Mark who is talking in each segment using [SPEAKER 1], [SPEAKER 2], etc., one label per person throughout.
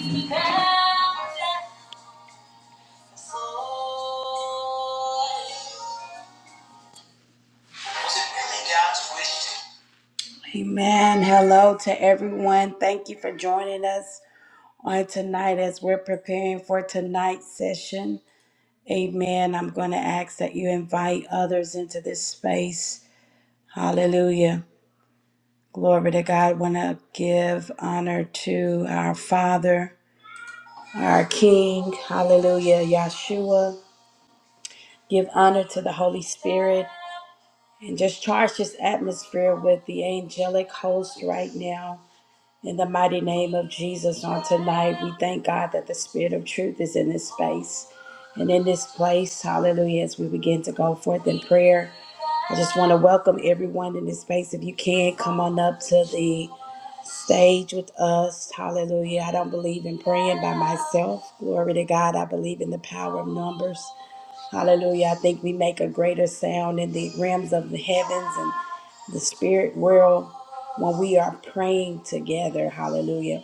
[SPEAKER 1] We bow down. Amen. Hello to everyone. Thank you for joining us on tonight as we're preparing for tonight's session. Amen. I'm going to ask that you invite others into this space. Hallelujah. Glory to God. Want to give honor to our Father, our King. Hallelujah. Yahshua. Give honor to the Holy Spirit. and just charge this atmosphere with the angelic host right now. In the mighty name of Jesus on tonight, we thank God that the Spirit of truth is in this space and in this place. Hallelujah. As we begin to go forth in prayer, I just want to welcome everyone in this space. If you can, come on up to the stage with us. Hallelujah. I don't believe in praying by myself. Glory to God. I believe in the power of numbers. Hallelujah. I think we make a greater sound in the realms of the heavens and the spirit world when we are praying together. Hallelujah.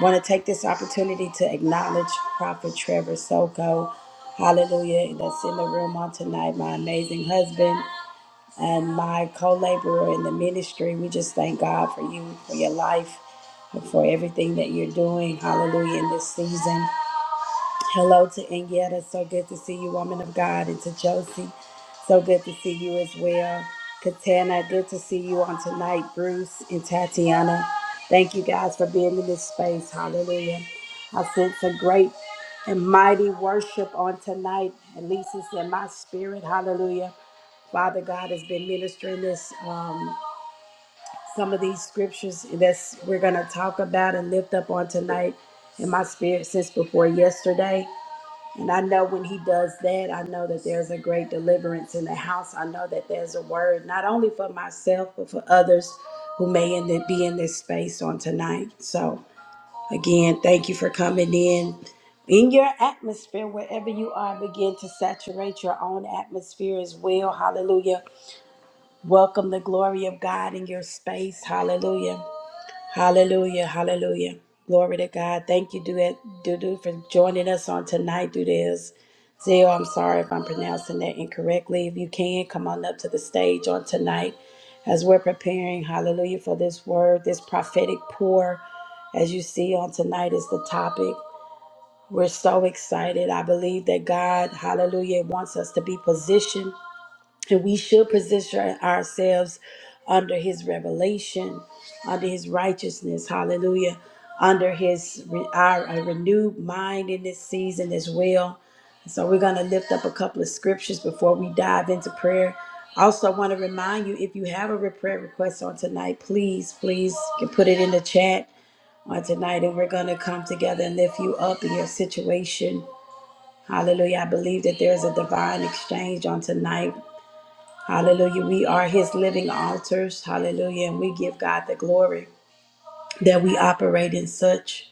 [SPEAKER 1] Want to take this opportunity to acknowledge Prophet Trevor Soko. Hallelujah. That's in the room on tonight. My amazing husband and my co laborer in the ministry. We just thank God for you, for your life, and for everything that you're doing. Hallelujah. In this season. Hello to Indiana. So good to see you, woman of God. And to Josie, so good to see you as well. Katana, good to see you on tonight. Bruce and Tatiana, thank you guys for being in this space. Hallelujah. I sense a great and mighty worship on tonight. At least it's in my spirit. Hallelujah. Father God has been ministering this, um, some of these scriptures that we're going to talk about and lift up on tonight in my spirit since before yesterday. And I know when he does that, I know that there's a great deliverance in the house. I know that there's a word, not only for myself, but for others who may in the, be in this space on tonight. So, again, thank you for coming in. In your atmosphere, wherever you are, begin to saturate your own atmosphere as well. Hallelujah. Welcome the glory of God in your space. Hallelujah. Hallelujah. Hallelujah. Glory to God. Thank you, Duet Dudu, for joining us on tonight. Do this. Zio, I'm sorry if I'm pronouncing that incorrectly. If you can, come on up to the stage on tonight as we're preparing, hallelujah, for this word, this prophetic pour. As you see on tonight is the topic. We're so excited. I believe that God, hallelujah, wants us to be positioned and we should position ourselves under his revelation, under his righteousness. Hallelujah. Under his re- our, our renewed mind in this season as well. So we're going to lift up a couple of scriptures before we dive into prayer. Also, want to remind you if you have a re- prayer request on tonight, please, please you put it in the chat on tonight, and we're going to come together and lift you up in your situation. Hallelujah. I believe that there's a divine exchange on tonight Hallelujah. We are his living altars. Hallelujah. And we give God the glory that we operate in such.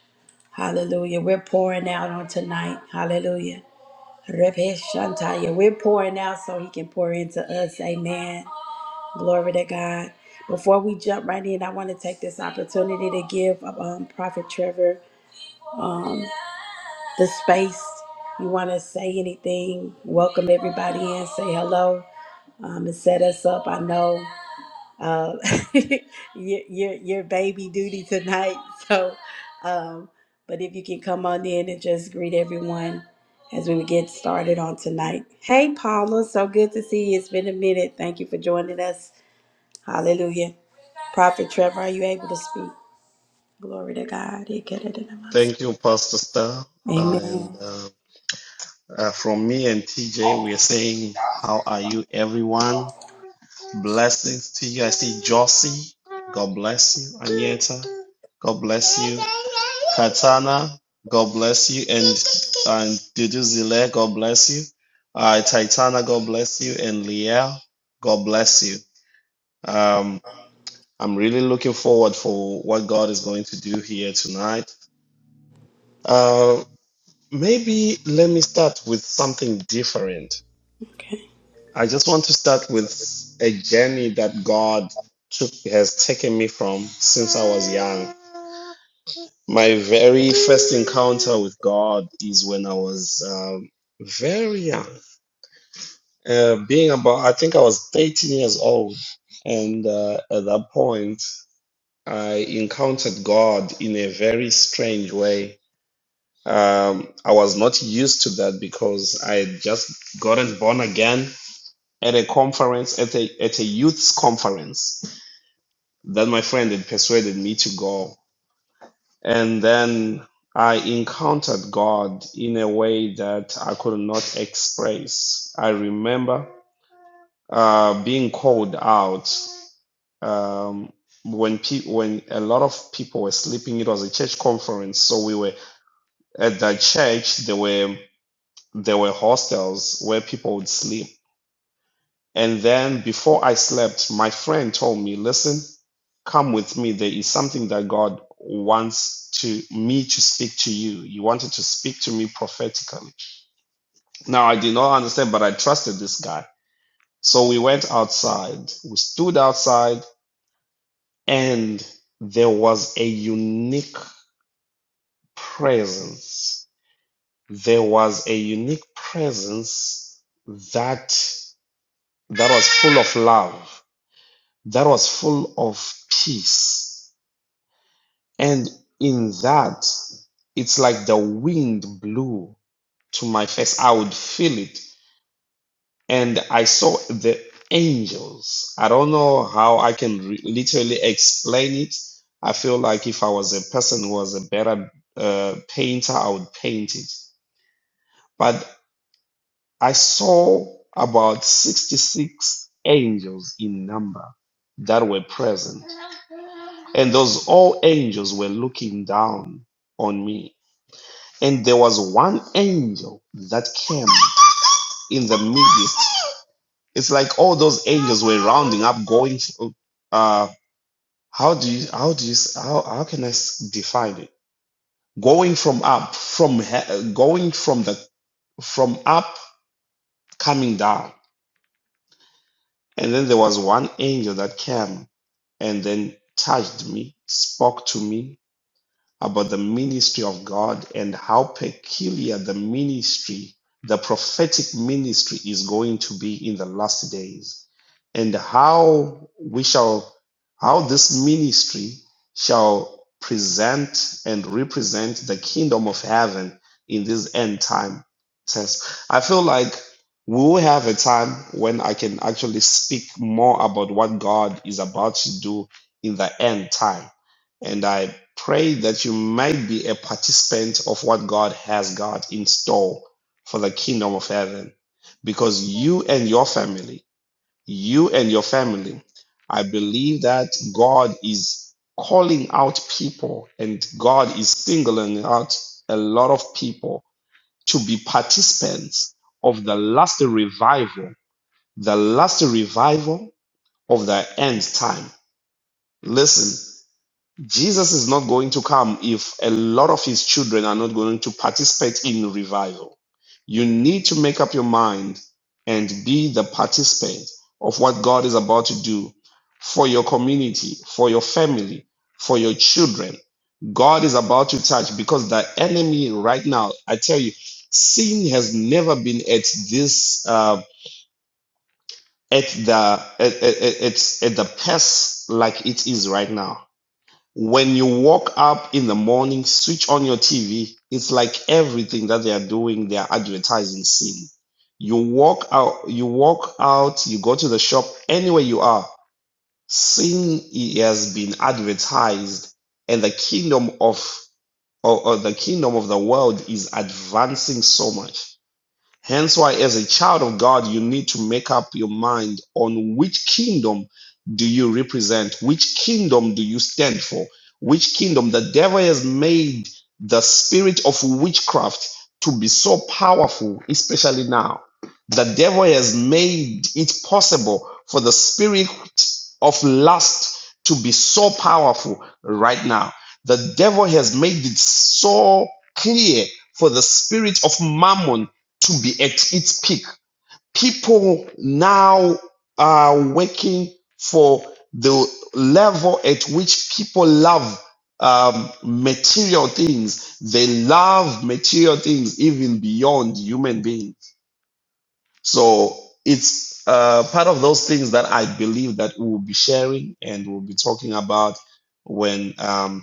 [SPEAKER 1] Hallelujah. We're pouring out on tonight. Hallelujah. Repesh Shantaya. We're pouring out so he can pour into us. Amen. Glory to God. Before we jump right in, I want to take this opportunity to give um, Prophet Trevor um, the space. You want to say anything? Welcome everybody in. Say hello um, and set us up. I know. uh, your, your your baby duty tonight. So, um, but if you can come on in and just greet everyone as we get started on tonight. Hey, Paula, so good to see you. It's been a minute. Thank you for joining us. Hallelujah. Prophet Trevor, are you able to speak? Glory to God.
[SPEAKER 2] Thank you, Pastor Star. Uh, and
[SPEAKER 1] Amen.
[SPEAKER 2] uh, uh, from me and TJ, we are saying, How are you, everyone? Blessings to you. I see Josie. God bless you. Anieta. God bless you. Katana. God bless you. And, and Dudu Zile. God bless you. Uh, Titana. God bless you. And Liel. God bless you. Um, I'm really looking forward for what God is going to do here tonight. Uh, Maybe let me start with something different.
[SPEAKER 1] Okay.
[SPEAKER 2] I just want to start with a journey that God took, has taken me from since I was young. My very first encounter with God is when I was um, very young, uh, being about, I think I was 13 years old. And uh, at that point, I encountered God in a very strange way. Um, I was not used to that because I had just gotten born again at a conference, at a, at a youth's conference that my friend had persuaded me to go. And then I encountered God in a way that I could not express. I remember uh, being called out um, when pe- when a lot of people were sleeping. It was a church conference, so we were at that church. There were there were hostels where people would sleep. And then before I slept, my friend told me, Listen, come with me. There is something that God wants to me to speak to you. He wanted to speak to me prophetically. Now I did not understand, but I trusted this guy. So we went outside. We stood outside and there was a unique presence. There was a unique presence that that was full of love. that was full of peace. And in that, it's like the wind blew to my face. I would feel it. And I saw the angels. I don't know how I can re- literally explain it. I feel like if I was a person who was a better uh, painter, I would paint it. but. I saw about 66 angels in number that were present. And those all angels were looking down on me. And there was one angel that came in the midst. It's like all those angels were rounding up, going, uh, how do you, how do you, how, how can I s- define it? Going from up, from, he- going from the, from up, coming down And then there was one angel that came and then touched me, spoke to me, about the ministry of God and how peculiar the ministry, the prophetic ministry, is going to be in the last days, and how we shall, how this ministry shall present and represent the kingdom of heaven in this end time test. I feel like we will have a time when I can actually speak more about what God is about to do in the end time and I pray that you might be a participant of what God has got in store for the kingdom of heaven. Because you and your family, you and your family, I believe that God is calling out people and God is singling out a lot of people to be participants of the last revival, the last revival of the end time. Listen, Jesus is not going to come if a lot of his children are not going to participate in revival. You need to make up your mind and be the participant of what God is about to do for your community, for your family, for your children. God is about to touch because the enemy right now, I tell you, sin has never been at this uh, at the at, at, at, at the pass like it is right now when you walk up in the morning, switch on your TV. It's like everything that they are doing, they are advertising sin. You walk out, you walk out, you go to the shop, anywhere you are, sin has been advertised, and the kingdom of or, or the kingdom of the world is advancing so much Hence why, as a child of God, you need to make up your mind on which kingdom do you represent, which kingdom do you stand for, which kingdom the devil has made the spirit of witchcraft to be so powerful, especially now. The devil has made it possible for the spirit of lust to be so powerful right now. The devil has made it so clear for the spirit of mammon to be at its peak. People now are working for the level at which people love um, material things. They love material things even beyond human beings. So it's uh, part of those things that I believe that we will be sharing and we'll be talking about when um,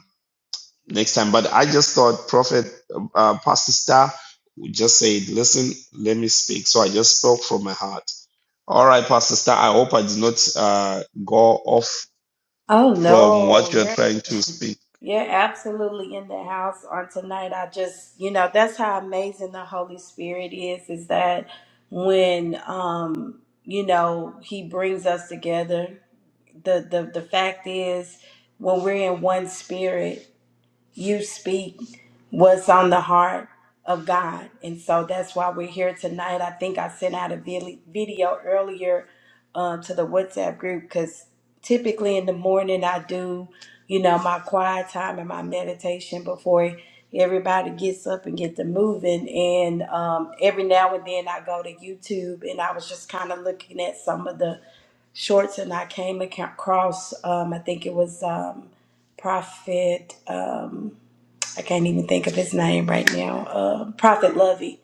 [SPEAKER 2] next time. But I just thought Prophet uh, Pastor Star would just say, "Listen, let me speak." So I just spoke from my heart. All right, Pastor Star. I hope I did not uh, go off
[SPEAKER 1] Oh
[SPEAKER 2] from what you are
[SPEAKER 1] no,
[SPEAKER 2] trying to speak.
[SPEAKER 1] You're absolutely in the house on tonight. I just, you know, that's how amazing the Holy Spirit is, is that when um, you know, he brings us together, the the the fact is when we're in one spirit, you speak what's on the heart of God. And so that's why we're here tonight. I think I sent out a vid- video earlier uh, to the WhatsApp group because typically in the morning I do, you know, my quiet time and my meditation before everybody gets up and get to moving. And um, every now and then I go to YouTube and I was just kind of looking at some of the shorts and I came ac- across, um, I think it was um, Prophet. Um, I can't even think of his name right now, uh, Prophet Lovey.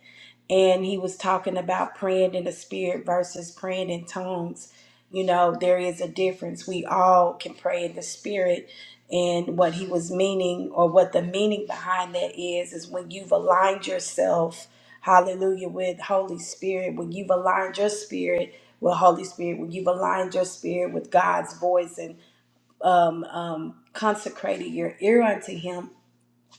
[SPEAKER 1] And he was talking about praying in the spirit versus praying in tongues. You know, there is a difference. We all can pray in the spirit. And what he was meaning, or what the meaning behind that is, is when you've aligned yourself, hallelujah, with Holy Spirit, when you've aligned your spirit with Holy Spirit, when you've aligned your spirit with God's voice and um, um, consecrated your ear unto Him,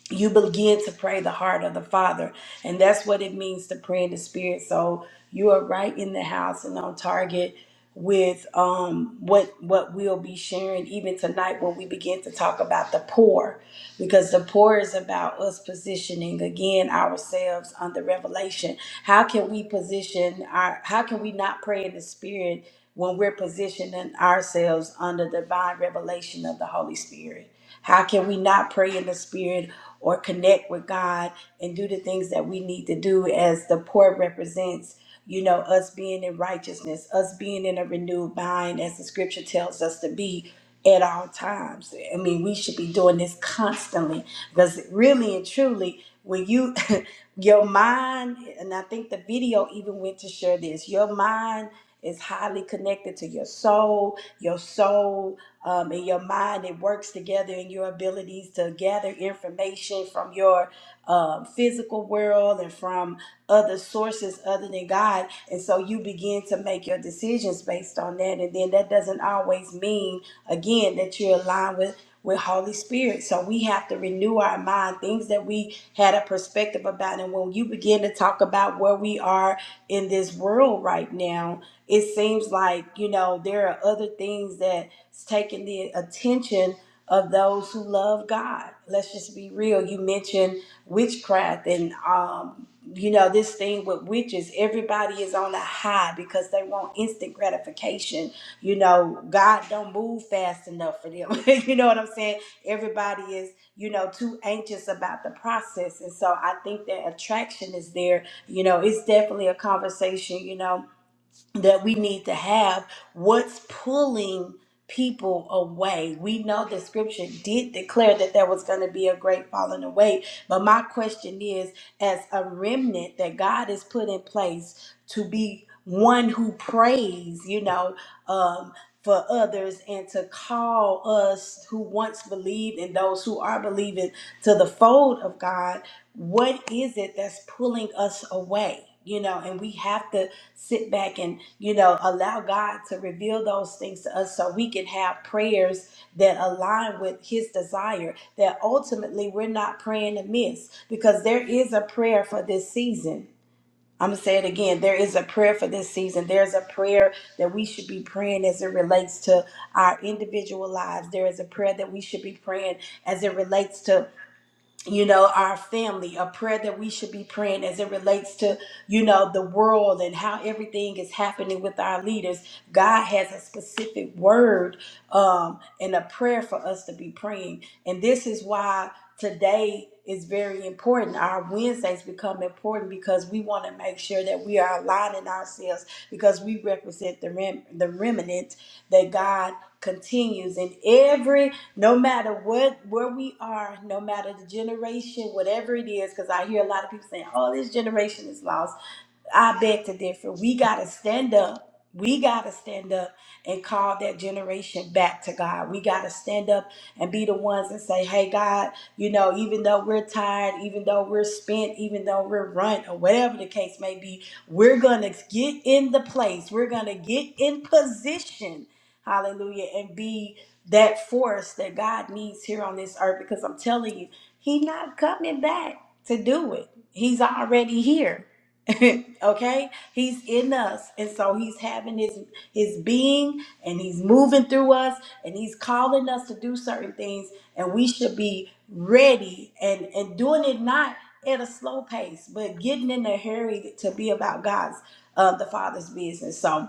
[SPEAKER 1] you begin to pray the heart of the Father. And that's what it means to pray in the Spirit. So you are right in the house and on target with um, what what we'll be sharing even tonight when we begin to talk about the poor because the poor is about us positioning again ourselves under revelation how can we position our how can we not pray in the spirit when we're positioning ourselves under divine revelation of the holy spirit how can we not pray in the spirit or connect with God and do the things that we need to do as the poor represents, you know, us being in righteousness, us being in a renewed mind as the scripture tells us to be at all times. I mean, we should be doing this constantly because really and truly, when you your mind, and I think the video even went to share this, your mind is highly connected to your soul. Your soul um, in your mind. It works together in your abilities to gather information from your um, physical world and from other sources other than God. And so you begin to make your decisions based on that. And then that doesn't always mean, again, that you're aligned with with Holy Spirit. So we have to renew our mind, things that we had a perspective about. And when you begin to talk about where we are in this world right now, it seems like, you know, there are other things that it's taking the attention of those who love God. Let's just be real. You mentioned witchcraft and um you know this thing with witches everybody is on a high because they want instant gratification you know god don't move fast enough for them you know what i'm saying everybody is you know too anxious about the process and so i think that attraction is there you know it's definitely a conversation you know that we need to have what's pulling people away we know the scripture did declare that there was going to be a great falling away but my question is as a remnant that god has put in place to be one who prays you know um for others and to call us who once believed and those who are believing to the fold of god what is it that's pulling us away you know and we have to sit back and you know allow god to reveal those things to us so we can have prayers that align with his desire that ultimately we're not praying amiss because there is a prayer for this season i'm going to say it again there is a prayer for this season there's a prayer that we should be praying as it relates to our individual lives there is a prayer that we should be praying as it relates to you know our family a prayer that we should be praying as it relates to you know the world and how everything is happening with our leaders god has a specific word um and a prayer for us to be praying and this is why today is very important our wednesdays become important because we want to make sure that we are aligning ourselves because we represent the rem- the remnant that god continues in every no matter what where we are, no matter the generation, whatever it is, because I hear a lot of people saying, "Oh, this generation is lost." I beg to differ. We got to stand up. We got to stand up and call that generation back to God. We got to stand up and be the ones that say, hey, God, you know, even though we're tired, even though we're spent, even though we're run or whatever the case may be, we're going to get in the place. We're going to get in position. Hallelujah. And be that force that God needs here on this earth because I'm telling you, He's not coming back to do it. He's already here. okay he's in us and so he's having his his being and he's moving through us and he's calling us to do certain things and we should be ready and and doing it not at a slow pace but getting in a hurry to be about god's uh the father's business so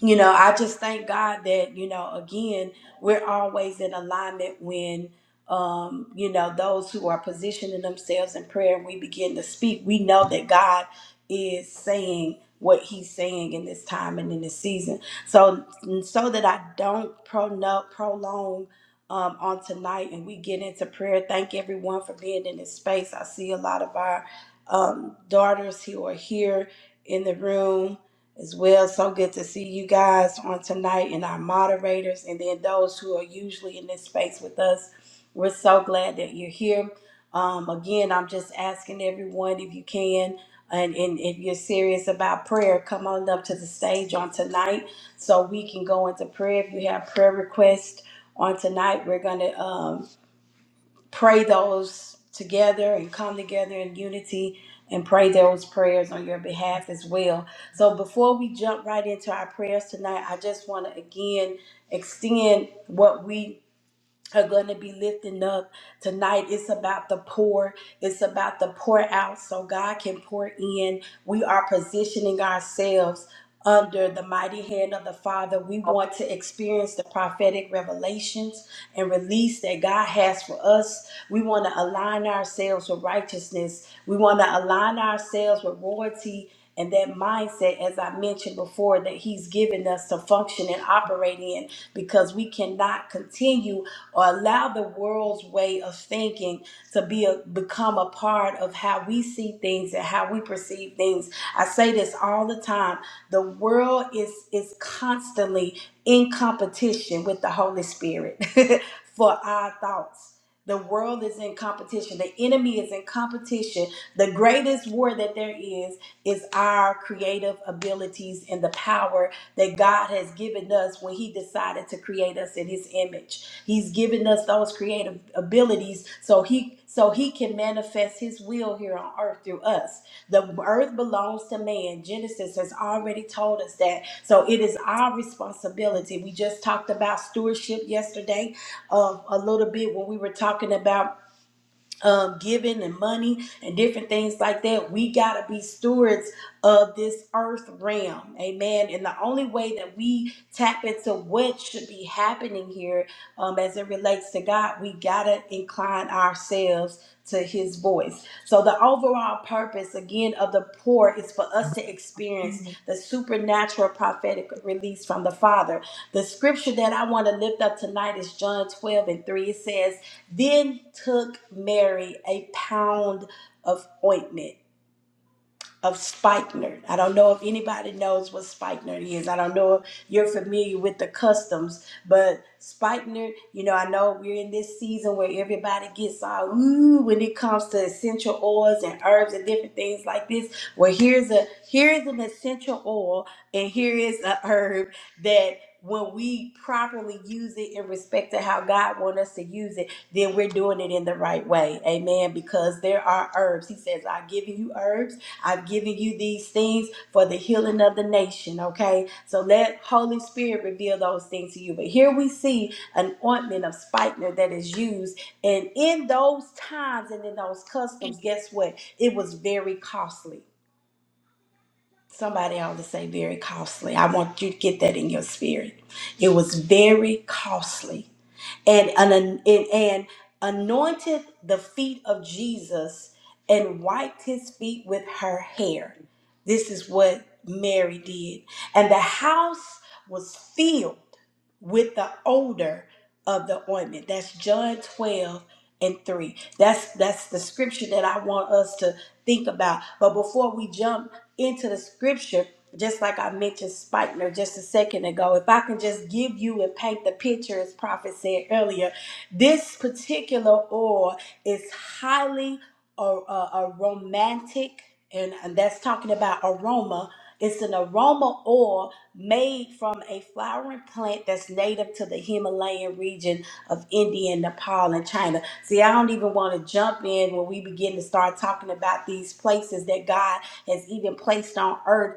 [SPEAKER 1] you know, I just thank God that, you know, again, we're always in alignment when, um, you know, those who are positioning themselves in prayer, we begin to speak. We know that God is saying what he's saying in this time and in this season. So, so that I don't prono- prolong um, on tonight and we get into prayer, thank everyone for being in this space. I see a lot of our um, daughters who are here in the room as well. So good to see you guys on tonight and our moderators, and then those who are usually in this space with us. We're so glad that you're here. Um, again, I'm just asking everyone if you can, and, and if you're serious about prayer, come on up to the stage on tonight so we can go into prayer. If you have prayer requests on tonight, we're going to pray those together and come together in unity and pray those prayers on your behalf as well. So before we jump right into our prayers tonight, I just want to again extend what we are going to be lifting up tonight. It's about the pour. It's about the pour out so God can pour in. We are positioning ourselves under the mighty hand of the Father. We want to experience the prophetic revelations and release that God has for us. We want to align ourselves with righteousness. We want to align ourselves with royalty and that mindset, as I mentioned before, that He's given us to function and operate in because we cannot continue or allow the world's way of thinking to be a, become a part of how we see things and how we perceive things. I say this all the time. The world is is constantly in competition with the Holy Spirit for our thoughts. The world is in competition. The enemy is in competition. The greatest war that there is is our creative abilities and the power that God has given us when He decided to create us in His image. He's given us those creative abilities so he so he can manifest his will here on earth through us. The earth belongs to man. Genesis has already told us that. So it is our responsibility. We just talked about stewardship yesterday uh, a little bit when we were talking about um, giving and money and different things like that. We got to be stewards of this earth realm. Amen. And the only way that we tap into what should be happening here um, as it relates to God, we got to incline ourselves to his voice. So the overall purpose again of the pour is for us to experience the supernatural prophetic release from the Father. The scripture that I want to lift up tonight is John 12 and 3. It says, then took Mary a pound of ointment of spikenard. I don't know if anybody knows what spikenard is. I don't know if you're familiar with the customs, but spikenard, you know, I know we're in this season where everybody gets all ooh when it comes to essential oils and herbs and different things like this. Well, here's a here is an essential oil and here is a herb that when we properly use it in respect to how God wants us to use it, then we're doing it in the right way. Amen. Because there are herbs. He says, I've given you herbs I've given you these things for the healing of the nation, okay? So let Holy Spirit reveal those things to you. But here we see an ointment of spikenard that is used. And in those times and in those customs, guess what? It was very costly. Somebody ought to say very costly. I want you to get that in your spirit. It was very costly and an, and, and anointed the feet of Jesus and wiped his feet with her hair. This is what Mary did. And the house was filled with the odor of the ointment. That's John 12 and 3. That's that's the scripture that I want us to think about. But before we jump into the scripture, just like I mentioned Spikener just a second ago, if I can just give you and paint the picture, as Prophet said earlier, this particular oil is highly a, a, a romantic, and, and that's talking about aroma. It's an aroma oil made from a flowering plant that's native to the Himalayan region of India, and Nepal, and China. See, I don't even want to jump in when we begin to start talking about these places that God has even placed on earth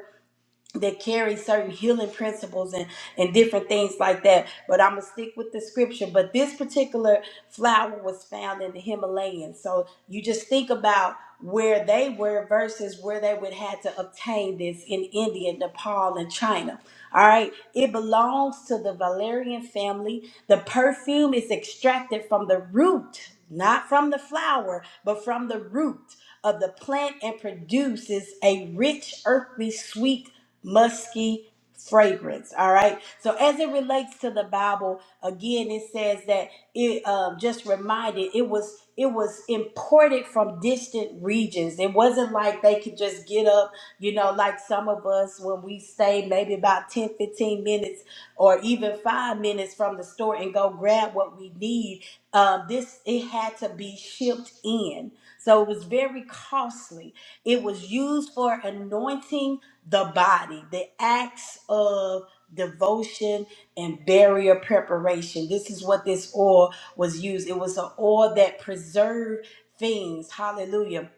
[SPEAKER 1] that carry certain healing principles and and different things like that but i'm gonna stick with the scripture but this particular flower was found in the himalayan so you just think about where they were versus where they would have to obtain this in india nepal and china all right it belongs to the valerian family the perfume is extracted from the root not from the flower but from the root of the plant and produces a rich earthly sweet musky fragrance. All right. So as it relates to the Bible, again, it says that it um, just reminded it was it was imported from distant regions. It wasn't like they could just get up, you know, like some of us when we stay maybe about 10, 15 minutes or even five minutes from the store and go grab what we need. Um, this it had to be shipped in. So it was very costly. It was used for anointing the body, the acts of devotion and barrier preparation. This is what this oil was used. It was an oil that preserved things. Hallelujah.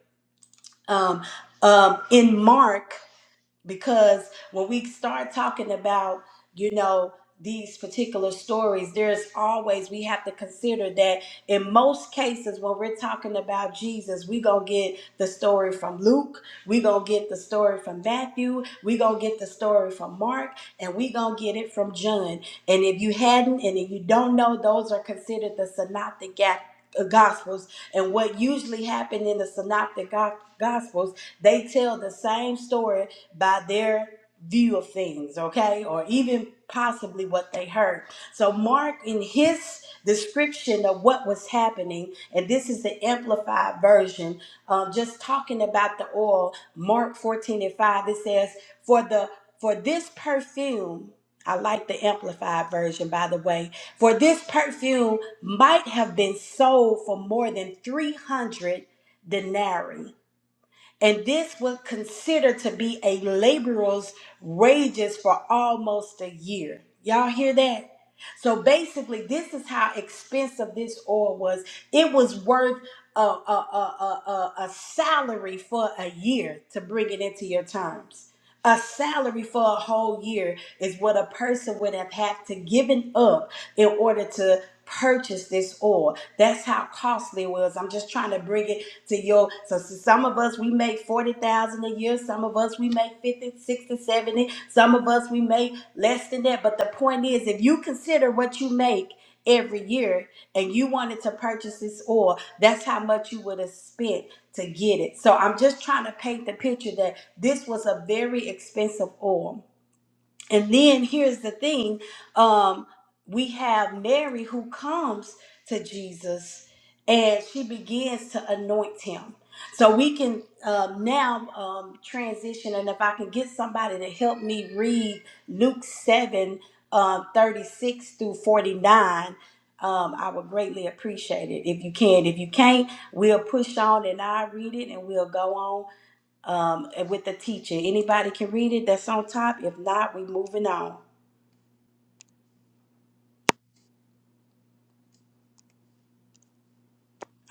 [SPEAKER 1] Um, um, in Mark because when we start talking about you know these particular stories there's always we have to consider that in most cases when we're talking about jesus we gonna get the story from luke we gonna get the story from matthew we gonna get the story from mark and we gonna get it from john and if you hadn't and if you don't know those are considered the synoptic gap gospels and what usually happened in the synoptic Go- gospels they tell the same story by their view of things, okay, or even possibly what they heard. So, Mark, in his description of what was happening, and this is the amplified version, um, just talking about the oil, Mark 14 and 5, it says, For the for this perfume, I like the amplified version, by the way. For this perfume might have been sold for more than 300 denarii and this was considered to be a laborer's wages for almost a year. Y'all hear that? So basically, this is how expensive this oil was. It was worth a, a, a, a, a a salary for a year to bring it into your terms. A salary for a whole year is what a person would have had to given up in order to purchase this oil. That's how costly it was. I'm just trying to bring it to your so, so some of us we make 40,000 a year, some of us we make 50, 60, 70. some of us we make less than that, but the point is if you consider what you make every year and you wanted to purchase this oil, that's how much you would have spent to get it. So I'm just trying to paint the picture that this was a very expensive oil and then here's the thing um, we have Mary who comes to Jesus and she begins to anoint him. So we can um, now um, transition, and if I can get somebody to help me read Luke 7 um, 36 through 49. Um, I would greatly appreciate it if you can. If you can't, we'll push on and I'll read it and we'll go on um, with the teacher. Anybody can read it that's on top. If not, we moving on.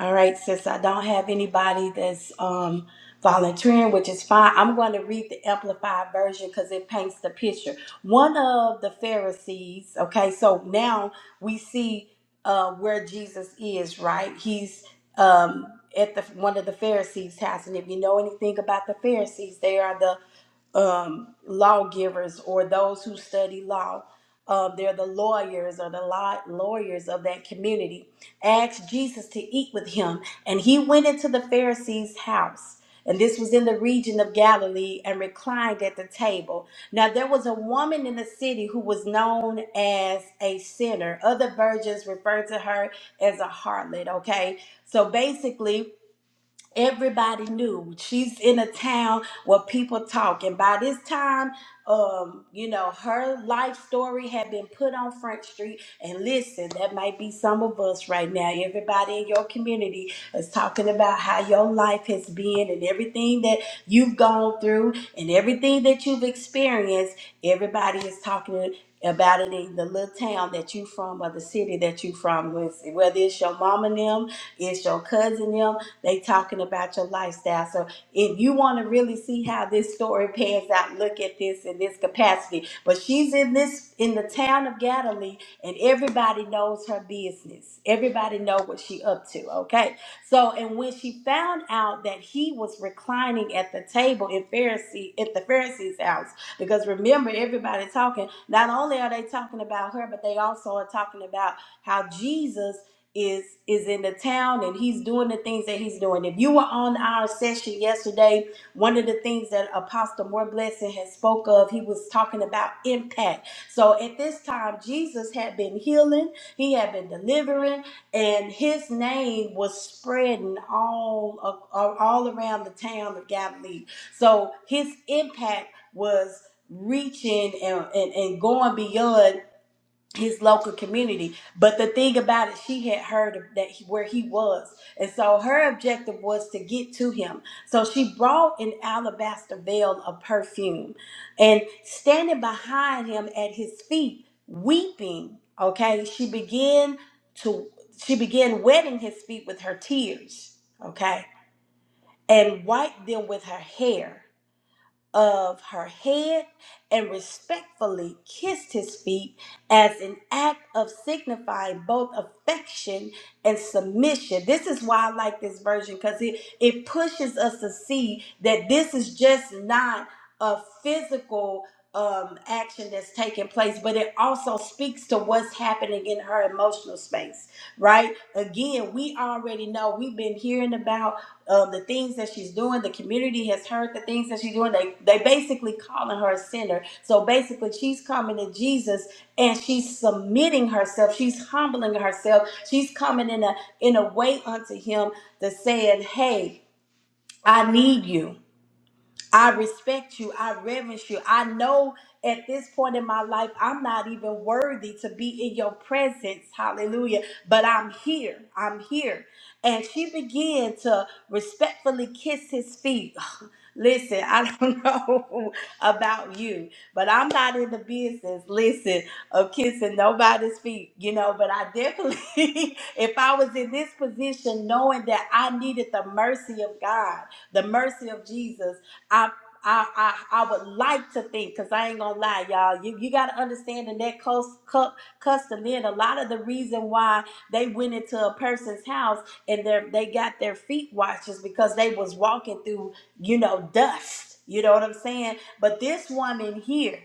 [SPEAKER 1] All right, since I don't have anybody that's um, volunteering, which is fine, I'm going to read the Amplified version because it paints the picture. One of the Pharisees, okay, so now we see uh, where Jesus is, right? He's um, at the one of the Pharisees' house, and if you know anything about the Pharisees, they are the um, lawgivers or those who study law. Uh, they're the lawyers or the law- lawyers of that community. Asked Jesus to eat with him, and he went into the Pharisees' house. And this was in the region of Galilee and reclined at the table. Now there was a woman in the city who was known as a sinner. Other versions refer to her as a harlot, okay? So basically, Everybody knew she's in a town where people talk, and by this time, um, you know, her life story had been put on Front Street. And listen, that might be some of us right now. Everybody in your community is talking about how your life has been and everything that you've gone through and everything that you've experienced. Everybody is talking about it in the little town that you from or the city that you from, whether it's your mom and them, it's your cousin them, they talking about your lifestyle. So if you want to really see how this story pans out, look at this in this capacity. But she's in this in the town of Galilee, and everybody knows her business. Everybody know what she up to. Okay. So and when she found out that he was reclining at the table in Pharisee at the Pharisee's house, because remember everybody talking. Not only are they talking about her, but they also are talking about how Jesus is is in the town and he's doing the things that he's doing. If you were on our session yesterday, one of the things that Apostle More Blessing had spoke of, he was talking about impact. So at this time, Jesus had been healing, he had been delivering, and his name was spreading all of, all all around the town of Galilee. So his impact was reaching and, and, and going beyond his local community. But the thing about it, she had heard of that he, where he was, and so her objective was to get to him. So she brought an alabaster veil of perfume, and standing behind him at his feet, weeping. Okay, she began to she began wetting his feet with her tears. Okay, and wiped them with her hair of her head and respectfully kissed his feet as an act of signifying both affection and submission. This is why I like this version because it, it pushes us to see that this is just not a physical um, action that's taking place, but it also speaks to what's happening in her emotional space, right? Again, we already know, we've been hearing about um, the things that she's doing. The community has heard the things that she's doing. They they basically calling her a sinner. So basically, she's coming to Jesus and she's submitting herself. She's humbling herself. She's coming in a in a way unto Him to saying, "Hey, I need you." I respect you. I reverence you. I know at this point in my life, I'm not even worthy to be in your presence. Hallelujah. But I'm here. I'm here. And she began to respectfully kiss his feet. Listen, I don't know about you, but I'm not in the business, listen, of kissing nobody's feet, you know. But I definitely, if I was in this position knowing that I needed the mercy of God, the mercy of Jesus, I I, I, I would like to think, because I ain't gonna lie, y'all. You, you gotta understand in that close cu- custom in a lot of the reason why they went into a person's house and their they got their feet washed is because they was walking through you know, dust. You know what I'm saying? But this woman here,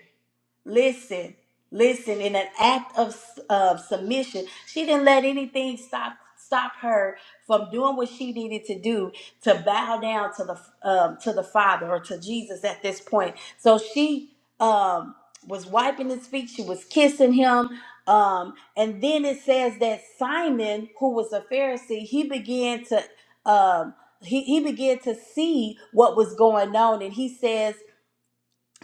[SPEAKER 1] Listen, listen. In an act of of submission, she didn't let anything stop stop her from doing what she needed to do to bow down to the um, to the Father or to Jesus at this point. So she um, was wiping his feet. She was kissing him. Um, and then it says that Simon, who was a Pharisee, he began to um, he, he began to see what was going on, and he says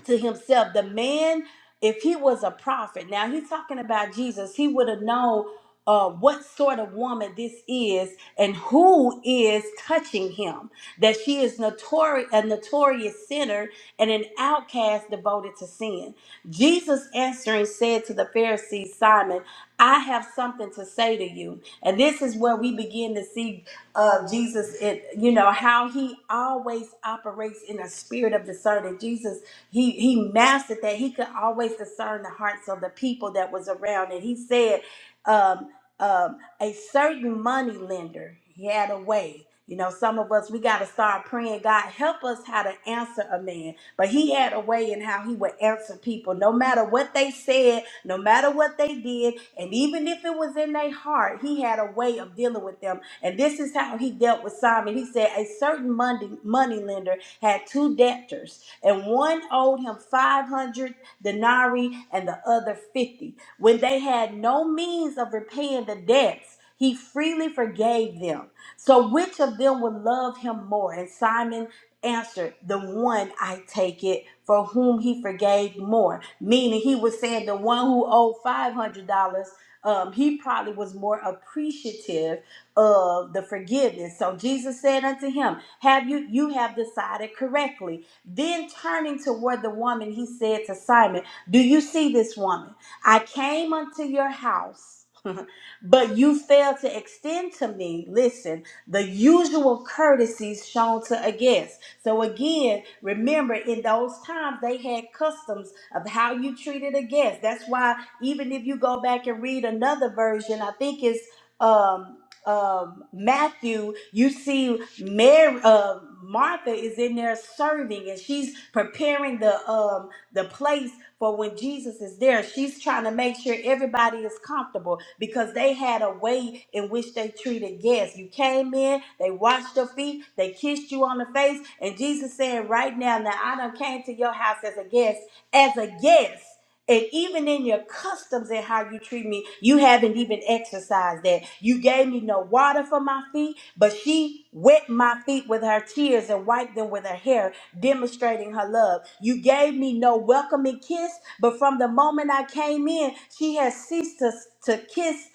[SPEAKER 1] to himself the man if he was a prophet now he's talking about jesus he would have known uh, what sort of woman this is and who is touching him that she is notori- a notorious sinner and an outcast devoted to sin jesus answering said to the pharisees simon i have something to say to you and this is where we begin to see uh, jesus it, you know how he always operates in a spirit of discernment jesus he he mastered that he could always discern the hearts of the people that was around and he said um um a certain money lender he had a way you know some of us we got to start praying god help us how to answer a man but he had a way in how he would answer people no matter what they said no matter what they did and even if it was in their heart he had a way of dealing with them and this is how he dealt with simon he said a certain money money lender had two debtors and one owed him 500 denarii and the other 50. When they had no means of repaying the debts, he freely forgave them. So which of them would love him more? And Simon answered, The one I take it for whom he forgave more. Meaning he was saying the one who owed $500. Um, he probably was more appreciative of the forgiveness. So Jesus said unto him, Have you you have decided correctly then turning toward the woman, he said to Simon, Do you see this woman? I came unto your house, but you failed to extend to me, listen, the usual courtesies shown to a guest. So, again, remember in those times they had customs of how you treated a guest. That's why, even if you go back and read another version, I think it's. um, um, Matthew, you see Mary, uh, Martha is in there serving and she's preparing the um, the place for when Jesus is there. She's trying to make sure everybody is comfortable because they had a way in which they treated guests. You came in, they washed your feet, they kissed you on the face, and Jesus said, "Right now, now I done came to your house as a guest, as a guest." And even in your customs and how you treat me, you haven't even exercised that. You gave me no water for my feet, but she wet my feet with her tears and wiped them with her hair, demonstrating her love. You gave me no welcoming kiss, but from the moment I came in, she has ceased to, to kiss,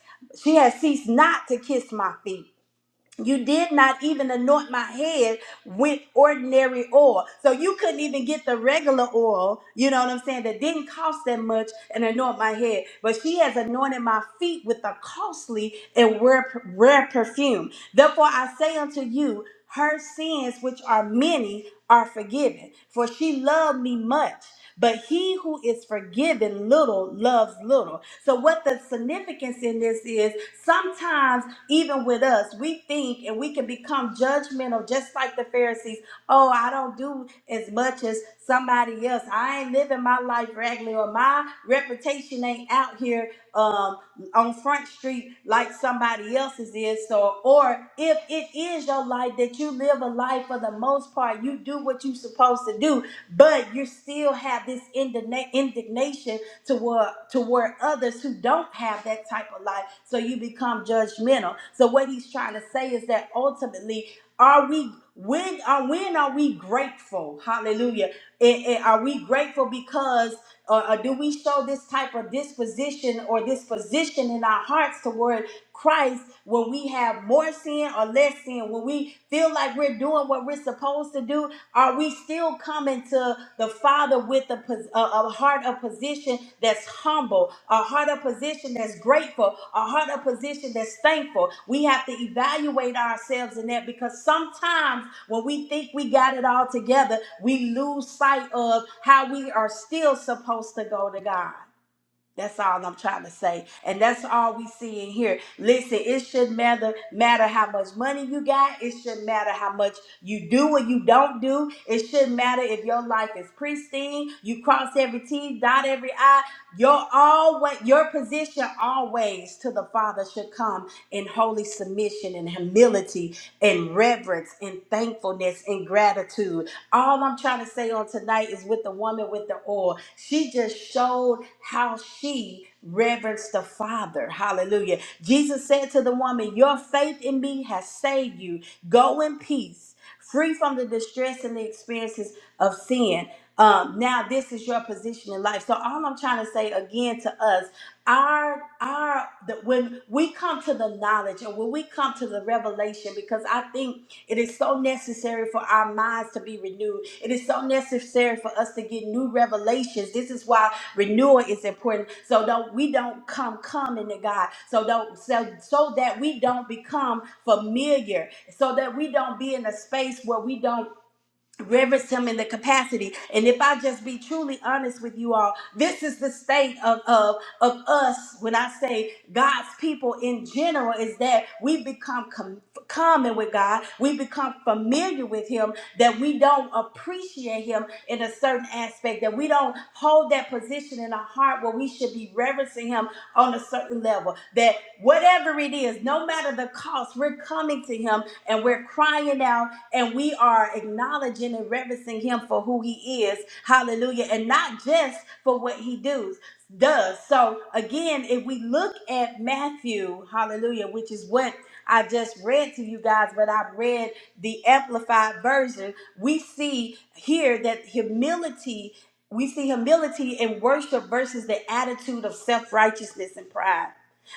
[SPEAKER 1] she has ceased not to kiss my feet. You did not even anoint my head with ordinary oil. So you couldn't even get the regular oil, you know what I'm saying, that didn't cost that much and anoint my head. But she has anointed my feet with a costly and rare, rare perfume. Therefore I say unto you, her sins, which are many, are forgiven. For she loved me much. But he who is forgiven little loves little. So, what the significance in this is, sometimes even with us, we think and we can become judgmental, just like the Pharisees. Oh, I don't do as much as somebody else. I ain't living my life regularly, or my reputation ain't out here um, on Front Street like somebody else's is. So, or if it is your life that you live a life for the most part, you do what you're supposed to do, but you still have this indigna- indignation toward toward others who don't have that type of life. So you become judgmental. So what he's trying to say is that ultimately, are we when are when are we grateful? Hallelujah! And, and are we grateful because or, or do we show this type of disposition or disposition in our hearts toward Christ when we have more sin or less sin, when we feel like we're doing what we're supposed to do are we still coming to the Father with a, pos- a, a heart of position that's humble, a heart of position that's grateful, a heart of position that's thankful? We have to evaluate ourselves in that because sometimes when we think we got it all together, we lose sight of how we are still supposed to go to God. That's all I'm trying to say. And that's all we see in here. Listen, it shouldn't matter matter how much money you got. It shouldn't matter how much you do or you don't do. It shouldn't matter if your life is pristine. You cross every T, dot every I. Your always your position always to the Father should come in holy submission and humility and reverence and thankfulness and gratitude. All I'm trying to say on tonight is with the woman with the oil. She just showed how she reverenced the Father. Hallelujah. Jesus said to the woman, Your faith in me has saved you. Go in peace, free from the distress and the experiences of sin. Um, now this is your position in life. So all I'm trying to say again to us, our our the, when we come to the knowledge and when we come to the revelation, because I think it is so necessary for our minds to be renewed. It is so necessary for us to get new revelations. This is why renewal is important. So don't we don't come coming to God. So don't so so that we don't become familiar. So that we don't be in a space where we don't reverence him in the capacity and if i just be truly honest with you all this is the state of, of of us when i say god's people in general is that we become com- common with god we become familiar with him that we don't appreciate him in a certain aspect that we don't hold that position in our heart where we should be reverencing him on a certain level that whatever it is no matter the cost we're coming to him and we're crying out and we are acknowledging and reverencing him for who he is. Hallelujah. And not just for what he does does. So again, if we look at Matthew, hallelujah, which is what I just read to you guys, but I read the amplified version, we see here that humility, we see humility and worship versus the attitude of self-righteousness and pride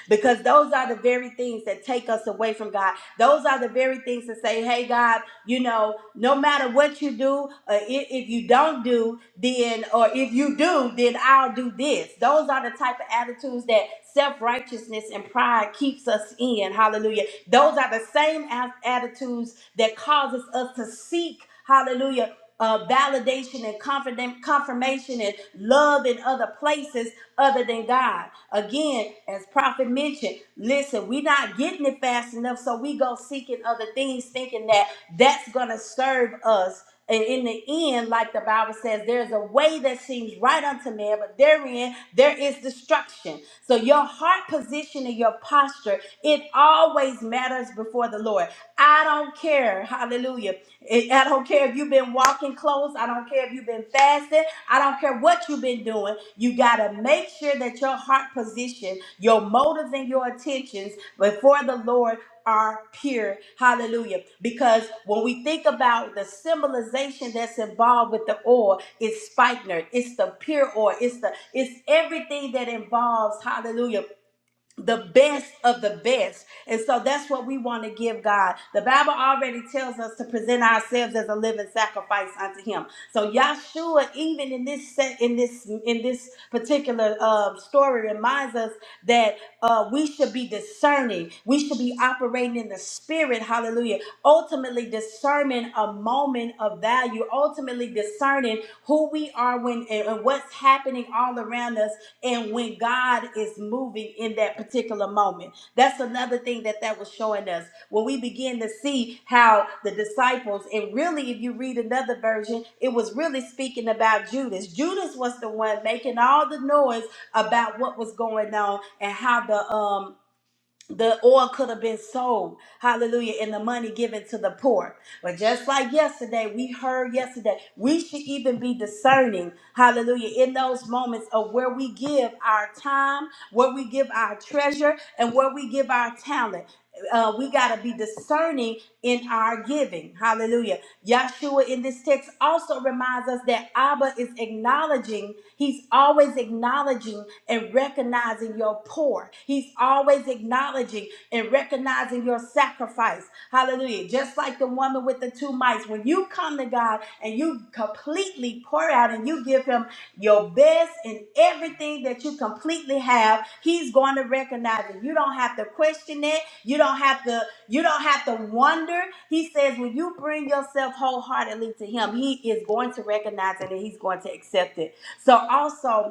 [SPEAKER 1] because those are the very things that take us away from God. Those are the very things to say, hey, God, you know, no matter what you do, uh, if, if you don't do, then, or if you do, then I'll do this. Those are the type of attitudes that self righteousness and pride keeps us in. Hallelujah. Those are the same as attitudes that causes us to seek, hallelujah, uh, validation and confident confirmation and love in other places other than God. Again, as prophet mentioned, listen, we're not getting it fast enough, so we go seeking other things, thinking that that's gonna serve us. And in the end, like the Bible says, there's a way that seems right unto man, but therein there is destruction. So your heart position and your posture, it always matters before the Lord. I don't care, hallelujah, I I don't care if you've been walking close. I don't care if you've been fasting. I don't care what you've been doing. You got to make sure that your heart position, your motives, and your intentions before the Lord are pure. Hallelujah. Because when we think about the symbolization that's involved with the oil, it's spikenard, it's the pure oil, it's the it's everything that involves hallelujah the best of the best. And so that's what we want to give God. The Bible already tells us to present ourselves as a living sacrifice unto him. So Yahshua, even in this set in this in this particular uh, story, reminds us that uh, we should be discerning. We should be operating in the spirit, hallelujah. Ultimately discerning a moment of value, ultimately discerning who we are when and and what's happening all around us and when God is moving in that particular moment. That's another thing that that was showing us. When we begin to see how the disciples, and really, if you read another version, it was really speaking about Judas. Judas was the one making all the noise about what was going on and how the um the oil could have been sold, hallelujah, and the money given to the poor. But just like yesterday, we heard yesterday, we should even be discerning, hallelujah, in those moments of where we give our time, where we give our treasure, and where we give our talent. Uh, we got to be discerning in our giving. Hallelujah. Yahshua in this text also reminds us that Abba is acknowledging, he's always acknowledging and recognizing your poor. He's always acknowledging and recognizing your sacrifice. Hallelujah. Just like the woman with the two mites, when you come to God and you completely pour out and you give Him your best and everything that you completely have, He's going to recognize it. You don't have to question it. You don't have to. You don't have to wonder. He says when you bring yourself wholeheartedly to Him, He is going to recognize it and He's going to accept it. So also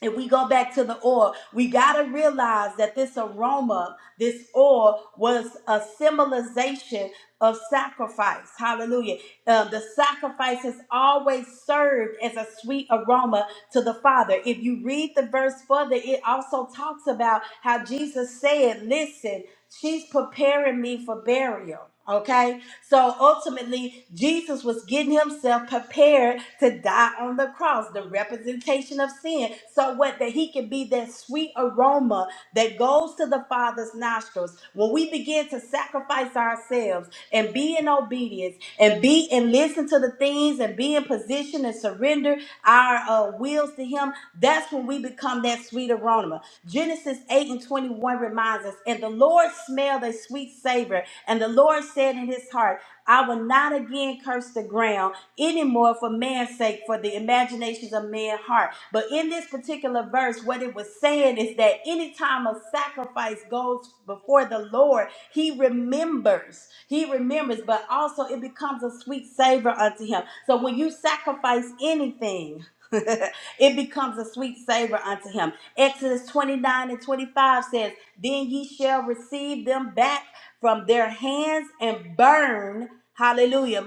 [SPEAKER 1] if we go back to the oil, we got to realize that this aroma, this oil, was a symbolization of sacrifice. Hallelujah. Uh, the sacrifice has always served as a sweet aroma to the Father. If you read the verse further, it also talks about how Jesus said, Listen, she's preparing me for burial. Okay, so ultimately, Jesus was getting himself prepared to die on the cross, the representation of sin. So what that he can be that sweet aroma that goes to the Father's nostrils. When we begin to sacrifice ourselves and be in obedience and be and listen to the things and be in position and surrender our uh, wills to him, that's when we become that sweet aroma. Genesis 8 and 21 reminds us, and the Lord smelled a sweet savor and the Lord said in his heart, I will not again curse the ground anymore for man's sake, for the imaginations of man's heart. But in this particular verse, what it was saying is that any time a sacrifice goes before the Lord, he remembers. He remembers, but also it becomes a sweet savor unto him. So when you sacrifice anything, it becomes a sweet savor unto him. Exodus 29 and 25 says, Then ye shall receive them back from their hands and burn. Hallelujah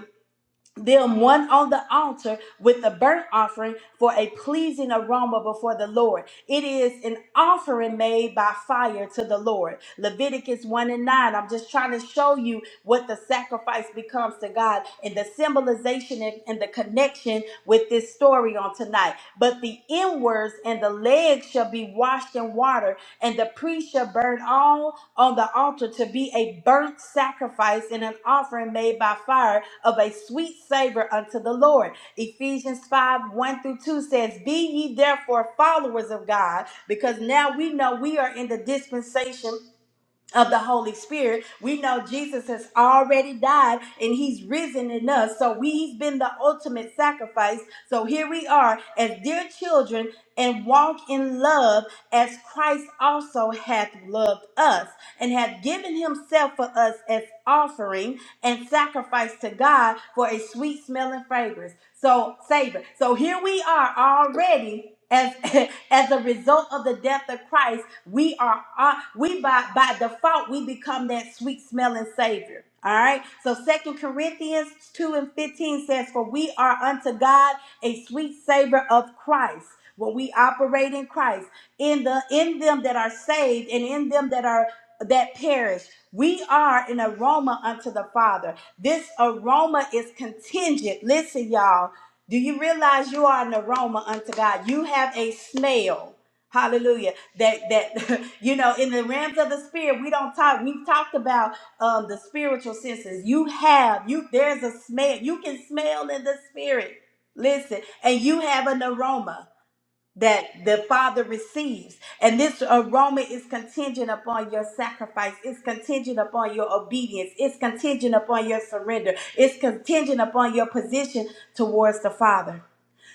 [SPEAKER 1] them one on the altar with the burnt offering for a pleasing aroma before the Lord. It is an offering made by fire to the Lord. Leviticus 1 and 9. I'm just trying to show you what the sacrifice becomes to God and the symbolization and, and the connection with this story on tonight. But the inwards and the legs shall be washed in water, and the priest shall burn all on the altar to be a burnt sacrifice and an offering made by fire of a sweet savor unto the Lord. Ephesians 5 1 through 2 says, Be ye therefore followers of God, because now we know we are in the dispensation of the Holy Spirit. We know Jesus has already died and he's risen in us. So we, he's been the ultimate sacrifice. So here we are as dear children and walk in love as Christ also hath loved us and hath given himself for us as offering and sacrifice to God for a sweet smelling fragrance. So savor. So here we are already as as a result of the death of Christ we are uh, we by by default we become that sweet smelling savior. All right. So Second Corinthians 2 and 15 says, For we are unto God a sweet savor of Christ. When we operate in Christ, in the in them that are saved and in them that are that perish, we are an aroma unto the Father. This aroma is contingent. Listen, y'all. Do you realize you are an aroma unto God? You have a smell. Hallelujah that that you know in the realms of the spirit we don't talk we've talked about um the spiritual senses you have you there's a smell you can smell in the spirit listen and you have an aroma that the father receives and this aroma is contingent upon your sacrifice it's contingent upon your obedience it's contingent upon your surrender it's contingent upon your position towards the father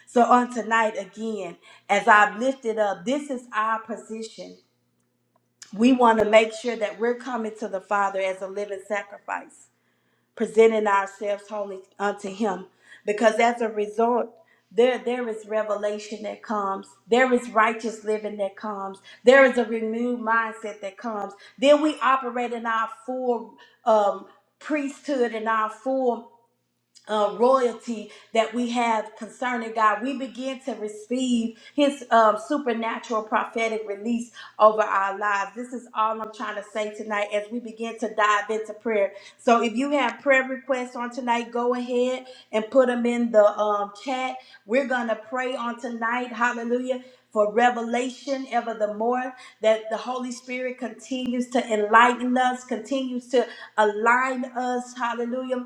[SPEAKER 1] so on tonight again as i've lifted up this is our position we want to make sure that we're coming to the Father as a living sacrifice, presenting ourselves holy unto Him. Because as a result, there, there is revelation that comes. There is righteous living that comes. There is a renewed mindset that comes. Then we operate in our full um, priesthood and our full uh, royalty that we have concerning God. We begin to receive His um, supernatural prophetic release over our lives. This is all I'm trying to say tonight as we begin to dive into prayer. So if you have prayer requests on tonight, go ahead and put them in the um, chat. We're going to pray on tonight. Hallelujah. For revelation ever the more that the Holy Spirit continues to enlighten us, continues to align us, hallelujah,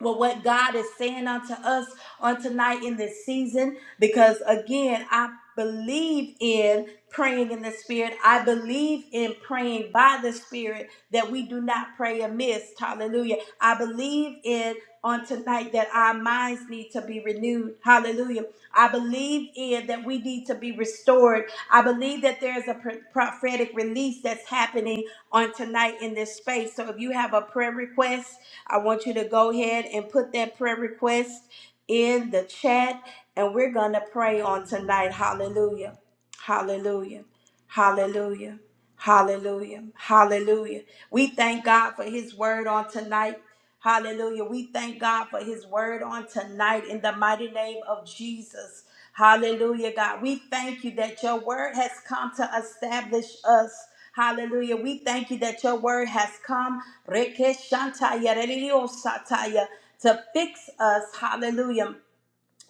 [SPEAKER 1] well, what God is saying unto us on tonight in this season, because again, I believe in praying in the spirit. I believe in praying by the spirit that we do not pray amiss. Hallelujah. I believe in on tonight that our minds need to be renewed. Hallelujah. I believe in that we need to be restored. I believe that there's a pro- prophetic release that's happening on tonight in this space. So if you have a prayer request, I want you to go ahead and put that prayer request in the chat and we're going to pray on tonight. Hallelujah. Hallelujah. Hallelujah. Hallelujah. Hallelujah. We thank God for his word on tonight. Hallelujah. We thank God for his word on tonight in the mighty name of Jesus. Hallelujah, God. We thank you that your word has come to establish us. Hallelujah. We thank you that your word has come Rekeshantaya, rediosataya, to fix us. Hallelujah.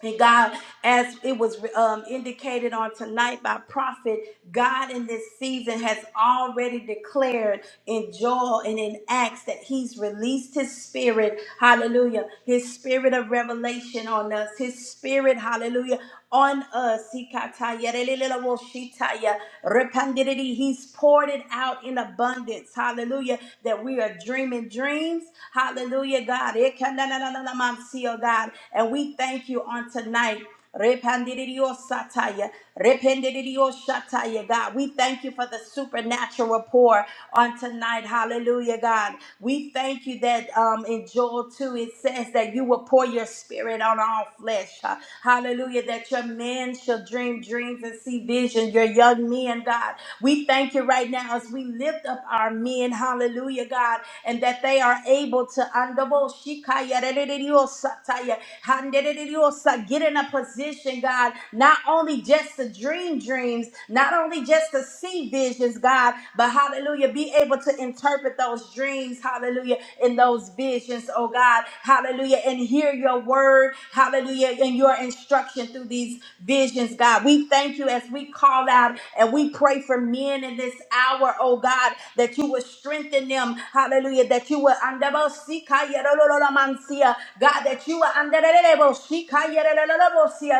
[SPEAKER 1] And God, as it was um, indicated on tonight by prophet, God in this season has already declared in Joel and in Acts that He's released His Spirit, hallelujah, His Spirit of revelation on us, His Spirit, hallelujah, on us. Sikataya, relelelewoshitaya, repandiridi. He's poured it out in abundance, hallelujah that we are dreaming dreams. Hallelujah, God. Ekananananamansi, oh God. And we thank you on tonight. Repandidio sataya, rependidio shataya, God. We thank you for the supernatural pour on tonight. Hallelujah, God. We thank you that um, in Joel 2, it says that you will pour your spirit on all flesh. Hallelujah, that your men shall dream dreams and see vision. Your young men, God. We thank you right now as we lift up our men, hallelujah, God, and that they are able to andabo shikaya dedediosataya, handedediosa, get in a position, God, not only just to dream dreams, not only just to see visions, God, but hallelujah, be able to interpret those dreams, hallelujah, in those visions, oh God, hallelujah, and hear your word, hallelujah, and your instruction through these visions, God. We thank you as we call out and we pray for men in this hour, oh God, that you will strengthen them. Hallelujah. That you will God, that you will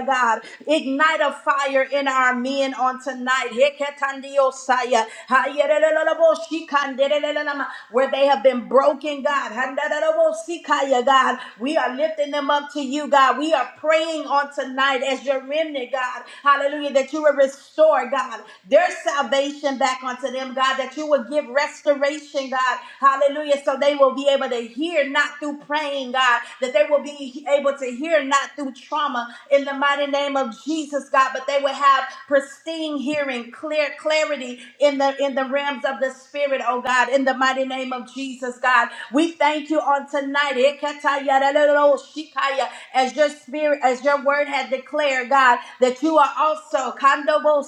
[SPEAKER 1] God, ignite a fire in concerning our men on tonight. Heketandiosaya. Hayereleleleboshikandelelelelema. Where they have been broken, God. Handadadebosikaya, God. We are lifting them up to you, God. We are praying on tonight as your remnant, God. Hallelujah. That you will restore, God their salvation back unto them, God, that you would give restoration, God. Hallelujah. So they will be able to hear not through praying, God, that they will be able to hear not through trauma in the mighty name of Jesus, God, but they will have pristine hearing, clear clarity in the in the realms of the spirit, oh God, in the mighty name of Jesus, God. We thank you on tonight. Ekatayararoroshikaya, As your spirit, as your word had declared, God, that you are also kandobo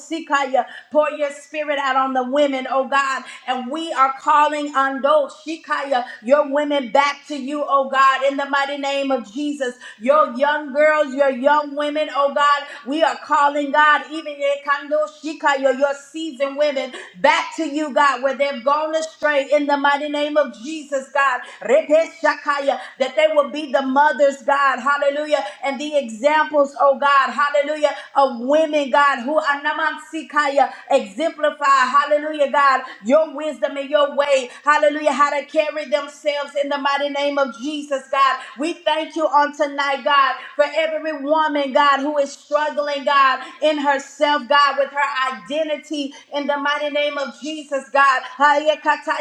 [SPEAKER 1] Pour your spirit out on the women, oh God. And we are calling on those, Shikaya, your women back to you, oh God, in the mighty name of Jesus. Your young girls, your young women, oh God, we are calling God, even Ekando Shikaya, your seasoned women back to you, God, where they've gone astray in the mighty name of Jesus, God. Repe Shakaya, that they will be the mothers, God, hallelujah, and the examples, oh God, hallelujah, of women women, God, who are Namansikaya, exemplify, hallelujah, God, your wisdom and your way, hallelujah, how to carry themselves in the mighty name of Jesus, God. We thank you on tonight, God, for every woman, God, who is struggling, God, in herself, God, with her identity in the mighty name of Jesus, God. Hayekata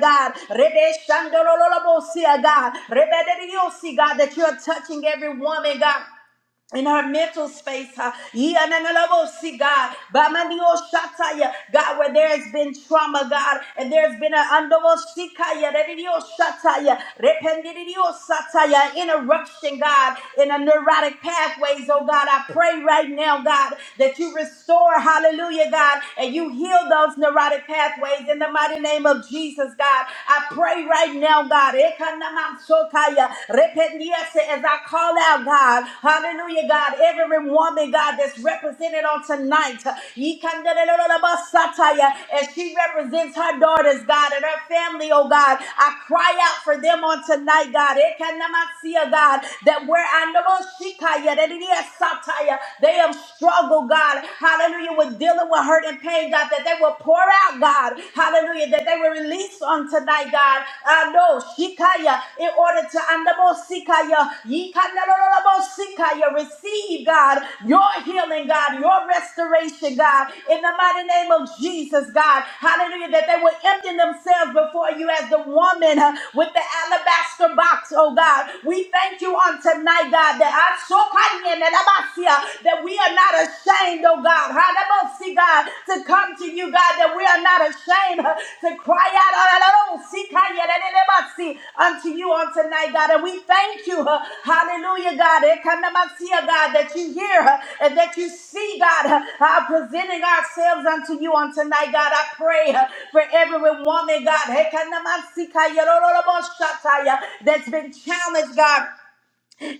[SPEAKER 1] God. Rebe God. Rebe God, that you're touching every woman, God in her mental space, huh? Yeah, na- na- na- oh, see, God, Ba- ma- ni- oh, shataya. God, where there has been trauma, God, and there's been an andovosikaya, re- di- di- oh, shataya, rependi- di- di- di- oh, sataya, interruption, God, in a neurotic pathways, oh God, I pray right now, God, that you restore, hallelujah, God, and you heal those neurotic pathways in the mighty name of Jesus, God. I pray right now, God, Mansotaya. Rependiese, as I call out, God. Hallelujah, God. Every woman, God, that's represented on tonight. Yikandelelelelebasataya, As she represents her daughters, God, and her family, oh God. I cry out for them on tonight, God. Ekanamasia, God, that where I know Shikaya, that it is Sataya, they have struggled, God. Hallelujah, with dealing with hurt and pain, God, that they will pour out, God. God. Hallelujah. That they were released on tonight, God. I know. Shikaya. In order to andabo sikaya. Yikanalololobo sikaya. Receive, God, your healing, God, your restoration, God. In the mighty name of Jesus, God. Hallelujah. That they will empty themselves before you as the woman uh, with the alabaster box, oh God. We thank you on tonight, God, that I so that we are not not ashamed, oh God. Hallelujah, God, to come to you, God, that we are not ashamed uh, to cry out hallelujah, unto you on tonight, God. And we thank you, uh, hallelujah, God, Ekanamasia, God, that you hear uh, and that you see, God, uh, uh, presenting ourselves unto you on tonight, God. I pray uh, for every woman, God, Ekanamasika, yororoboshataya, that's been challenged, God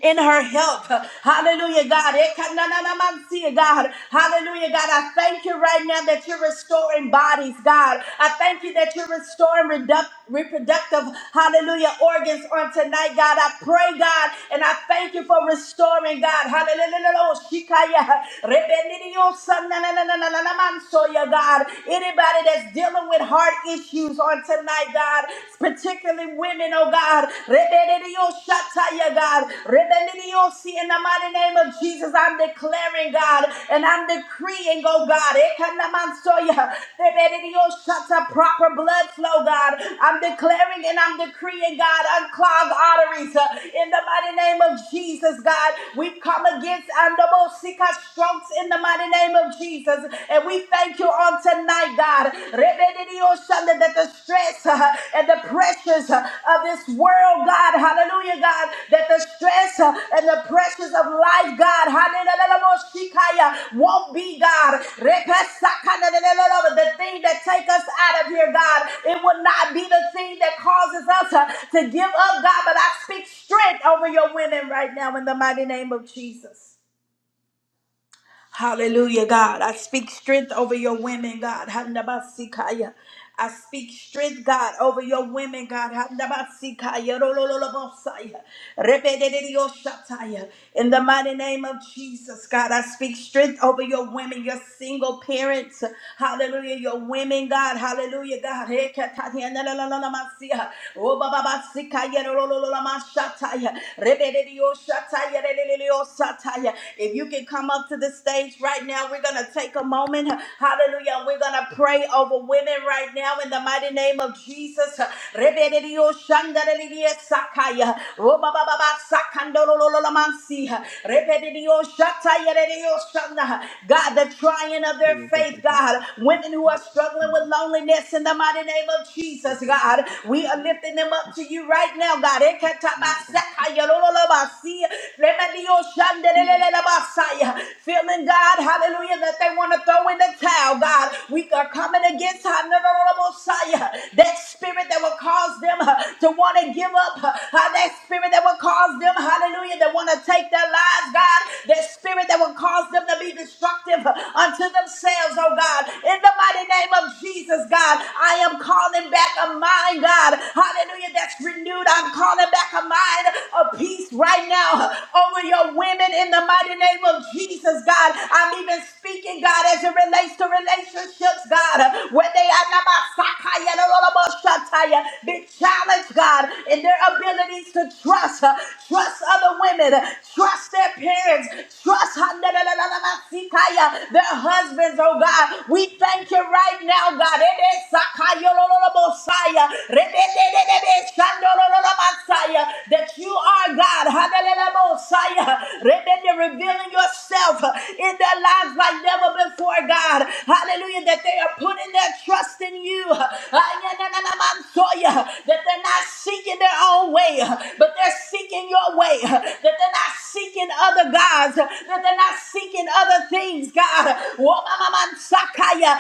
[SPEAKER 1] in her help. Hallelujah, God. Ekananamansia, God. Hallelujah, God. I thank you right now that you're restoring bodies, God. I thank you that you're restoring reduct- reproductive, hallelujah, organs on tonight, God. I pray, God, and I thank you for restoring, God. Hallelujah. Shikaya. Rebenidiyosa, nananananamansoya, God. Anybody that's dealing with heart issues on tonight, God particularly women, oh God. Rebellioshataya, God. Rebelliosi, in the mighty name of Jesus, I'm declaring, God, and I'm decreeing, oh God. Ekanamansoya, rebelliosata, Proper blood flow, God. I'm declaring and I'm decreeing, God, unclog arteries uh, in the mighty name of Jesus, God. We have come against Andobosika strokes in the mighty name of Jesus, and we thank you on tonight, God. Rebedidiosanda, That the stress uh, and the pressures uh, of this world, God, hallelujah, God, that the stress uh, and the pressures of life, God, hallelujah, won't be, God. Repesakanadelelelele, The thing that take us out of here, God, it will not be the thing that causes us uh, to give up, God, but I speak strength over your women right now in the mighty name of Jesus. Hallelujah, God. I speak strength over your women, God. Handabasikaya. I speak strength, God, over your women, God. Handabasikaya. Rolololobosaya. Rebededediyoshataya. In the mighty name of Jesus, God, I speak strength over your women, your single parents. Hallelujah, your women, God. Hallelujah, God. Hekatatiyanalalalamasiya. Obababasikaya. Rolololomashataya. Rebededediyoshataya. If you can come up to the stage right now, we're going to take a moment. Hallelujah. We're going to pray over women right now in the mighty name of Jesus. Rebelio shandarelia sakaya. Robababa sakandolololomansi. Rebelio shatayerelio shanda. God, the trying of their
[SPEAKER 3] Thank
[SPEAKER 1] faith, God. Women who are struggling with loneliness in the mighty name of Jesus, God. We are lifting them up to you right now, God.
[SPEAKER 3] you.
[SPEAKER 1] Feeling God, hallelujah, that they want to throw in the towel, God. We are coming against hallelujah, that spirit that will cause them uh, to want to give up, uh, uh, that spirit that will cause them, hallelujah, that want to take their lives, God, that spirit that will cause them to be destructive uh, unto themselves, oh God. In the mighty name of Jesus, God, I am calling back a mind, God. Hallelujah. That's renewed. I'm calling back a mind of peace right now over your women in the mighty name of Jesus, God. I'm even speaking, God, as it relates to relationships, God, where they are not my sakaya, no, no, no, no, shataya. Be challenged, God, in their abilities to trust, uh, trust other women, uh, trust their parents, trust uh, no, no, no, no, no, no, sikaya, their husbands, oh God. We thank you right now, God. That you are God. Hallelujah. Rebende, Revealing yourself in their lives like never before, God. Hallelujah. That they are putting their trust in you. Ayananamansoya. That they're not seeking their own way, but they're seeking your way. That they're not seeking other gods. That they're not seeking other things, God. Sakaya,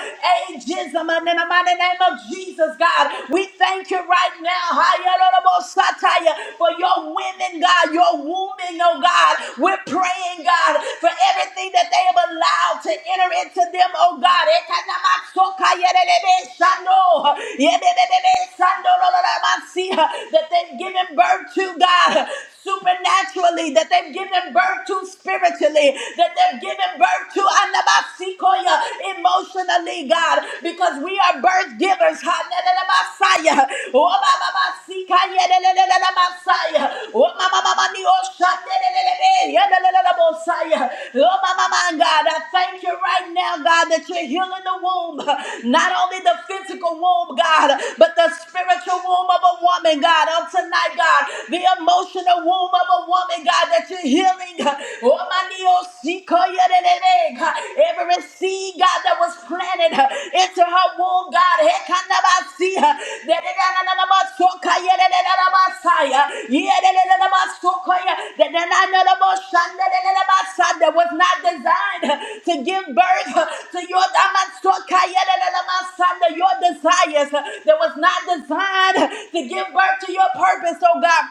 [SPEAKER 1] ageism, and in the mighty name of Jesus, God, we thank you right now, Hayalorobo Sataya, for your women, God, your woman, oh God. We're praying, God, for everything that they have allowed to enter into them, oh God. Ekanamasokayerebe Shano, yebebebebe Sando, lololabasi, That they've given birth to, God supernaturally, that they've given birth to spiritually, that they've given birth to anabasikoya emotionally, God, because we are birth givers. Hanelelebasaya. Obababasikayelelelelebasaya. Omamamamanioshanelelelelelebosaya. Omamamam, God, I thank you right now, God, that you're healing the womb, not only the physical womb, God, but the spiritual womb of a woman, God, on tonight, God, the emotional emotional womb of a woman, God, that you're healing. Oh, my Neo, see, call you the name. Every seed, God, that was planted into her womb, God, he can't never see her. that it- the the name of us, Messiah, yeah, the name of Yeredelelabasokaya, yeredelelabasokaya, that the of us, son, the name of nananelaboshandelelabasa, that was not designed to give birth to your diamond, so call you the name of damasokaya, That your desires, that was not designed to give birth to your purpose, oh God.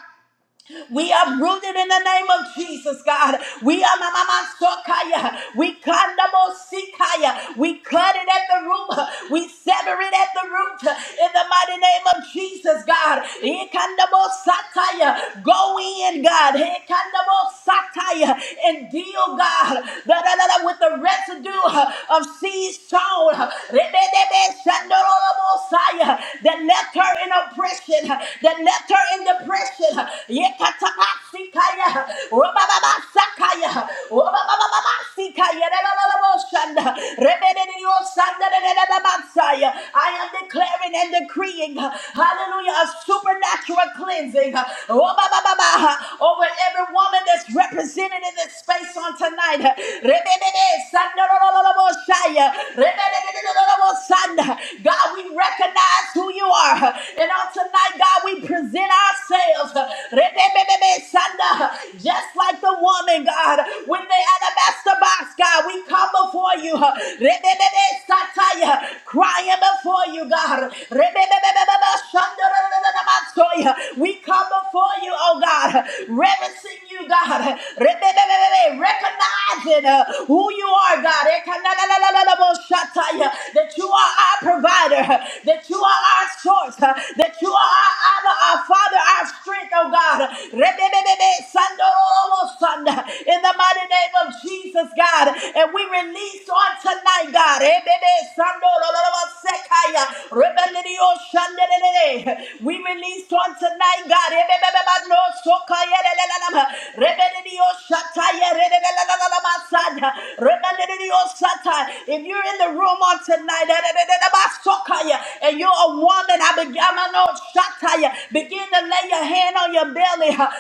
[SPEAKER 1] We are rooted in the name of Jesus, God. We are Mama Sokaya. We Kandamo Sikaya. We cut it at the root. We sever it at the root. In the mighty name of Jesus, God. Ikandamo Sataya. Go in, God. Ikandamo Sataya. And deal, God, da, da, da, da, with the residue of seed sown. Rebedebe Shandorolobosaya. That left her in oppression. That that left her in depression. Yekatabasikaya, robababasikaya, robabababasikaya, leleleleboshanda, rebedeniosandadadadabasaya. I am declaring and decreeing, hallelujah, a supernatural cleansing robabababa, over every woman that's represented in this space on tonight. Rebebebesandadadadadaboshaya, rebedeniosanda. God, we recognize that's who you are. And on tonight, God, we present ourselves Rebebebebe, Sanda, just like the woman, God, with the alabaster box, God. We come before you, Rebebebe, Sataya, crying before you, God. Rebebebebebe, Shandarabasoya. We come before you, oh God, reverencing you, God. Rebebebebe, Recognizing uh, who you are, God. Ekanalalalalaboshata, That that you are our provider, that you are our source, that you are our Abba, our Father, our strength, oh God. Rebebebebe, sandorolobo, sanda. In the mighty name of Jesus, God. And we release on tonight, God. Rebebe, sandorolobo, sekaya. Rebelidio, shandelelele. We release on tonight, God. Rebebebebe, no, sokaya, lelelelema. Rebelidio, shataya, lelelelelelema, sanda. If you're in the room on tonight and you're a woman, I begin my note, begin to lay your hand on your belly and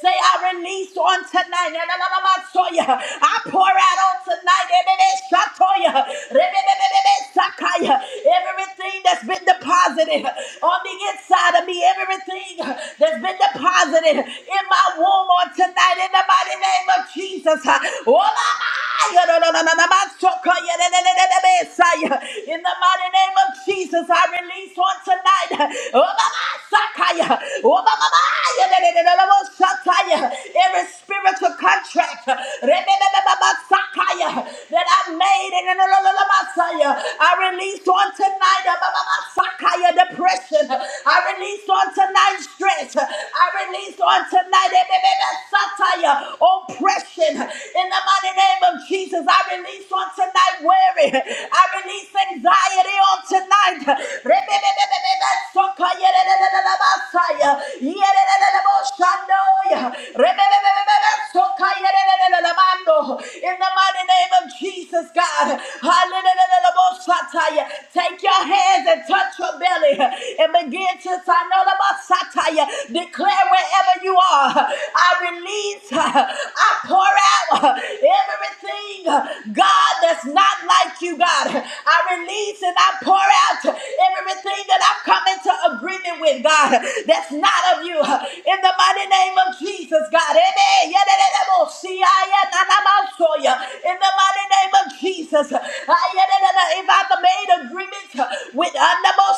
[SPEAKER 1] say, I release on tonight. I pour out on tonight. Everything that's been deposited on the inside of me, everything that's been deposited in my womb on tonight in the mighty name of Jesus. Oh, my God. No, no, no, no, no, my soul, God, yeah, yeah, yeah, yeah, yeah, Messiah. In the mighty name of Jesus, I release on tonight. Oh, my God, Sakaya. Oh, my God, yeah, yeah, yeah, yeah, yeah, yeah, Sakaya. Every spiritual contract yeah, yeah, yeah, yeah, yeah, yeah, Sakaya, that I made in the la, la, la, Messiah, I release on tonight. uh, my, Sakaya depression. I release on tonight stress. I Release on tonight. Eh, eh, eh, eh, Satire, oppression. In the mighty name of Jesus, I release on tonight worry. I release anxiety on tonight. Re, eh, eh, eh, eh, eh, eh, eh, eh, eh, eh, eh, Yeah, eh, eh, eh, eh, eh, eh, eh, eh, eh, eh, eh, eh, eh, eh, In the mighty name of Jesus, God. Hallelujah. Take your hands and touch your belly and begin to Sanolabasataya. Declare wherever you are. I release, I pour out everything, God, that's not like you, God. I release and I pour out everything that I've come into agreement with, God, that's not of you. In the mighty name of Jesus, God. Amen. Yadadadabosiyayanamansoya. In the mighty name of Jesus. Ayadadada. If I've made agreements with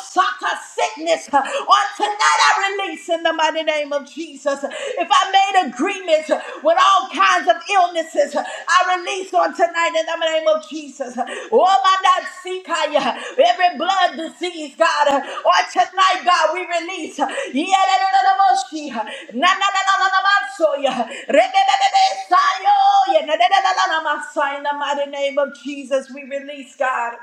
[SPEAKER 1] Saka sickness. uh, On tonight I release in the mighty name of Jesus. If I made agreements uh, with all kinds of illnesses, uh, I release on tonight in the name of Jesus. Oh my God, Sikaya, every blood disease, God, uh, on tonight, God, we release. Yeah, na na na na she, na na na na na na so yeah, re be be be be sayo, yeah, uh, Yedadadadaboshi, uh, nanananananamansoya, rebebebebesayo, yedadadadadadamasai, In the mighty name of Jesus, we release, God.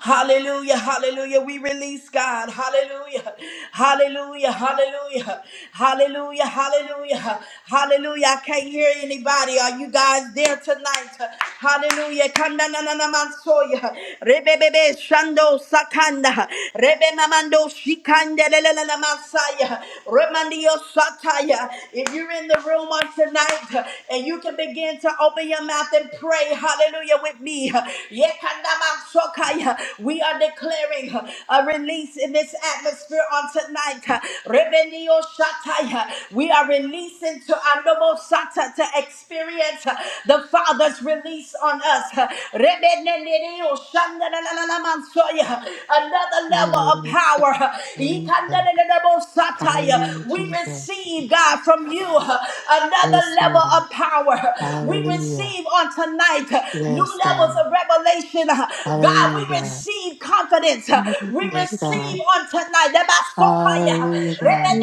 [SPEAKER 1] Hallelujah, hallelujah. We release God. Hallelujah, hallelujah, hallelujah, hallelujah, hallelujah, hallelujah. I can't hear anybody. Are you guys there tonight? Hallelujah. Kanda na na na mansoya. Rebebebe shando sakanda. Rebe mamando shikande le le le le masaya. Remandio sataya. If you're in the room on tonight and you can begin to open your mouth and pray, hallelujah, with me see. Yekandamansokaya. We are declaring uh, a release in this atmosphere on tonight. uh, Rebenio Shataya. We are releasing to Andomo Sata to experience uh, the Father's release on us. uh, Rebeneneneo Shandanananamansoya. Another level of
[SPEAKER 4] Yes, God.
[SPEAKER 1] power. uh,
[SPEAKER 4] Hallelujah.
[SPEAKER 1] Yikandananabo
[SPEAKER 4] Hallelujah,
[SPEAKER 1] Sataya. We
[SPEAKER 4] Jesus.
[SPEAKER 1] receive, God, from you uh, another
[SPEAKER 4] Yes,
[SPEAKER 1] level
[SPEAKER 4] Lord.
[SPEAKER 1] of power. We receive
[SPEAKER 4] Hallelujah.
[SPEAKER 1] receive on tonight uh, new
[SPEAKER 4] Yes,
[SPEAKER 1] levels
[SPEAKER 4] God.
[SPEAKER 1] of revelation. uh, God, we
[SPEAKER 4] Hallelujah, God.
[SPEAKER 1] receive confidence. uh, We
[SPEAKER 4] Yes,
[SPEAKER 5] She said,
[SPEAKER 1] receive
[SPEAKER 4] God.
[SPEAKER 1] on tonight. Nebasokaya,
[SPEAKER 4] Hallelujah, God.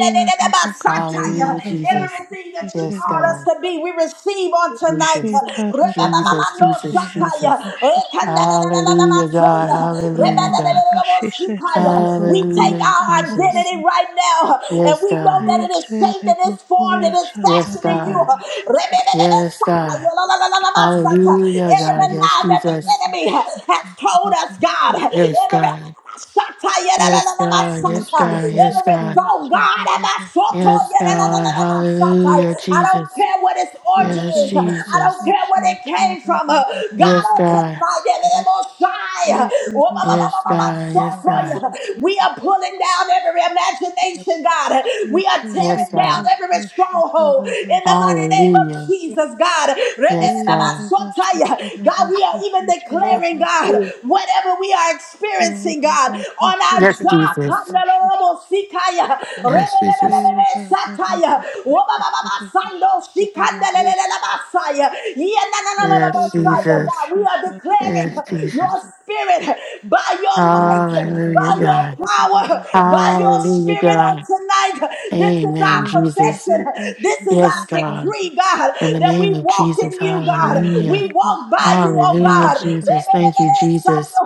[SPEAKER 4] Hallelujah, Jesus.
[SPEAKER 1] Everything that you
[SPEAKER 4] Yes,
[SPEAKER 1] called us
[SPEAKER 4] God.
[SPEAKER 1] to be, we receive on tonight. uh,
[SPEAKER 4] Jesus. Jesus, Jesus,
[SPEAKER 1] rebababamandosataya,
[SPEAKER 4] Jesus. Hallelujah, God.
[SPEAKER 1] ekandalalalamansoya,
[SPEAKER 4] Hallelujah, God.
[SPEAKER 1] rebededededebosikaya. We take
[SPEAKER 4] Hallelujah,
[SPEAKER 1] our
[SPEAKER 4] Jesus.
[SPEAKER 1] identity right now, and
[SPEAKER 4] Yes,
[SPEAKER 1] we know
[SPEAKER 4] God.
[SPEAKER 1] that it is shaped and it's formed and
[SPEAKER 5] "Evokoya,
[SPEAKER 1] it's
[SPEAKER 4] Yes,
[SPEAKER 1] fashioning you you.
[SPEAKER 4] God. Yes, God. Hallelujah,
[SPEAKER 1] Every
[SPEAKER 4] God. Yes,
[SPEAKER 1] lie that the
[SPEAKER 4] Jesus.
[SPEAKER 1] enemy has told us, God.
[SPEAKER 4] Yes,
[SPEAKER 1] Every
[SPEAKER 4] God.
[SPEAKER 1] Every
[SPEAKER 4] Yes, God. Yes, God. Yes, God.
[SPEAKER 1] thought, God,
[SPEAKER 5] Sarara,
[SPEAKER 1] I so
[SPEAKER 4] Yes, God.
[SPEAKER 5] Bakasi,
[SPEAKER 4] Hallelujah,
[SPEAKER 1] don't
[SPEAKER 4] Jesus.
[SPEAKER 1] care what its origin
[SPEAKER 4] Yes,
[SPEAKER 1] is.
[SPEAKER 5] Ishere
[SPEAKER 1] I don't
[SPEAKER 4] Jesus.
[SPEAKER 1] care
[SPEAKER 5] bokose
[SPEAKER 1] where it came from. God,
[SPEAKER 4] Yes,
[SPEAKER 1] on
[SPEAKER 5] tarararararara.
[SPEAKER 4] God.
[SPEAKER 1] tonight, eh, eh, most Oh,
[SPEAKER 5] Ishere
[SPEAKER 4] Yes,
[SPEAKER 5] bose
[SPEAKER 4] God.
[SPEAKER 1] so
[SPEAKER 4] Yes, God.
[SPEAKER 5] yararabasi
[SPEAKER 1] we are
[SPEAKER 5] tetere.
[SPEAKER 1] pulling down every imagination, God. We are tearing
[SPEAKER 4] Yes,
[SPEAKER 5] Ishere
[SPEAKER 1] tearing down
[SPEAKER 4] God.
[SPEAKER 1] every
[SPEAKER 5] bokoshi
[SPEAKER 1] stronghold in the
[SPEAKER 5] karabasi
[SPEAKER 1] mighty name
[SPEAKER 5] tetere.
[SPEAKER 1] of
[SPEAKER 4] Hallelujah.
[SPEAKER 1] Jesus, God.
[SPEAKER 4] Yes, God.
[SPEAKER 5] Yarabasi
[SPEAKER 1] God, we are
[SPEAKER 5] karabashi
[SPEAKER 1] even
[SPEAKER 5] tetere
[SPEAKER 1] declaring, God,
[SPEAKER 5] bokose.
[SPEAKER 1] whatever we are experiencing, God, on
[SPEAKER 5] Korabakasi
[SPEAKER 1] our
[SPEAKER 4] Yes,
[SPEAKER 1] job.
[SPEAKER 4] Jesus.
[SPEAKER 5] tararabashi
[SPEAKER 4] Yes, Jesus.
[SPEAKER 5] terararabakashi tetere bose yararabasi.
[SPEAKER 4] Yes,
[SPEAKER 5] Ishere
[SPEAKER 4] Jesus.
[SPEAKER 1] God, we
[SPEAKER 5] boshi
[SPEAKER 1] are declaring
[SPEAKER 4] Yes,
[SPEAKER 1] your
[SPEAKER 4] Jesus.
[SPEAKER 1] spirit by your might by
[SPEAKER 4] Hallelujah,
[SPEAKER 1] your
[SPEAKER 5] Isarabashi
[SPEAKER 4] God.
[SPEAKER 5] tetere
[SPEAKER 1] power,
[SPEAKER 5] bose.
[SPEAKER 1] by your
[SPEAKER 4] Hallelujah,
[SPEAKER 1] spirit on
[SPEAKER 4] God.
[SPEAKER 1] tonight. This is our
[SPEAKER 4] Amen, Jesus.
[SPEAKER 1] confession. This is
[SPEAKER 4] Yes,
[SPEAKER 1] our
[SPEAKER 4] God.
[SPEAKER 5] Ekarabashitakata
[SPEAKER 1] decree, God,
[SPEAKER 4] In the
[SPEAKER 1] that we
[SPEAKER 4] name of
[SPEAKER 1] walk
[SPEAKER 4] Jesus.
[SPEAKER 1] in you, God.
[SPEAKER 4] Hallelujah.
[SPEAKER 1] We walk by you, oh
[SPEAKER 4] Hallelujah,
[SPEAKER 1] God.
[SPEAKER 4] Jesus. Thank you,
[SPEAKER 5] Shirabakashikerebusitaka
[SPEAKER 4] Jesus.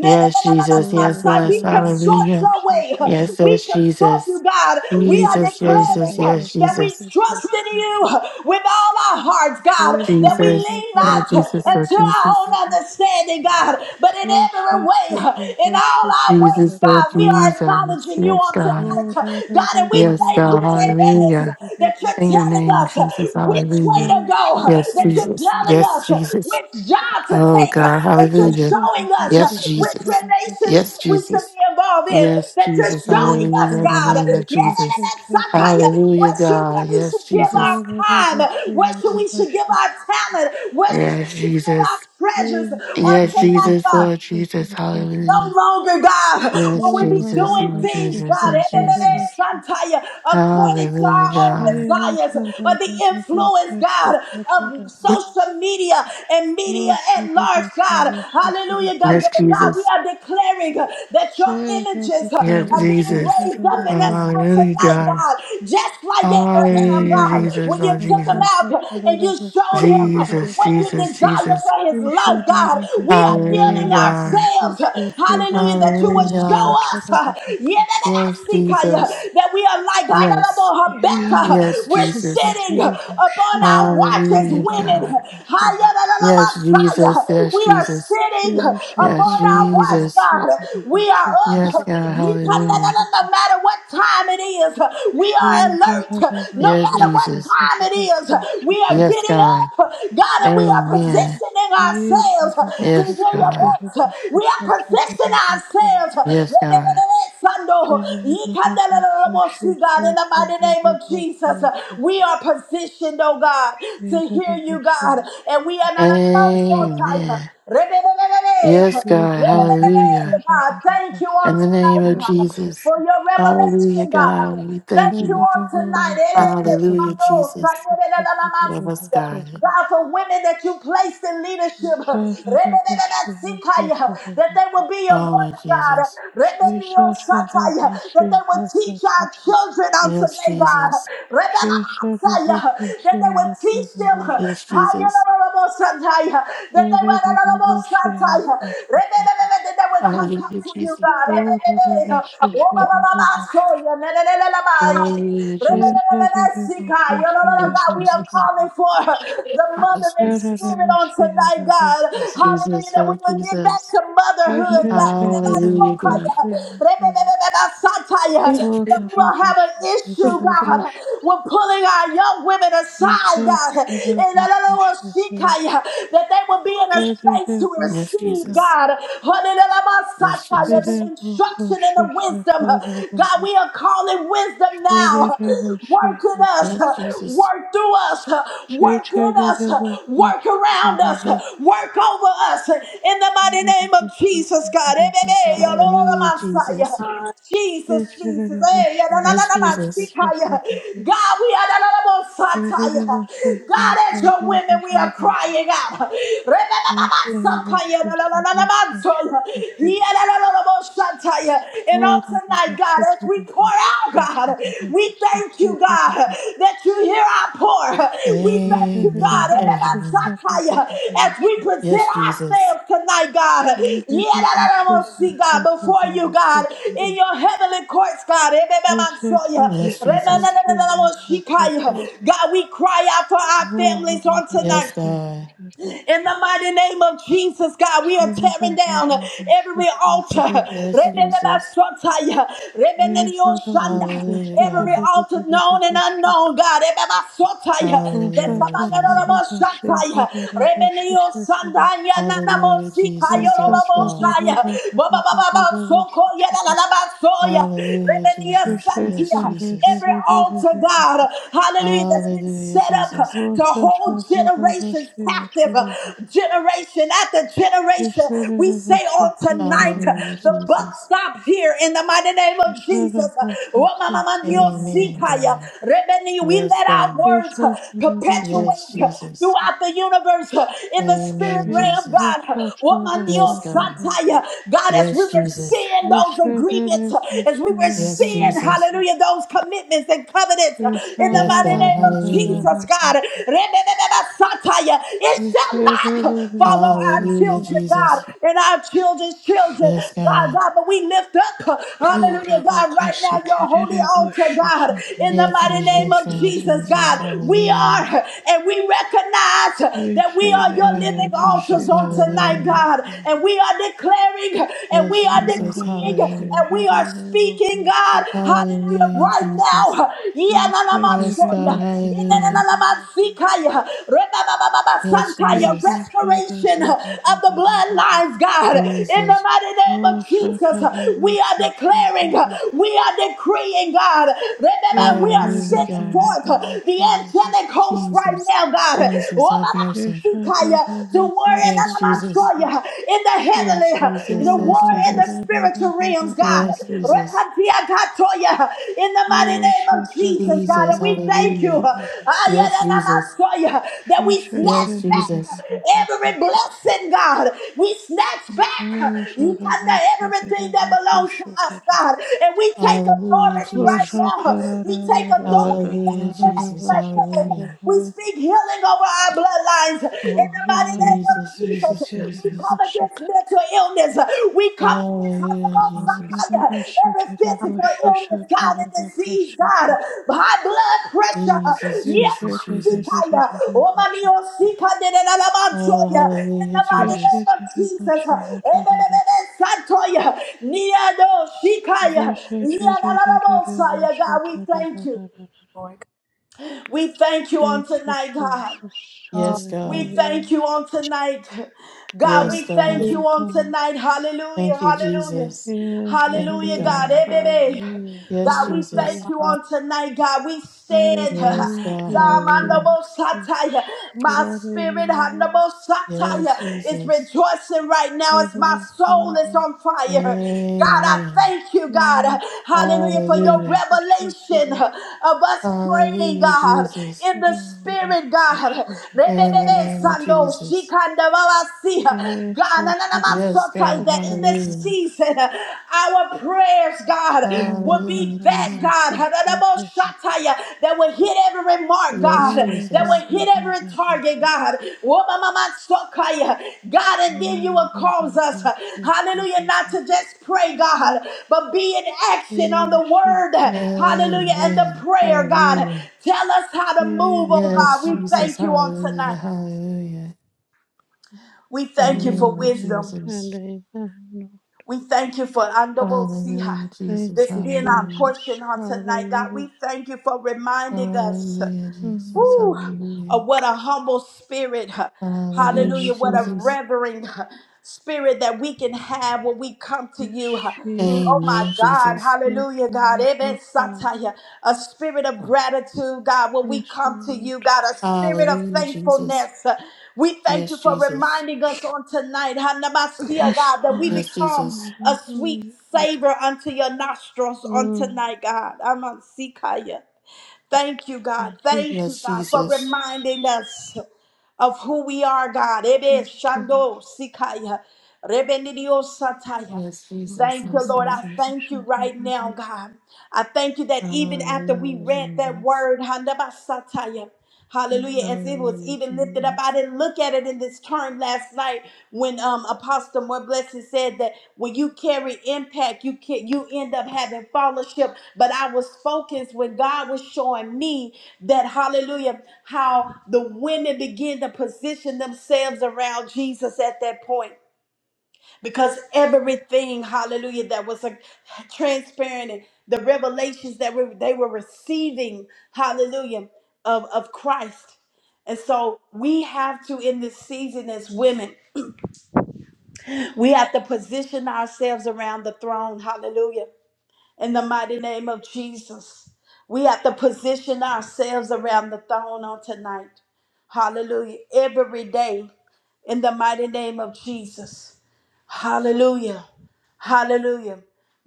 [SPEAKER 4] Yes, Jesus. Yes, us.
[SPEAKER 1] We consult
[SPEAKER 4] Hallelujah.
[SPEAKER 1] your way.
[SPEAKER 4] Yes,
[SPEAKER 1] We
[SPEAKER 4] us,
[SPEAKER 5] Kosarabashiseterebuka
[SPEAKER 1] consult
[SPEAKER 4] Jesus.
[SPEAKER 1] you, God. We are
[SPEAKER 4] Jesus, Jesus,
[SPEAKER 1] declaring
[SPEAKER 4] yes,
[SPEAKER 1] that we
[SPEAKER 4] Jesus.
[SPEAKER 1] trust in you
[SPEAKER 5] Kosarabakashikerebuka
[SPEAKER 1] with all our hearts, God, that we
[SPEAKER 4] Jesus,
[SPEAKER 1] lean
[SPEAKER 4] Lord
[SPEAKER 1] not
[SPEAKER 4] Jesus, Lord
[SPEAKER 1] unto our own
[SPEAKER 4] Jesus.
[SPEAKER 5] Shisarabakasekatara
[SPEAKER 1] understanding, God, but in every way in all our ways,
[SPEAKER 4] Jesus, Lord
[SPEAKER 1] God,
[SPEAKER 5] Keseterebashisatarara
[SPEAKER 1] we are
[SPEAKER 4] Jesus.
[SPEAKER 1] acknowledging you
[SPEAKER 4] Yes,
[SPEAKER 1] on
[SPEAKER 4] God.
[SPEAKER 1] tonight. God, and we
[SPEAKER 4] Yes,
[SPEAKER 1] thank you
[SPEAKER 4] God.
[SPEAKER 1] in advance
[SPEAKER 4] Hallelujah.
[SPEAKER 1] that
[SPEAKER 5] Orarararabasiterebere
[SPEAKER 1] you're
[SPEAKER 4] In your
[SPEAKER 1] telling
[SPEAKER 4] name,
[SPEAKER 1] us
[SPEAKER 4] Jesus.
[SPEAKER 1] which way
[SPEAKER 4] Hallelujah.
[SPEAKER 1] to go,
[SPEAKER 4] Yes,
[SPEAKER 1] that you're
[SPEAKER 4] Jesus.
[SPEAKER 1] telling
[SPEAKER 4] Yes,
[SPEAKER 1] us
[SPEAKER 4] Jesus.
[SPEAKER 1] which job to
[SPEAKER 4] Oh,
[SPEAKER 1] take,
[SPEAKER 4] God.
[SPEAKER 1] that you're
[SPEAKER 4] Hallelujah.
[SPEAKER 1] showing us
[SPEAKER 4] Yes,
[SPEAKER 1] which
[SPEAKER 4] Jesus.
[SPEAKER 5] Ekatarabashisarabasikerebuka
[SPEAKER 1] relationship
[SPEAKER 4] Yes,
[SPEAKER 1] we should
[SPEAKER 4] Jesus.
[SPEAKER 1] be involved in,
[SPEAKER 4] Yes,
[SPEAKER 1] that you're
[SPEAKER 4] Jesus. Hallelujah.
[SPEAKER 1] showing
[SPEAKER 4] In
[SPEAKER 1] us,
[SPEAKER 4] the
[SPEAKER 5] Shira
[SPEAKER 1] God,
[SPEAKER 4] name of
[SPEAKER 1] yeah,
[SPEAKER 5] Bosia
[SPEAKER 4] Jesus. Hallelujah,
[SPEAKER 1] what should where
[SPEAKER 4] God.
[SPEAKER 1] we
[SPEAKER 4] Yes,
[SPEAKER 1] should give our
[SPEAKER 4] Jesus.
[SPEAKER 1] time, where should we should give our talent, where should we
[SPEAKER 4] Yes,
[SPEAKER 1] should give our
[SPEAKER 4] Jesus.
[SPEAKER 1] treasures on
[SPEAKER 4] Yes,
[SPEAKER 1] tonight,
[SPEAKER 4] Jesus,
[SPEAKER 1] God.
[SPEAKER 4] Lord Jesus.
[SPEAKER 1] No
[SPEAKER 4] Hallelujah.
[SPEAKER 1] longer, God,
[SPEAKER 4] Yes,
[SPEAKER 1] will we be
[SPEAKER 4] Jesus,
[SPEAKER 1] doing
[SPEAKER 4] Lord
[SPEAKER 1] things,
[SPEAKER 4] Jesus,
[SPEAKER 1] God,
[SPEAKER 4] Lord
[SPEAKER 1] eh, eh, eh, eh,
[SPEAKER 4] Jesus.
[SPEAKER 1] sometime, according to
[SPEAKER 4] Hallelujah,
[SPEAKER 1] our own
[SPEAKER 4] God.
[SPEAKER 1] desires, but the influence, God,
[SPEAKER 5] Kata
[SPEAKER 1] of social media and media at large, God. Hallelujah, God.
[SPEAKER 4] Yes,
[SPEAKER 1] But God, we
[SPEAKER 4] Jesus.
[SPEAKER 1] are declaring that your images
[SPEAKER 4] Yes,
[SPEAKER 1] are being
[SPEAKER 4] Jesus.
[SPEAKER 1] raised up in us on
[SPEAKER 4] Hallelujah,
[SPEAKER 1] tonight,
[SPEAKER 4] God.
[SPEAKER 1] God. Just like Abraham,
[SPEAKER 4] Hallelujah,
[SPEAKER 1] God,
[SPEAKER 4] Jesus,
[SPEAKER 1] when you
[SPEAKER 4] Lord
[SPEAKER 1] took him
[SPEAKER 4] Jesus.
[SPEAKER 1] out and you showed him
[SPEAKER 5] Tarabasi
[SPEAKER 4] Jesus,
[SPEAKER 1] what you
[SPEAKER 4] Jesus,
[SPEAKER 1] desire
[SPEAKER 4] Jesus.
[SPEAKER 1] for his life, God. We
[SPEAKER 5] Ishararabashi
[SPEAKER 1] are
[SPEAKER 4] Hallelujah,
[SPEAKER 1] yielding
[SPEAKER 4] God.
[SPEAKER 5] yararabashi
[SPEAKER 1] ourselves, hallelujah, that you
[SPEAKER 5] ketereboku
[SPEAKER 4] Hallelujah,
[SPEAKER 1] would show
[SPEAKER 4] God.
[SPEAKER 1] us, yeah, that
[SPEAKER 5] shatararabakashi.
[SPEAKER 1] that-
[SPEAKER 4] Yes,
[SPEAKER 1] that- see, Kaya,
[SPEAKER 4] Jesus.
[SPEAKER 1] that we are like hallelujah,
[SPEAKER 4] Yes, yes,
[SPEAKER 1] Habakkuk. We're
[SPEAKER 5] Yarabashi
[SPEAKER 4] Jesus.
[SPEAKER 1] sitting upon
[SPEAKER 5] ketereboshi
[SPEAKER 1] our watches,
[SPEAKER 4] Hallelujah, God.
[SPEAKER 1] women.
[SPEAKER 5] shatarararabashi
[SPEAKER 1] Hallelujah,
[SPEAKER 4] Yes,
[SPEAKER 1] Messiah.
[SPEAKER 4] Jesus. Yes,
[SPEAKER 1] We are
[SPEAKER 4] Jesus.
[SPEAKER 5] yakashi
[SPEAKER 1] sitting
[SPEAKER 4] Yes,
[SPEAKER 1] upon our
[SPEAKER 5] shereboku
[SPEAKER 1] watch,
[SPEAKER 4] Jesus.
[SPEAKER 1] God. We
[SPEAKER 5] shatarabashi
[SPEAKER 1] are
[SPEAKER 4] Yes,
[SPEAKER 1] up.
[SPEAKER 4] God.
[SPEAKER 1] You
[SPEAKER 5] katarabashi
[SPEAKER 1] come down,
[SPEAKER 4] Hallelujah.
[SPEAKER 1] No no, no
[SPEAKER 5] shetere.
[SPEAKER 1] matter what time it is, we are alert. No
[SPEAKER 4] Yes,
[SPEAKER 5] Shirararabashi
[SPEAKER 1] matter what
[SPEAKER 4] Jesus.
[SPEAKER 1] time it is,
[SPEAKER 5] katarabakashi
[SPEAKER 1] we are
[SPEAKER 4] Yes,
[SPEAKER 1] getting
[SPEAKER 5] shetere.
[SPEAKER 4] God.
[SPEAKER 1] up, God, and we are
[SPEAKER 4] Amen.
[SPEAKER 1] positioning ourselves to
[SPEAKER 4] Yes,
[SPEAKER 1] hear
[SPEAKER 5] Isharabakashi
[SPEAKER 1] your
[SPEAKER 4] God.
[SPEAKER 1] voice.
[SPEAKER 5] tereboshi
[SPEAKER 1] We are positioning
[SPEAKER 5] shatararabakaya.
[SPEAKER 1] ourselves.
[SPEAKER 4] Yes, God.
[SPEAKER 1] Sunday. You come down, down, down, down,
[SPEAKER 5] Shirarabakashi
[SPEAKER 1] down, God, in the mighty name of Jesus,
[SPEAKER 5] Satarabakausaka
[SPEAKER 1] we are positioned, oh God to hear you,
[SPEAKER 5] Shirarabusi
[SPEAKER 1] God. And we are not so tired.
[SPEAKER 5] Rabakatetere
[SPEAKER 4] Amen. Yes,
[SPEAKER 5] Shi
[SPEAKER 4] God. Hallelujah.
[SPEAKER 1] God, thank you on
[SPEAKER 4] In the name
[SPEAKER 1] tonight,
[SPEAKER 4] of
[SPEAKER 1] God,
[SPEAKER 4] Jesus.
[SPEAKER 1] for your
[SPEAKER 5] Sararararabasikiteribukushika
[SPEAKER 4] Hallelujah,
[SPEAKER 1] revelation, God.
[SPEAKER 4] God. We thank
[SPEAKER 1] Thank you
[SPEAKER 4] you.
[SPEAKER 1] on tonight.
[SPEAKER 4] Hallelujah, Jesus. Love us, God.
[SPEAKER 1] God,
[SPEAKER 5] Sararabusakatarabakashiketeribusakata
[SPEAKER 1] for women that you placed in
[SPEAKER 5] Shi
[SPEAKER 1] leadership
[SPEAKER 5] Sararabasi
[SPEAKER 1] that they
[SPEAKER 5] Akatarabaka
[SPEAKER 1] will be your
[SPEAKER 4] Oh,
[SPEAKER 1] voice, God.
[SPEAKER 4] Jesus.
[SPEAKER 5] Shi
[SPEAKER 1] Rebelliosataya, That
[SPEAKER 5] Satarabasi
[SPEAKER 1] they will teach our
[SPEAKER 5] Akatatata
[SPEAKER 1] children on
[SPEAKER 4] Yes,
[SPEAKER 1] today, God.
[SPEAKER 4] Jesus.
[SPEAKER 5] She sat at a
[SPEAKER 1] Rebelliosataya,
[SPEAKER 5] bussy,
[SPEAKER 1] That they will
[SPEAKER 5] a cat at
[SPEAKER 1] teach
[SPEAKER 5] a
[SPEAKER 1] them
[SPEAKER 5] She said, "Evoke,
[SPEAKER 4] Yes,
[SPEAKER 5] say,
[SPEAKER 4] Jesus.
[SPEAKER 1] Hayalalalamosataya,
[SPEAKER 5] Shire
[SPEAKER 1] that they will
[SPEAKER 5] Boshi Hakatara
[SPEAKER 1] that they will come back
[SPEAKER 4] Hallelujah,
[SPEAKER 1] to you,
[SPEAKER 4] Jesus.
[SPEAKER 1] God. Rebelliosataya,
[SPEAKER 4] Hallelujah, Jesus. Yes,
[SPEAKER 1] God, we are
[SPEAKER 4] Jesus.
[SPEAKER 1] calling for the
[SPEAKER 4] Yes,
[SPEAKER 1] mothering
[SPEAKER 4] Jesus.
[SPEAKER 1] spirit on tonight, God. Hallelujah,
[SPEAKER 4] Jesus,
[SPEAKER 1] that we
[SPEAKER 4] Lord
[SPEAKER 1] will get back
[SPEAKER 4] Jesus.
[SPEAKER 1] to motherhood, God.
[SPEAKER 4] Hallelujah, God.
[SPEAKER 1] That that we don't have an issue, God, with pulling our young women aside, God, and that they will seek, God, that they will be in a place to
[SPEAKER 4] Yes,
[SPEAKER 1] receive,
[SPEAKER 4] Jesus.
[SPEAKER 1] God,
[SPEAKER 4] Yes,
[SPEAKER 1] the
[SPEAKER 4] Jesus.
[SPEAKER 1] instruction and the wisdom. God, we are calling wisdom now. Work in us,
[SPEAKER 4] Yes, Jesus.
[SPEAKER 1] work through us,
[SPEAKER 5] Yes,
[SPEAKER 1] work
[SPEAKER 5] She
[SPEAKER 1] in
[SPEAKER 5] did a
[SPEAKER 1] us,
[SPEAKER 5] bush, she
[SPEAKER 1] work
[SPEAKER 5] had a
[SPEAKER 1] around us,
[SPEAKER 5] bush,
[SPEAKER 1] work over us, in the mighty name of Jesus, God.
[SPEAKER 4] Hallelujah, Jesus.
[SPEAKER 1] Jesus, Jesus. Hey, yeah, na, na, na,
[SPEAKER 4] Yes,
[SPEAKER 1] na, ma,
[SPEAKER 4] Jesus.
[SPEAKER 1] sika, yeah. God, we are na, na, na, mo, sata, yeah. God, as your women, we are crying out. Re, na, na, na, ma, saka, yeah,
[SPEAKER 5] she
[SPEAKER 1] na, na, na, na, na, ma, so, yeah. Yeah, na, na, na, na, mo, sata, yeah. And on tonight, God, as we pour out, God, we thank you, God. God, that you hear our poor. We thank you, God,
[SPEAKER 4] Amen. Amen.
[SPEAKER 1] as we present
[SPEAKER 4] Yes, Jesus.
[SPEAKER 1] ourselves tonight, God. See, God, before you, God,
[SPEAKER 5] did a
[SPEAKER 1] in your heavenly courts, God.
[SPEAKER 5] She said,
[SPEAKER 4] Yes, Jesus.
[SPEAKER 1] God, we cry out for our families on
[SPEAKER 4] Yes,
[SPEAKER 1] tonight.
[SPEAKER 4] God.
[SPEAKER 1] In the mighty name of Jesus, God, we are tearing down every altar.
[SPEAKER 4] Yes, Jesus.
[SPEAKER 1] Rebebebasotaya, rebenedioshanda,
[SPEAKER 4] Hallelujah,
[SPEAKER 1] Every
[SPEAKER 4] God.
[SPEAKER 1] altar known and unknown, God. Rebebasotaya,
[SPEAKER 4] Hallelujah, Jesus.
[SPEAKER 1] desamanderoboshataya, rebeniosandaya,
[SPEAKER 4] Hallelujah, Jesus. Yes, God.
[SPEAKER 1] nanamosikayoroloboshaya, bababababasokoyeralabasoya,
[SPEAKER 4] Hallelujah, Jesus. Yes,
[SPEAKER 1] rebeniasantia.
[SPEAKER 4] Jesus.
[SPEAKER 1] Every altar, God, hallelujah, that's been been
[SPEAKER 4] Hallelujah,
[SPEAKER 1] set up uh,
[SPEAKER 4] Jesus.
[SPEAKER 1] to hold generations captive, uh, generation after generation. We say on tonight, uh,
[SPEAKER 4] Hallelujah,
[SPEAKER 1] the
[SPEAKER 5] Kisarabasakatarabasete,
[SPEAKER 1] buck
[SPEAKER 4] Jesus.
[SPEAKER 1] stop here in the mighty name of Jesus. Uh, oh, mama, mama, Dios, sí,
[SPEAKER 4] Amen,
[SPEAKER 5] Shisarabakaseterebe,
[SPEAKER 4] God.
[SPEAKER 1] Rebeni, We
[SPEAKER 4] Yes,
[SPEAKER 1] let our
[SPEAKER 4] God.
[SPEAKER 1] words uh,
[SPEAKER 4] Yes,
[SPEAKER 1] perpetuate uh,
[SPEAKER 4] Jesus.
[SPEAKER 5] Kisarabakasete,
[SPEAKER 1] throughout the universe uh, in the spirit
[SPEAKER 4] Amen,
[SPEAKER 1] realm,
[SPEAKER 4] Jesus.
[SPEAKER 1] God. Oh, mama,
[SPEAKER 4] Yes,
[SPEAKER 1] Dios,
[SPEAKER 4] God.
[SPEAKER 5] Shisakatararararara,
[SPEAKER 1] Sataya. God, as we
[SPEAKER 4] Yes,
[SPEAKER 1] were
[SPEAKER 4] Jesus.
[SPEAKER 1] seeing those agreements, uh, as we were
[SPEAKER 4] Yes,
[SPEAKER 1] seeing,
[SPEAKER 4] Jesus.
[SPEAKER 5] Shisererebusirarararara,
[SPEAKER 1] hallelujah carry those commitments and covenants uh, in the
[SPEAKER 4] Yes,
[SPEAKER 1] mighty
[SPEAKER 4] God.
[SPEAKER 1] name of
[SPEAKER 4] Hallelujah.
[SPEAKER 1] Jesus,
[SPEAKER 5] Kisarararararabaka,
[SPEAKER 1] God. Re-be-be-be-be-sataya. It shall not follow our
[SPEAKER 4] Hallelujah,
[SPEAKER 1] children, God,
[SPEAKER 5] Kisererebukusikara,
[SPEAKER 4] Jesus.
[SPEAKER 1] and our children's children,
[SPEAKER 4] Yes,
[SPEAKER 1] God,
[SPEAKER 4] God.
[SPEAKER 1] God. But we lift up, uh, hallelujah, God, right now, your holy altar, God, in the
[SPEAKER 4] Yes,
[SPEAKER 1] mighty name
[SPEAKER 4] Jesus.
[SPEAKER 1] of
[SPEAKER 4] Oh,
[SPEAKER 1] Jesus,
[SPEAKER 4] Jesus.
[SPEAKER 1] God.
[SPEAKER 5] Lorabakasikererebushisatarabaseterebe,
[SPEAKER 1] We are,
[SPEAKER 4] Hallelujah.
[SPEAKER 1] uh, and we recognize uh, that we are your
[SPEAKER 5] Isherere
[SPEAKER 4] Oh,
[SPEAKER 1] living
[SPEAKER 4] Jesus.
[SPEAKER 1] altars on
[SPEAKER 5] bushitarara
[SPEAKER 1] tonight,
[SPEAKER 4] Hallelujah.
[SPEAKER 1] God,
[SPEAKER 5] bakaya.
[SPEAKER 1] and we are declaring, uh, and we
[SPEAKER 4] Yes,
[SPEAKER 1] are declaring
[SPEAKER 4] Jesus.
[SPEAKER 5] Horara
[SPEAKER 1] decreeing
[SPEAKER 4] Hallelujah.
[SPEAKER 1] and we are
[SPEAKER 5] bashiterere
[SPEAKER 1] speaking, God,
[SPEAKER 5] bakaya.
[SPEAKER 1] hallelujah,
[SPEAKER 4] Hallelujah,
[SPEAKER 1] right
[SPEAKER 4] Jesus.
[SPEAKER 1] now.
[SPEAKER 4] Yes,
[SPEAKER 5] Iterere
[SPEAKER 4] God.
[SPEAKER 1] Yananamasoya,
[SPEAKER 4] Hallelujah.
[SPEAKER 5] bushitarara bakaya.
[SPEAKER 1] inananamasikaya,
[SPEAKER 4] Yes,
[SPEAKER 1] rebabababasantaya,
[SPEAKER 4] Jesus.
[SPEAKER 1] Restoration of the
[SPEAKER 5] Isatarararararararara.
[SPEAKER 1] bloodlines, God, in the
[SPEAKER 4] Jesus.
[SPEAKER 1] mighty name of
[SPEAKER 5] Osatara
[SPEAKER 1] Jesus, we are declaring,
[SPEAKER 5] bashiterere.
[SPEAKER 1] we are decreeing, God, remember, we are
[SPEAKER 4] Hallelujah,
[SPEAKER 1] sending
[SPEAKER 5] Iserere
[SPEAKER 4] God.
[SPEAKER 1] forth the
[SPEAKER 5] bushiyarara.
[SPEAKER 1] angelic host right
[SPEAKER 4] Jesus.
[SPEAKER 1] now,
[SPEAKER 4] Jesus,
[SPEAKER 1] God.
[SPEAKER 4] have mercy.
[SPEAKER 1] Sikaya,
[SPEAKER 5] Shitarara
[SPEAKER 1] to war in the
[SPEAKER 4] Yes, Jesus.
[SPEAKER 5] bakasiketere.
[SPEAKER 1] Namaskoya, in the
[SPEAKER 4] Yes,
[SPEAKER 1] heavenly,
[SPEAKER 4] Jesus.
[SPEAKER 1] the
[SPEAKER 4] Yes,
[SPEAKER 1] war in the
[SPEAKER 4] Jesus.
[SPEAKER 1] spiritual realms, God.
[SPEAKER 4] Yes,
[SPEAKER 5] Horararararararararara.
[SPEAKER 4] Jesus.
[SPEAKER 1] Repatia Katoya, in the mighty name of Jesus, God.
[SPEAKER 4] Jesus.
[SPEAKER 1] And
[SPEAKER 5] Osatarara
[SPEAKER 1] we thank you
[SPEAKER 4] Hallelujah.
[SPEAKER 1] Aya
[SPEAKER 4] Yes,
[SPEAKER 1] da
[SPEAKER 4] Jesus.
[SPEAKER 1] Namaskoya, that
[SPEAKER 5] She
[SPEAKER 1] we
[SPEAKER 5] said,
[SPEAKER 4] Yes,
[SPEAKER 1] snatch back
[SPEAKER 4] Jesus.
[SPEAKER 5] Shishikereririri
[SPEAKER 1] every
[SPEAKER 5] bukushika
[SPEAKER 1] blessing, God. We snatch back you come to
[SPEAKER 5] sarabashikere
[SPEAKER 1] everything that belongs to us,
[SPEAKER 5] bukushikere
[SPEAKER 1] God. And we take
[SPEAKER 4] Hallelujah,
[SPEAKER 1] authority right
[SPEAKER 4] Jesus.
[SPEAKER 1] now. We take authority as it relates
[SPEAKER 4] Hallelujah,
[SPEAKER 5] kushakararararararararara
[SPEAKER 4] Jesus.
[SPEAKER 1] to healing.
[SPEAKER 4] Hallelujah.
[SPEAKER 1] We
[SPEAKER 5] bashikerere
[SPEAKER 1] speak healing over our bloodlines in the mighty name of
[SPEAKER 4] Jesus,
[SPEAKER 1] Jesus.
[SPEAKER 4] Jesus,
[SPEAKER 1] We
[SPEAKER 5] urararabakashikerere
[SPEAKER 4] Jesus.
[SPEAKER 1] come against
[SPEAKER 5] bushikere
[SPEAKER 1] mental illness. We come against
[SPEAKER 4] Hallelujah, Jesus.
[SPEAKER 1] Hallelujah. every
[SPEAKER 5] urarabashitere
[SPEAKER 1] physical illness, God,
[SPEAKER 5] bushishatara
[SPEAKER 1] and disease, God,
[SPEAKER 5] bakashikere
[SPEAKER 1] high blood pressure.
[SPEAKER 4] Jesus,
[SPEAKER 1] Yeah.
[SPEAKER 4] Jesus, Jesus.
[SPEAKER 1] Sikaya,
[SPEAKER 5] shisherererererer bushi
[SPEAKER 1] Omanio Sika de la
[SPEAKER 4] Oh,
[SPEAKER 1] Lamantoya, in
[SPEAKER 4] hallelujah,
[SPEAKER 1] the mighty
[SPEAKER 4] Jesus.
[SPEAKER 1] name of
[SPEAKER 5] shishetere
[SPEAKER 1] Jesus,
[SPEAKER 5] bushi yarararara
[SPEAKER 1] Ebebebe Santoya, Niado Sikaya,
[SPEAKER 5] shishetererere
[SPEAKER 1] Yadalabosaya,
[SPEAKER 5] bushi
[SPEAKER 1] God, we thank you.
[SPEAKER 5] tararararara
[SPEAKER 1] We thank you on
[SPEAKER 5] Thank you,
[SPEAKER 1] tonight, God.
[SPEAKER 5] Jesus.
[SPEAKER 4] Yes,
[SPEAKER 1] We
[SPEAKER 4] God.
[SPEAKER 1] thank
[SPEAKER 5] Hallelujah.
[SPEAKER 1] you on tonight. God,
[SPEAKER 4] Yes,
[SPEAKER 1] we
[SPEAKER 5] Yes,
[SPEAKER 1] thank
[SPEAKER 4] God.
[SPEAKER 1] you
[SPEAKER 5] Father
[SPEAKER 1] on
[SPEAKER 5] God.
[SPEAKER 1] tonight. Hallelujah.
[SPEAKER 4] Thank you,
[SPEAKER 1] Hallelujah.
[SPEAKER 4] Jesus. Thank you,
[SPEAKER 1] Hallelujah,
[SPEAKER 5] Hallelujah.
[SPEAKER 1] God.
[SPEAKER 4] God.
[SPEAKER 1] Eh, baby.
[SPEAKER 5] Hallelujah.
[SPEAKER 4] Yes,
[SPEAKER 1] God, we thank
[SPEAKER 4] Jesus.
[SPEAKER 5] Hallelujah.
[SPEAKER 1] you on tonight. God, we stand.
[SPEAKER 4] Yes,
[SPEAKER 5] Hallelujah to
[SPEAKER 4] God.
[SPEAKER 5] you,
[SPEAKER 4] Hallelujah.
[SPEAKER 5] King of
[SPEAKER 1] Yamandobosataya.
[SPEAKER 5] Kings.
[SPEAKER 1] My
[SPEAKER 5] Glory and
[SPEAKER 1] spirit
[SPEAKER 5] honor.
[SPEAKER 4] Yes,
[SPEAKER 1] handobosataya, is
[SPEAKER 4] Jesus.
[SPEAKER 1] rejoicing right now as my
[SPEAKER 5] Heavenly
[SPEAKER 1] soul is
[SPEAKER 5] Father.
[SPEAKER 1] on fire. God, I
[SPEAKER 4] Amen.
[SPEAKER 1] thank you, God.
[SPEAKER 5] Yes.
[SPEAKER 1] Hallelujah, for your
[SPEAKER 4] Hallelujah.
[SPEAKER 5] Urabashi
[SPEAKER 1] revelation
[SPEAKER 5] setere
[SPEAKER 1] of us praying,
[SPEAKER 4] Hallelujah,
[SPEAKER 1] God,
[SPEAKER 4] Jesus.
[SPEAKER 1] in the spirit,
[SPEAKER 5] gorarabashi
[SPEAKER 1] God.
[SPEAKER 4] In the name
[SPEAKER 5] akataraba.
[SPEAKER 4] of
[SPEAKER 1] Sando
[SPEAKER 4] Jesus.
[SPEAKER 1] Shikanda Babasi.
[SPEAKER 5] Yes,
[SPEAKER 1] God, na- na- na-
[SPEAKER 5] Urabashishetere. Gorarabashiyakataraba. Esetere.
[SPEAKER 1] ma-
[SPEAKER 4] Yes, God.
[SPEAKER 1] sota, that in this
[SPEAKER 5] Bushisatarara.
[SPEAKER 4] Hallelujah.
[SPEAKER 1] season, uh, our prayers, God, will
[SPEAKER 4] Hallelujah,
[SPEAKER 1] be that,
[SPEAKER 4] Jesus.
[SPEAKER 1] God, ha- na- na- mo-
[SPEAKER 5] Gorarabashetere.
[SPEAKER 1] shataya, that will hit every mark,
[SPEAKER 4] Yes,
[SPEAKER 1] God, that
[SPEAKER 4] Jesus.
[SPEAKER 1] will hit every
[SPEAKER 5] Yerarararara.
[SPEAKER 1] target, God. Wo- ma- ma- ma- sokaya. God, and then you will
[SPEAKER 5] Amen
[SPEAKER 1] cause us,
[SPEAKER 5] and
[SPEAKER 1] uh, hallelujah, not to just pray, God, but be in action on the word, hallelujah, and the
[SPEAKER 4] Amen.
[SPEAKER 1] prayer, God.
[SPEAKER 4] Hallelujah.
[SPEAKER 1] Tell us how to move, oh God.
[SPEAKER 4] Yes,
[SPEAKER 1] We
[SPEAKER 4] Jesus.
[SPEAKER 1] thank you on
[SPEAKER 4] Hallelujah.
[SPEAKER 1] tonight.
[SPEAKER 4] Hallelujah.
[SPEAKER 1] We
[SPEAKER 4] In
[SPEAKER 1] thank
[SPEAKER 4] the
[SPEAKER 1] you for
[SPEAKER 4] name of
[SPEAKER 1] wisdom.
[SPEAKER 4] Jesus.
[SPEAKER 5] amen.
[SPEAKER 1] We thank you for Andobo Sihai.
[SPEAKER 4] Hallelujah,
[SPEAKER 5] Thank
[SPEAKER 4] Jesus.
[SPEAKER 1] This
[SPEAKER 5] you,
[SPEAKER 1] being our
[SPEAKER 4] Hallelujah.
[SPEAKER 5] Jesus.
[SPEAKER 1] portion on tonight, God,
[SPEAKER 5] Hallelujah.
[SPEAKER 1] we thank you for reminding us.
[SPEAKER 4] Hallelujah, Jesus.
[SPEAKER 5] Mm.
[SPEAKER 1] Woo! Uh,
[SPEAKER 4] Hallelujah.
[SPEAKER 1] what a humble spirit. huh?
[SPEAKER 4] Hallelujah,
[SPEAKER 1] Hallelujah.
[SPEAKER 5] Yes,
[SPEAKER 1] What a
[SPEAKER 5] Lord.
[SPEAKER 4] Jesus.
[SPEAKER 1] revering spirit that we can have when we come to
[SPEAKER 5] Yes,
[SPEAKER 1] you. huh? Oh my
[SPEAKER 4] Amen,
[SPEAKER 5] Jesus.
[SPEAKER 1] God,
[SPEAKER 4] Jesus.
[SPEAKER 5] Thank
[SPEAKER 1] hallelujah,
[SPEAKER 5] you,
[SPEAKER 1] God. Eben
[SPEAKER 5] Abba Father.
[SPEAKER 1] sataya. A spirit of gratitude, God, when we
[SPEAKER 5] Yes,
[SPEAKER 1] come to
[SPEAKER 5] Lord.
[SPEAKER 1] you, God, a spirit of
[SPEAKER 4] Hallelujah, Jesus.
[SPEAKER 1] thankfulness. huh? We thank you
[SPEAKER 4] Yes,
[SPEAKER 1] for
[SPEAKER 4] Jesus.
[SPEAKER 1] reminding us on tonight, Hanamasia,
[SPEAKER 5] Yes,
[SPEAKER 1] God, that we
[SPEAKER 5] Lord.
[SPEAKER 4] Yes,
[SPEAKER 1] become
[SPEAKER 4] Jesus.
[SPEAKER 1] a sweet
[SPEAKER 5] Hallelujah.
[SPEAKER 1] savor unto your nostrils on
[SPEAKER 5] Mm.
[SPEAKER 1] tonight, God. Amansikaya. Thank you, God.
[SPEAKER 5] Thank you,
[SPEAKER 1] Thank you,
[SPEAKER 4] Yes,
[SPEAKER 1] God, for
[SPEAKER 5] Jesus.
[SPEAKER 4] Jesus.
[SPEAKER 1] reminding us of who we are, God. Ebe
[SPEAKER 5] Yes, Lord.
[SPEAKER 1] shando sikaya, rebendidio sataya.
[SPEAKER 4] Yes, Jesus.
[SPEAKER 1] Thank you,
[SPEAKER 5] Osara
[SPEAKER 4] Yes,
[SPEAKER 1] Lord. I
[SPEAKER 5] Bashi
[SPEAKER 4] Jesus.
[SPEAKER 1] thank you right now,
[SPEAKER 5] Saturday
[SPEAKER 1] God. I thank you that even after we
[SPEAKER 4] Hallelujah,
[SPEAKER 1] read that
[SPEAKER 4] Jesus.
[SPEAKER 1] word, handabasataya, Hallelujah. As it was
[SPEAKER 4] Hallelujah,
[SPEAKER 1] even lifted up, I
[SPEAKER 4] Jesus.
[SPEAKER 1] didn't look at it in this term last night when um, Apostle More Blessed said that when you carry impact, you can, you end up having fellowship. But I was focused when God was showing me that, hallelujah, how the women begin to position themselves around Jesus at that point because everything hallelujah that was a transparent and the revelations that were, they were receiving hallelujah of, of christ and so we have to in this season as women we have to position ourselves around the throne hallelujah in the mighty name of jesus we have to position ourselves around the throne on tonight hallelujah every day in the mighty name of jesus Hallelujah. Hallelujah.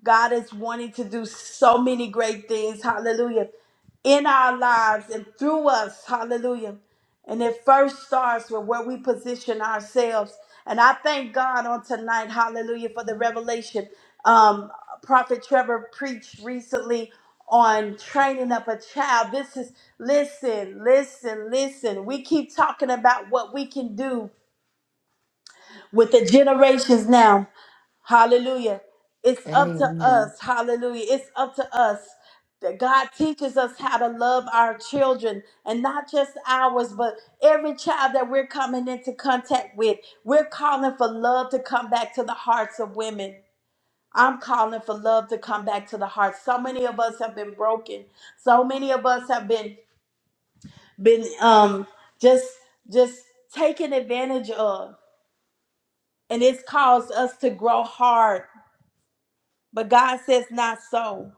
[SPEAKER 1] God is wanting to do so many great things. Hallelujah. In our lives and through us. Hallelujah. And it first starts with where we position ourselves. And I thank God on tonight. Hallelujah for the revelation. Um, Prophet Trevor preached recently on training up a child. This is, listen, listen, listen. We keep talking about what we can do with the generations now Hallelujah. It's up to
[SPEAKER 4] Amen.
[SPEAKER 1] us. Hallelujah. It's up to us. That God teaches us how to love our children and not just ours, but every child that we're coming into contact with. We're calling for love to come back to the hearts of women. I'm calling for love to come back to the hearts. So many of us have been broken. So many of us have been been um just just taken advantage of. And it's caused us to grow hard But God says, not so,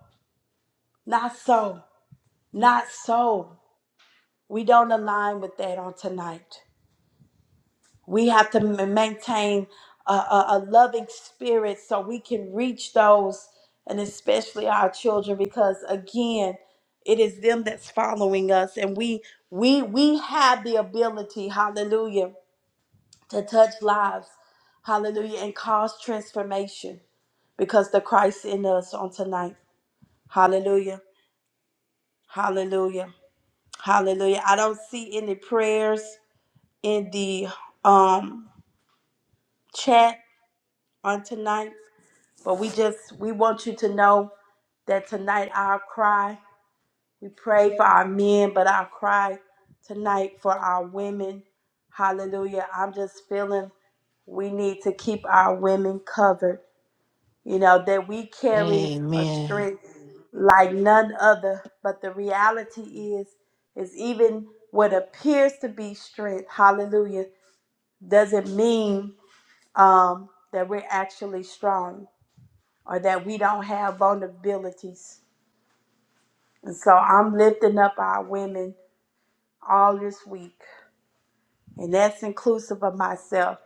[SPEAKER 1] not so, not so. We don't align with that on tonight. We have to m- maintain a, a, a loving spirit so we can reach those and especially our children because again, it is them that's following us and we we we have the ability, hallelujah, to touch lives, hallelujah, and cause transformation because the Christ in us on tonight. Hallelujah. Hallelujah. Hallelujah. I don't see any prayers in the um chat on tonight, but we just we want you to know that tonight our cry, we pray for our men, but our cry tonight for our women. Hallelujah. I'm just feeling we need to keep our women covered. you know, that we carry a
[SPEAKER 4] Amen.
[SPEAKER 1] strength like none other. But the reality is, is even what appears to be strength, hallelujah, doesn't mean um, that we're actually strong or that we don't have vulnerabilities. And so I'm lifting up our women all this week, and that's inclusive of myself.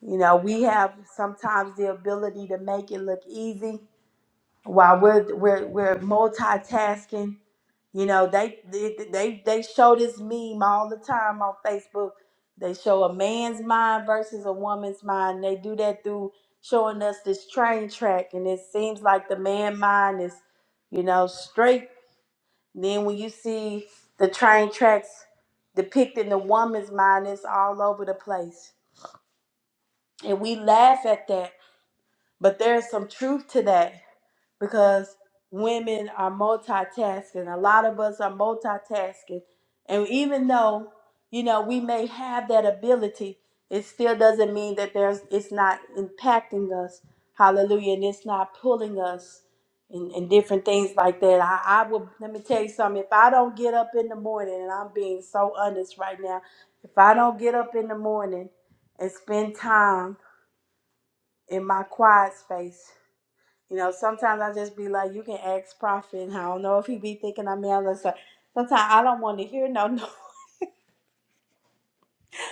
[SPEAKER 1] You know, we have sometimes the ability to make it look easy while we're, we're, we're multitasking You know, they they they, they show this meme all the time on Facebook. They show a man's mind versus a woman's mind. They do that through showing us this train track, and it seems like the man mind is, you know, straight. Then when you see the train tracks depicting the woman's mind, it's all over the place, and we laugh at that. But there's some truth to that because women are multitasking. A lot of us are multitasking. And even though, you know, we may have that ability, it still doesn't mean that there's it's not impacting us. Hallelujah. And it's not pulling us and, and different things like that. I, I will let me tell you something. If I don't get up in the morning, and I'm being so honest right now, if I don't get up in the morning and spend time in my quiet space, you know, sometimes I just be like, you can ask Prophet, and I don't know if he be thinking I'm malice. Or, something. sometimes I don't want to hear no, no.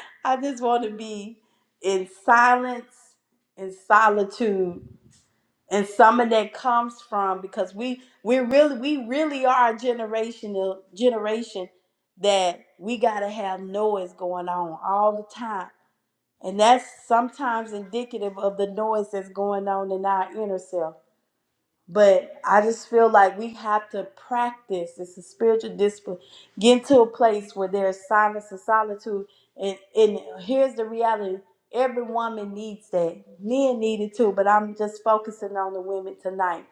[SPEAKER 1] I just want to be in silence, in solitude, and some of that comes from because we we really we really are a generational generation that we gotta have noise going on all the time, and that's sometimes indicative of the noise that's going on in our inner self But I just feel like we have to practice. It's a spiritual discipline. Get into a place where there's silence and solitude. And and here's the reality. Every woman needs that. Men need it too, but I'm just focusing on the women tonight.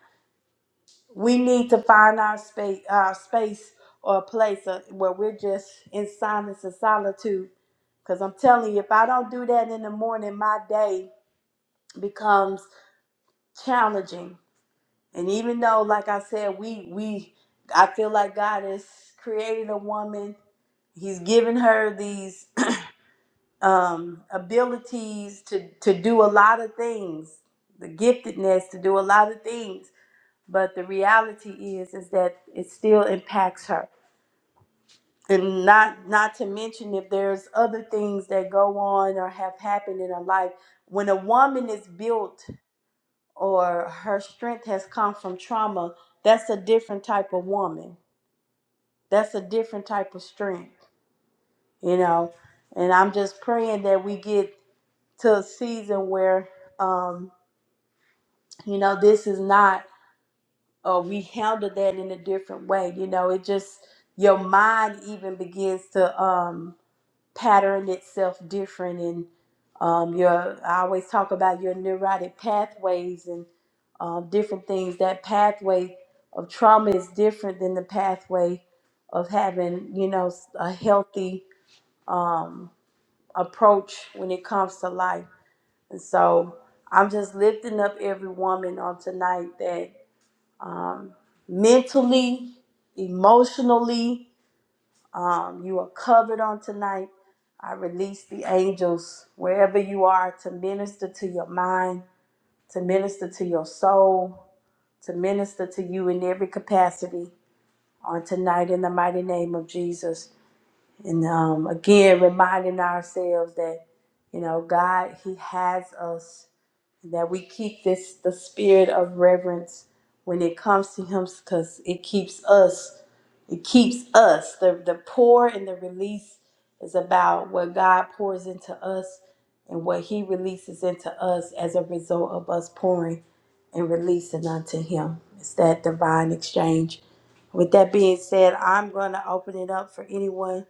[SPEAKER 1] We need to find our space our space or a place uh, where we're just in silence and solitude. Because I'm telling you, if I don't do that in the morning, my day becomes challenging And even though, like I said, we we I feel like God has created a woman. He's given her these um, abilities to to do a lot of things, the giftedness to do a lot of things. But the reality is, is that it still impacts her, and not not to mention if there's other things that go on or have happened in her life. When a woman is built or her strength has come from trauma, that's a different type of woman That's a different type of strength, you know. And I'm just praying that we get to a season where, um, you know, this is not, uh, we handle that in a different way. You know, it just, your mind even begins to um, pattern itself different. And um, your, I always talk about your neurotic pathways and um, different things. That pathway of trauma is different than the pathway of having, you know, a healthy um, approach when it comes to life. And so I'm just lifting up every woman on tonight that um, mentally, emotionally, um, you are covered on tonight. I release the angels wherever you are to minister to your mind, to minister to your soul, to minister to you in every capacity on tonight in the mighty name of Jesus. And um, again, reminding ourselves that, you know, God, He has us and that we keep this the spirit of reverence when it comes to him because it keeps us it keeps us the the pour and the release is about what god pours into us and what he releases into us as a result of us pouring and releasing unto him it's that divine exchange with that being said i'm going to open it up for anyone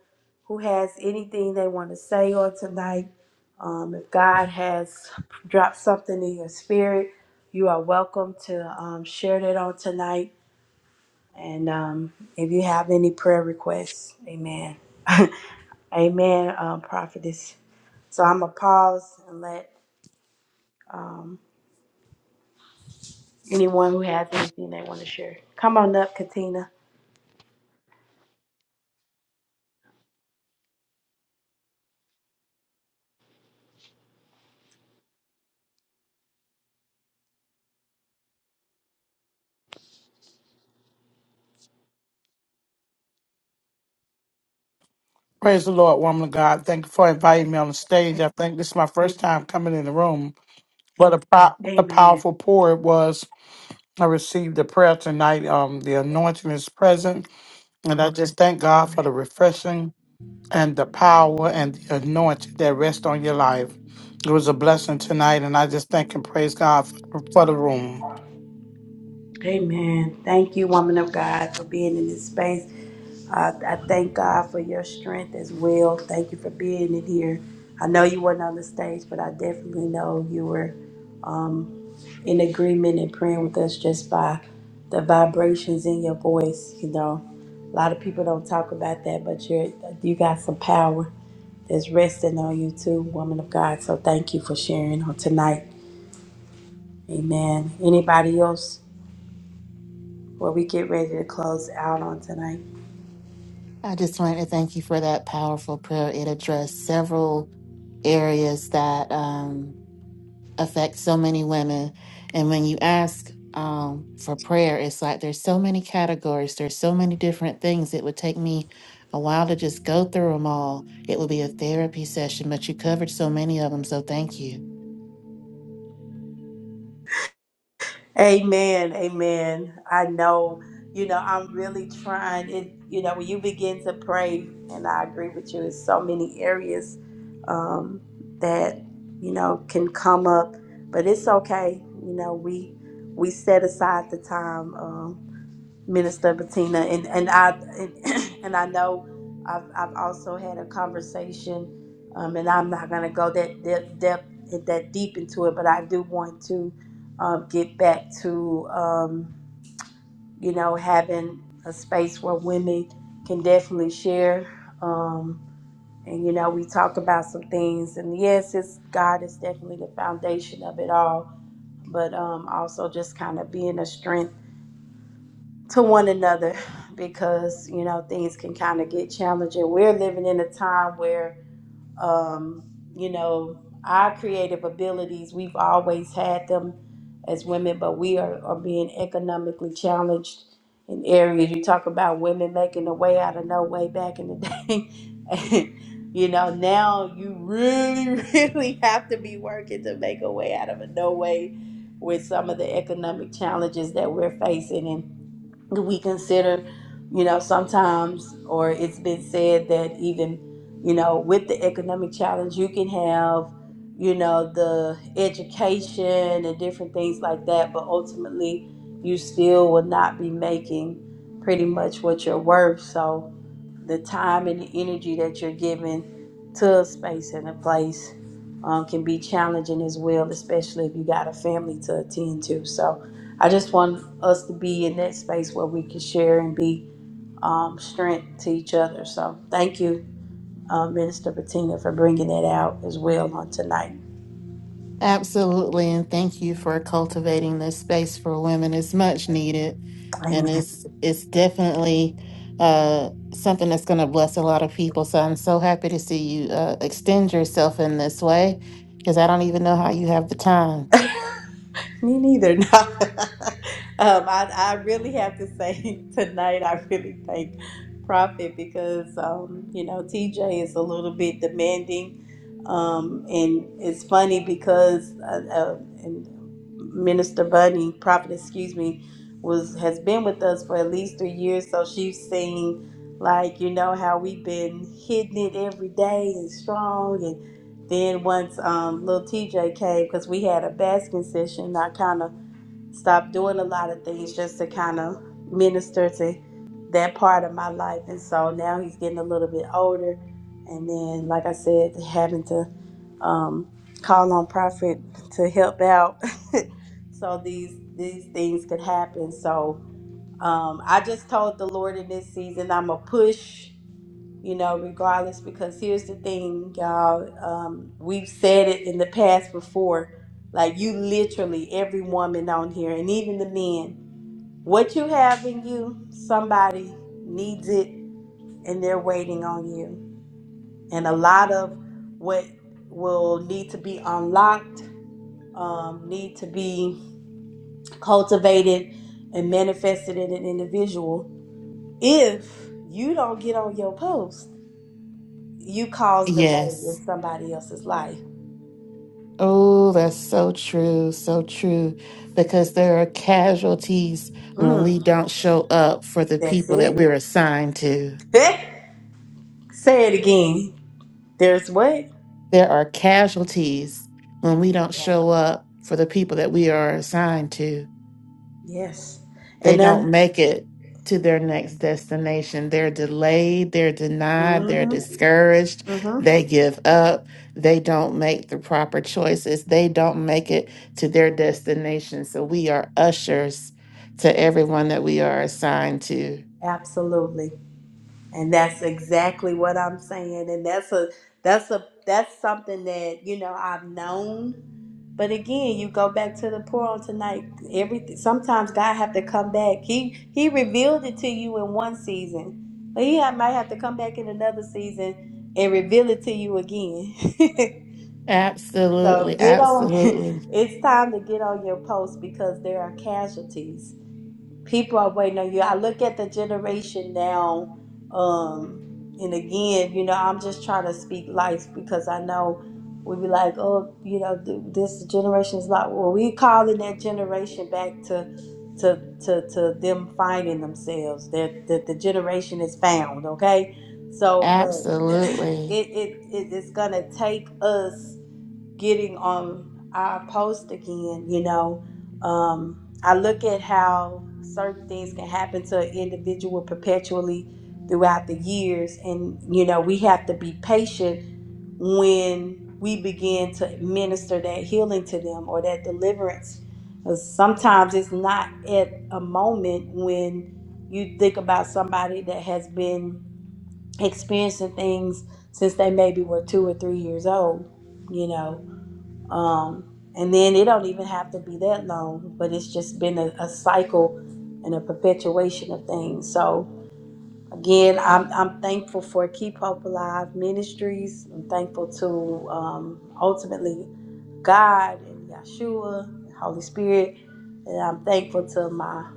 [SPEAKER 1] who has anything they want to say on tonight um, if god has drop something in your spirit, you are welcome to um, share that on tonight. And um, if you have any prayer requests, amen. amen, um, prophetess. So I'm going to pause and let um, anyone who has anything they want to share come on up, Katina.
[SPEAKER 6] Praise the Lord, woman of God. Thank you for inviting me on the stage. I think this is my first time coming in the room. What a po- what a
[SPEAKER 1] Amen.
[SPEAKER 6] powerful pour it was. I received the prayer tonight. Um, the anointing is present, and I just thank God
[SPEAKER 1] Glory
[SPEAKER 6] for
[SPEAKER 1] to-
[SPEAKER 6] the refreshing and the power and the anointing that rests on your life. It was a blessing tonight, and I just thank and praise God for, for the room.
[SPEAKER 1] Amen. Thank you, woman of God, for being in this space. I, I thank God for your strength as well. Thank you for being in here. I know you weren't on the stage, but I definitely know you were um, in agreement and praying with us just by the vibrations in your voice. You know, a lot of people don't talk about that, but you you got some power that's resting on you too, woman of God. So thank you for sharing on tonight. Amen. Anybody else? Well, we get ready to close out on tonight.
[SPEAKER 4] I just wanted to thank you for that powerful prayer. It addressed several areas that um, affect so many women. And when you ask um, for prayer, it's like there's so many categories, there's so many different things. It would take me a while to just go through them all. It would be a therapy session, but you covered so many of them. So thank you.
[SPEAKER 1] Amen. Amen. I know, you know, I'm really trying it, you know, when you begin to pray, and I agree with you, it's so many areas um that, you know, can come up. But it's okay. You know, we we set aside the time. um, Minister Bettina, and and I and, and I know I've I've also had a conversation, um, and I'm not gonna go that depth, depth that deep into it, but I do want to um, get back to um, you know having a space where women can definitely share. Um, and you know we talk about some things, and yes, it's God is definitely the foundation of it all, but um, also just kind of being a strength to one another because you know things can kind of get challenging we're living in a time where um you know our creative abilities we've always had them as women but we are, are being economically challenged in areas you talk about women making a way out of no way back in the day and, you know now you really really have to be working to make a way out of a no way with some of the economic challenges that we're facing we consider, you know, sometimes, or it's been said that even, you know, with the economic challenge, you can have, you know, the education and different things like that, but ultimately, you still will not be making pretty much what you're worth. So, the time and the energy that you're giving to a space and a place um, can be challenging as well, especially if you got a family to attend to. So, I just want us to be in that space where we can share and be um, strength to each other. So thank you, uh, Minister Bettina, for bringing that out as well on tonight.
[SPEAKER 4] Absolutely. And thank you for cultivating this space for women. It's much needed.
[SPEAKER 1] Amen.
[SPEAKER 4] And it's it's definitely uh something that's gonna bless a lot of people. So I'm so happy to see you uh extend yourself in this way because I don't even know how you have the time.
[SPEAKER 1] Me neither. No. um, I, I really have to say tonight, I really thank Prophet because, um, you know, TJ is a little bit demanding. Um, and it's funny because uh, uh, and Minister Bunny, Prophet, excuse me, was has been with us for at least three years. So she's seen, like, you know, how we've been hitting it every day and strong. Then once um, little TJ came, because we had a basking session, I kind of stopped doing a lot of things just to kind of minister to that part of my life. And so now he's getting a little bit older. And then, like I said, having to um, call on Prophet to help out so these these things could happen. So um, I just told the Lord in this season, I'm going to push you know, regardless. Because here's the thing, y'all. Um, we've said it in the past before. Like you, literally, every woman on here, and even the men, what you have in you, somebody needs it, and they're waiting on you. And a lot of what will need to be unlocked, um, need to be cultivated and manifested in an individual. If you don't get on your post, You cause delay in
[SPEAKER 4] Yes.
[SPEAKER 1] somebody else's life.
[SPEAKER 4] Oh, that's so true, so true. Because there are casualties when
[SPEAKER 1] Mm,
[SPEAKER 4] we don't show up for the
[SPEAKER 1] That's
[SPEAKER 4] people that we're
[SPEAKER 1] it.
[SPEAKER 4] assigned to.
[SPEAKER 1] Eh, Say it again. There's what?
[SPEAKER 4] there are casualties when we don't show up for the people that we are assigned to.
[SPEAKER 1] Yes.
[SPEAKER 4] They
[SPEAKER 1] And then,
[SPEAKER 4] don't make it to their next destination. They're delayed, they're denied, they're
[SPEAKER 1] hmm
[SPEAKER 4] discouraged,
[SPEAKER 1] hmm
[SPEAKER 4] they give up, they don't make the proper choices, they don't make it to their destination. So we are ushers to everyone that we are assigned to.
[SPEAKER 1] absolutely. And that's exactly what I'm saying. And that's a, that's a, that's something that, you know, I've known But again, you go back to the pour on tonight. Everything sometimes God have to come back. He He revealed it to you in one season, but He ha- might have to come back in another season and reveal it to you again. so
[SPEAKER 4] Absolutely,
[SPEAKER 1] get on.
[SPEAKER 4] absolutely,
[SPEAKER 1] It's time to get on your post because there are casualties people are waiting on you. I look at the generation now, um, and again, you know, I'm just trying to speak life because I know we be like, oh, you know, th- this generation's like, well, we calling that generation back to, to, to, to them finding themselves. That that the generation is found, okay? So, but
[SPEAKER 4] absolutely.
[SPEAKER 1] it it, it it's gonna take us getting on our post again, you know, um, I look at how certain things can happen to an individual perpetually throughout the years. And, you know, we have to be patient when we begin to minister that healing to them or that deliverance. 'Cause Sometimes it's not at a moment when you think about somebody that has been experiencing things since they maybe were two or three years old, you know um, and then it don't even have to be that long, but it's just been a, a cycle and a perpetuation of things. So again, I'm I'm thankful for Keep Hope Alive Ministries. I'm thankful to um, ultimately God and Yeshua, and Holy Spirit, and I'm thankful to my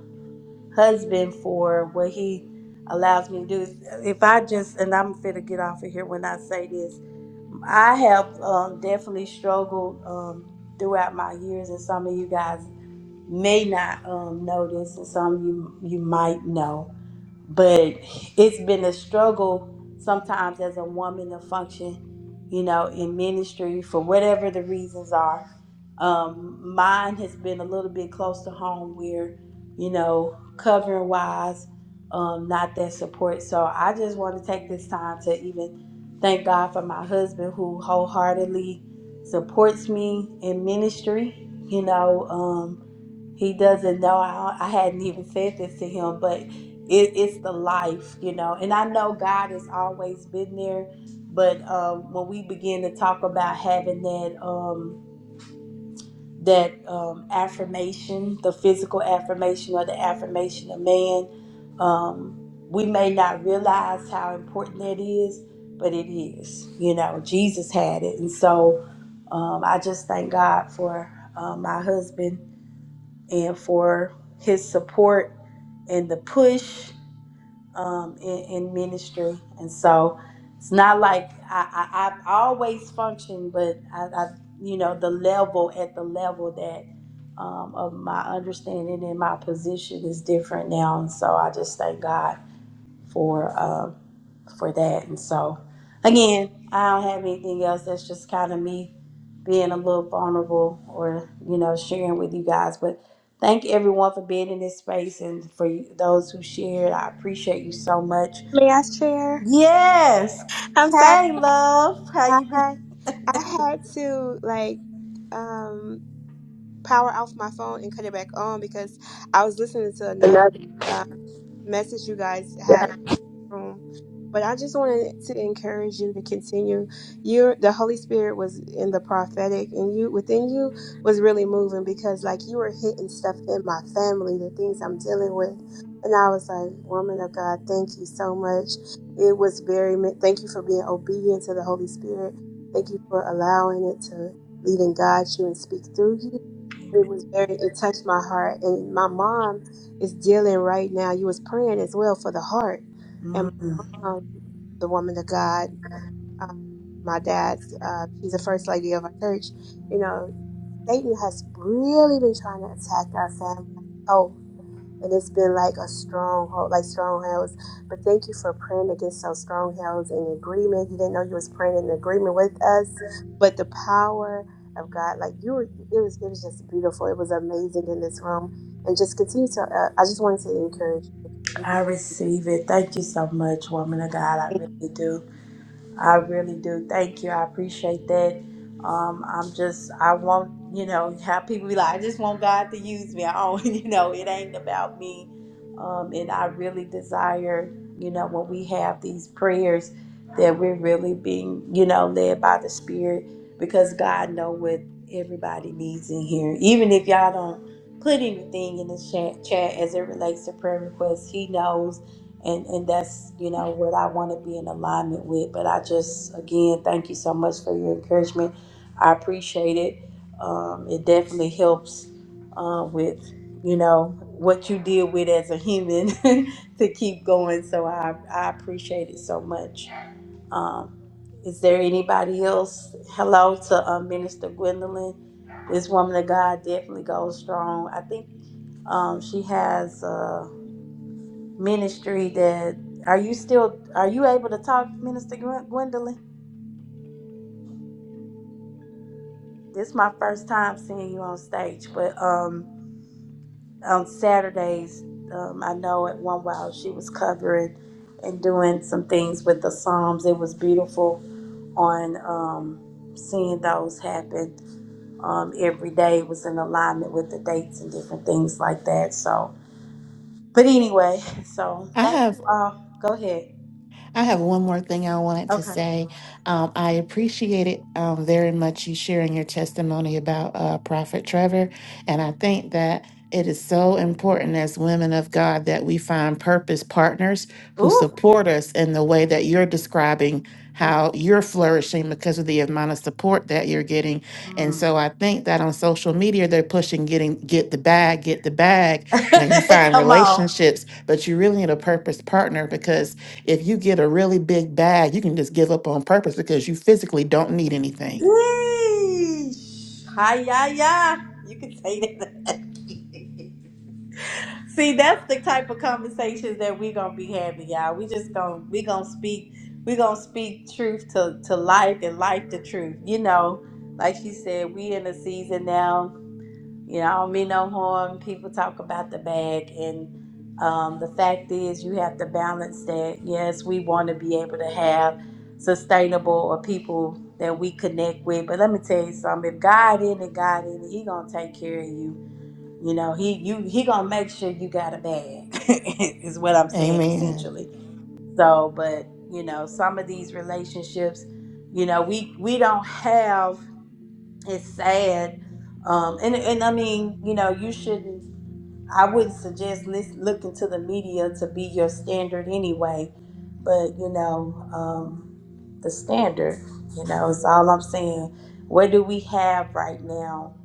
[SPEAKER 1] husband for what he allows me to do. If I just and I'm fit to get off of here when I say this, I have um, definitely struggled um, throughout my years, and some of you guys may not um, know this, and some of you you might know but it's been a struggle sometimes as a woman to function, you know, in ministry for whatever the reasons are. Um, mine has been a little bit close to home where, you know, covering wise, um, not that support. So I just want to take this time to even thank God for my husband who wholeheartedly supports me in ministry, you know. um, he doesn't know. I, I hadn't even said this to him, but it, it's the life, you know. And I know God has always been there, but um, when we begin to talk about having that um, that um, affirmation, the physical affirmation or the affirmation of man, um, we may not realize how important that is, but it is. You know, Jesus had it, and so um, I just thank God for uh, my husband and for his support and the push um, in, in ministry. And so it's not like I, I, I always function, but I, I, you know, the level at the level that um, of my understanding and my position is different now. And so I just thank God for. um, for that. And so, again, I don't have anything else. That's just kind of me being a little vulnerable or, you know, sharing with you guys. But thank everyone for being in this space and for you- those who shared. I appreciate you so much.
[SPEAKER 7] May I share?
[SPEAKER 1] Yes.
[SPEAKER 7] I'm sorry.
[SPEAKER 1] Hey, love. How you been?
[SPEAKER 7] Hi. I had to like um power off my phone and cut it back on because I was listening to another uh, message you guys had room. But I just wanted to encourage you to continue. Your the Holy Spirit was in the prophetic, and you within you was really moving because like you were hitting stuff in my family, the things I'm dealing with, and I was like, "Woman of God, thank you so much." It was very. Thank you for being obedient to the Holy Spirit. Thank you for allowing it to lead and guide you and speak through you. It was very. It touched my heart, and my mom is dealing right now. You was praying as well for the heart
[SPEAKER 1] Mm,
[SPEAKER 7] um, the woman of God, um, my dad, uh, she's the first lady of our church. You know, Satan has really been trying to attack our family's health, and it's been like a stronghold, like strongholds. But thank you for praying against those strongholds in agreement. You didn't know you was praying in agreement with us, but the power of God, like you were, it was, it was just beautiful. It was amazing in this room, and just continue to. Uh, I just wanted to encourage you to
[SPEAKER 1] I
[SPEAKER 7] continue.
[SPEAKER 1] receive it. Thank you so much, woman of God. I really do. I really do. Thank you. I appreciate that. Um, I'm just, I want, you know, how people be like, I just want God to use me. I don't, you know, it ain't about me. Um, and I really desire, you know, when we have these prayers that we're really being, you know, led by the Spirit because God know what everybody needs in here. Even if y'all don't put anything in the chat, chat as it relates to prayer requests, He knows and and that's you know what I want to be in alignment with. But I just again thank you so much for your encouragement. I appreciate it. Um, it definitely helps uh, with you know what you deal with as a human to keep going. So I I appreciate it so much. Um, is there anybody else? Hello to uh, Minister Gwendolyn. This woman of God definitely goes strong. I think um, she has. Uh, ministry that are you still are you able to talk minister Gwen- gwendolyn this is my first time seeing you on stage but um on saturdays um, i know at one while she was covering and doing some things with the psalms it was beautiful on um seeing those happen um every day was in alignment with the dates and different things like that so but anyway so
[SPEAKER 4] I
[SPEAKER 1] thank
[SPEAKER 4] have
[SPEAKER 1] you all go ahead
[SPEAKER 4] I have one more thing I wanted to
[SPEAKER 1] okay
[SPEAKER 4] say. Um, I appreciate it um, very much you sharing your testimony about uh, Prophet Trevor. And I think that it is so important as women of God that we find purpose partners who
[SPEAKER 1] ooh
[SPEAKER 4] support us in the way that you're describing how you're flourishing because of the amount of support that you're getting. And so I think that on social media, they're pushing getting get the bag, get the bag, and you find
[SPEAKER 1] come on
[SPEAKER 4] relationships, but you really need a purpose partner because if you get a really big bag, you can just give up on purpose because you physically don't need anything.
[SPEAKER 1] Yeesh. Hi, ya, ya. You can say that. See, that's the type of conversations that we're gonna be having, y'all. We just gonna we gonna speak we gonna speak truth to to life and life to truth. You know, like she said, we in a season now. You know, I don't mean no harm. People talk about the bag, and um, the fact is, you have to balance that. Yes, we want to be able to have sustainable or people that we connect with, but let me tell you something. If God in it, God in it, He gonna take care of you. You know, He you He gonna make sure you got a bag. is what I'm saying
[SPEAKER 4] Amen.
[SPEAKER 1] essentially. So, but you know, some of these relationships, you know, we we don't have it's sad. Um, and and I mean, you know, you shouldn't. I wouldn't suggest lis- looking to the media to be your standard anyway. But you know, um, the standard, you know, is all I'm saying. What do we have right now?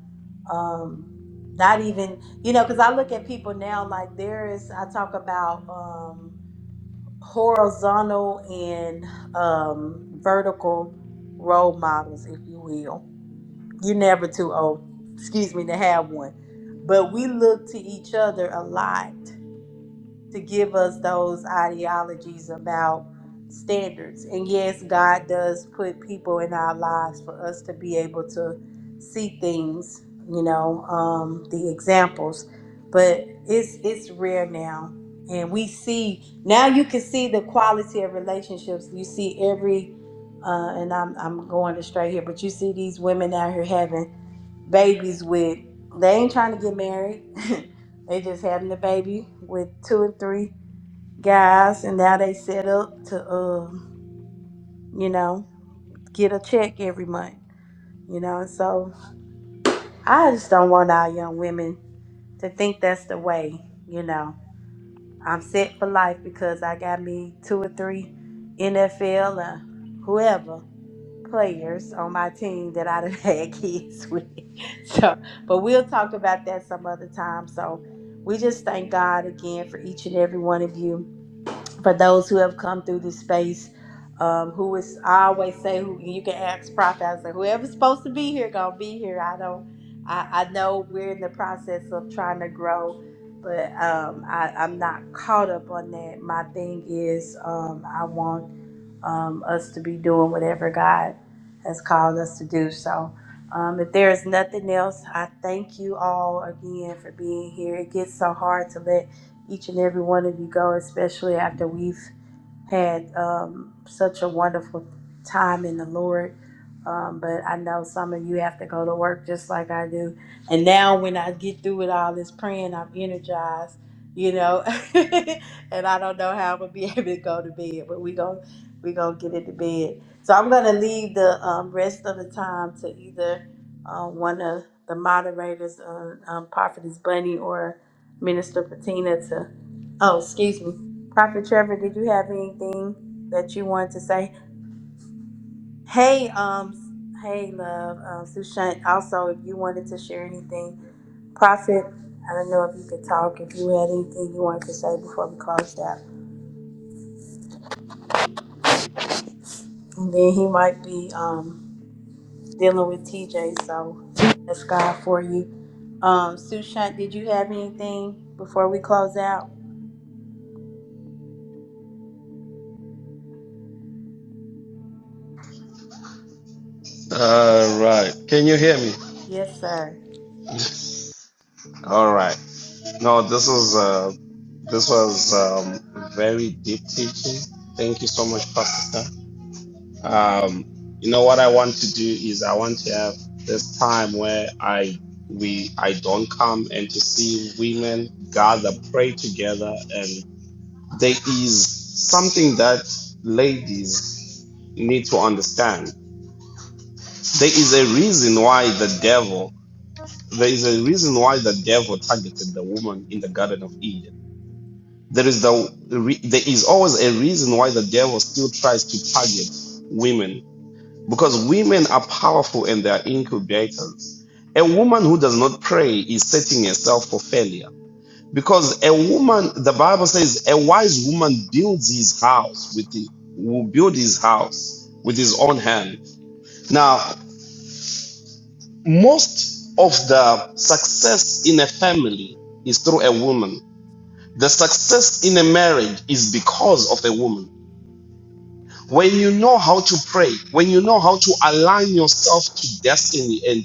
[SPEAKER 1] Um, not even, you know, because I look at people now like there is. I talk about um, horizontal and um, vertical role models, if you will you're never too old, excuse me, to have one. But we look to each other a lot to give us those ideologies about standards. And yes, God does put people in our lives for us to be able to see things, you know, um, the examples. But it's it's rare now. And we see now you can see the quality of relationships. You see every uh, and I'm I'm going astray here, but you see these women out here having babies with they ain't trying to get married. they just having a baby with two and three guys and now they set up to um, you know, get a check every month. You know, so I just don't want our young women to think that's the way, you know. I'm set for life because I got me two or three NFL or whoever. players on my team that I done had kids with. So, but we'll talk about that some other time. So, we just thank God again for each and every one of you, for those who have come through this space. Um, who is I always say who you can ask prophet. I say whoever's supposed to be here gonna be here. I don't. I, I know we're in the process of trying to grow, but um, I, I'm not caught up on that. My thing is um, I want um, us to be doing whatever God has called us to do. So, um, if there is nothing else, I thank you all again for being here. It gets so hard to let each and every one of you go, especially after we've had um, such a wonderful time in the Lord. Um, but I know some of you have to go to work just like I do. And now, when I get through with all this praying, I'm energized, you know. and I don't know how I'm gonna be able to go to bed, but we going we gonna get into bed. So I'm gonna leave the um, rest of the time to either uh, one of the moderators, uh, um, Prophetess Bunny or Minister Patina, to. Oh, excuse me. Prophet Trevor, did you have anything that you wanted to say? Hey, um, hey, love, um, Sushant. Also, if you wanted to share anything, Prophet, I don't know if you could talk. If you had anything you wanted to say before we closed out, and then he might be um dealing with TJ. So that's God for you. Um, Sushant, did you have anything before we close out?
[SPEAKER 2] All right. Can you hear me?
[SPEAKER 1] Yes, sir.
[SPEAKER 2] All right. No, this was uh, this was um, very deep teaching. Thank you so much, Pastor Star. Um, you know what I want to do is I want to have this time where I we I don't come and to see women gather, pray together, and there is something that ladies need to understand. There is a reason why the devil there is a reason why the devil targeted the woman in the Garden of Eden. There is the re, there is always a reason why the devil still tries to target women because women are powerful and they are incubators. A woman who does not pray is setting herself for failure. Because a woman, the Bible says, a wise woman builds his house with the, will build his house with his own hand. Now, most of the success in a family is through a woman. The success in a marriage is because of a woman. When you know how to pray, when you know how to align yourself to destiny and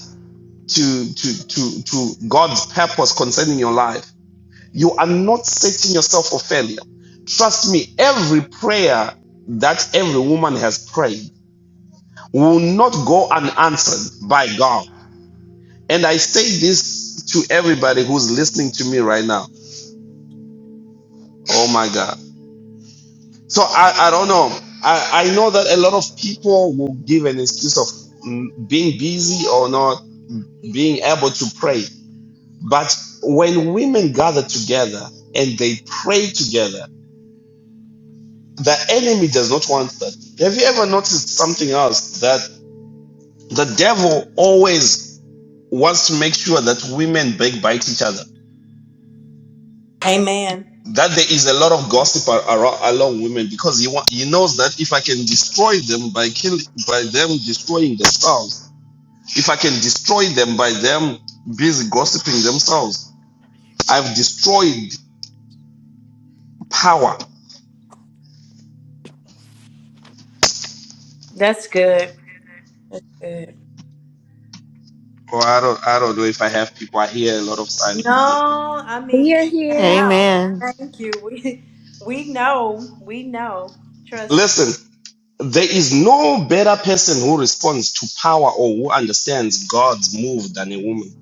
[SPEAKER 2] to, to, to, to God's purpose concerning your life. You are not setting yourself for failure. Trust me, every prayer that every woman has prayed will not go unanswered by God. And I say this to everybody who's listening to me right now. Oh my God. So I, I don't know. I, I know that a lot of people will give an excuse of mm, being busy or not being able to pray. But when women gather together and they pray together, the enemy does not want that. Have you ever noticed something else that the devil always wants to make sure that women backbite each other?
[SPEAKER 1] Amen.
[SPEAKER 2] That there is a lot of gossip ar- ar- along women because he, wa- he knows that if I can destroy them by kill by them destroying themselves, if I can destroy them by them busy gossiping themselves, I've destroyed power
[SPEAKER 1] That's good. That's good.
[SPEAKER 2] Well, I don't, I don't know if I have people. I hear a lot of silence here.
[SPEAKER 1] No, I mean,
[SPEAKER 7] Here, here.
[SPEAKER 1] how?
[SPEAKER 4] Amen.
[SPEAKER 1] Thank you. We we know. We know. Trust
[SPEAKER 2] Listen, there is no better person who responds to power or who understands God's move than a woman.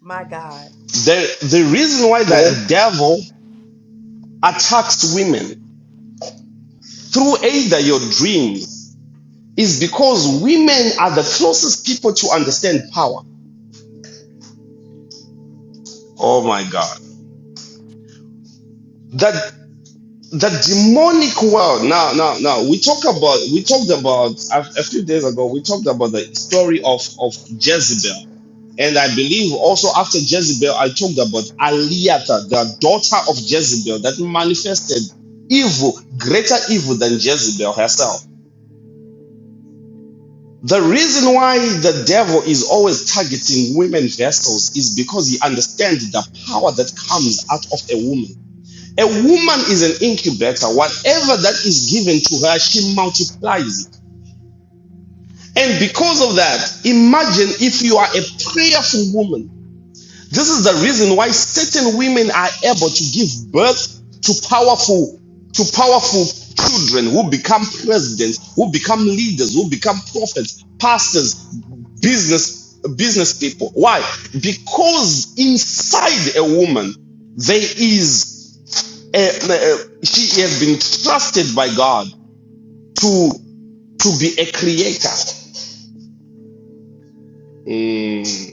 [SPEAKER 1] my God.
[SPEAKER 2] The, the reason why the devil attacks women through either your dreams is because women are the closest people to understand power. Oh my God. That the demonic world. Now, now, now. We talk about we talked about a, a few days ago. We talked about the story of of Jezebel And I believe also after Jezebel, I talked about Aliata, the daughter of Jezebel, that manifested evil, greater evil than Jezebel herself. The reason why the devil is always targeting women vessels is because he understands the power that comes out of a woman. A woman is an incubator. Whatever that is given to her, she multiplies it. And because of that, imagine if you are a prayerful woman This is the reason why certain women are able to give birth to powerful to powerful children who become presidents, who become leaders, who become prophets, pastors, business business people. Why? Because inside a woman there is a, a- she has been trusted by God to to be a creator. Mm.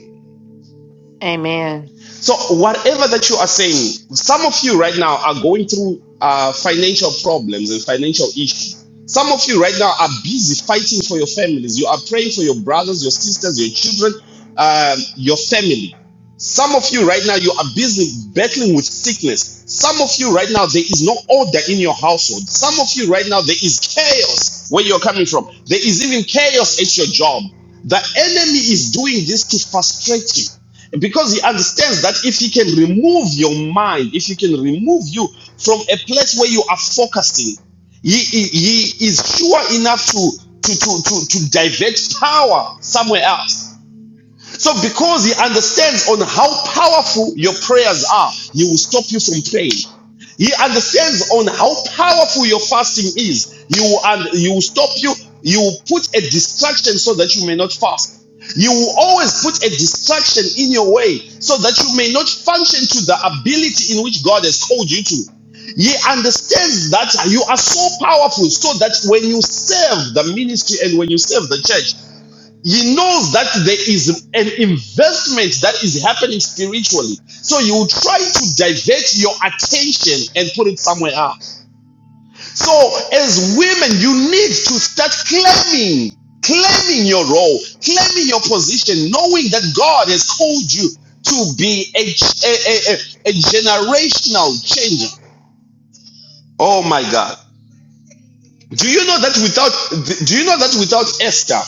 [SPEAKER 4] Amen.
[SPEAKER 2] So whatever that you are saying, some of you right now are going through uh, financial problems and financial issues. Some of you right now are busy fighting for your families. You are praying for your brothers, your sisters, your children, um, your family. Some of you right now, you are busy battling with sickness. Some of you right now, there is no order in your household. Some of you right now, there is chaos where you're coming from. There is even chaos at your job. The enemy is doing this to frustrate you because he understands that if he can remove your mind, if he can remove you from a place where you are focusing, he, he, he is sure enough to, to, to, to, to divert power somewhere else. So because he understands on how powerful your prayers are, he will stop you from praying. He understands on how powerful your fasting is. You will, and you will stop you. You will put a distraction so that you may not fast. You will always put a distraction in your way so that you may not function to the ability in which God has called you to. He understands that you are so powerful so that when you serve the ministry and when you serve the church, he knows that there is an investment that is happening spiritually. So you try to divert your attention and put it somewhere else. So as women, you need to start claiming, claiming your role, claiming your position, knowing that God has called you to be a, a, a, a a generational changer. Oh my God. Do you know that without do you know that without Esther,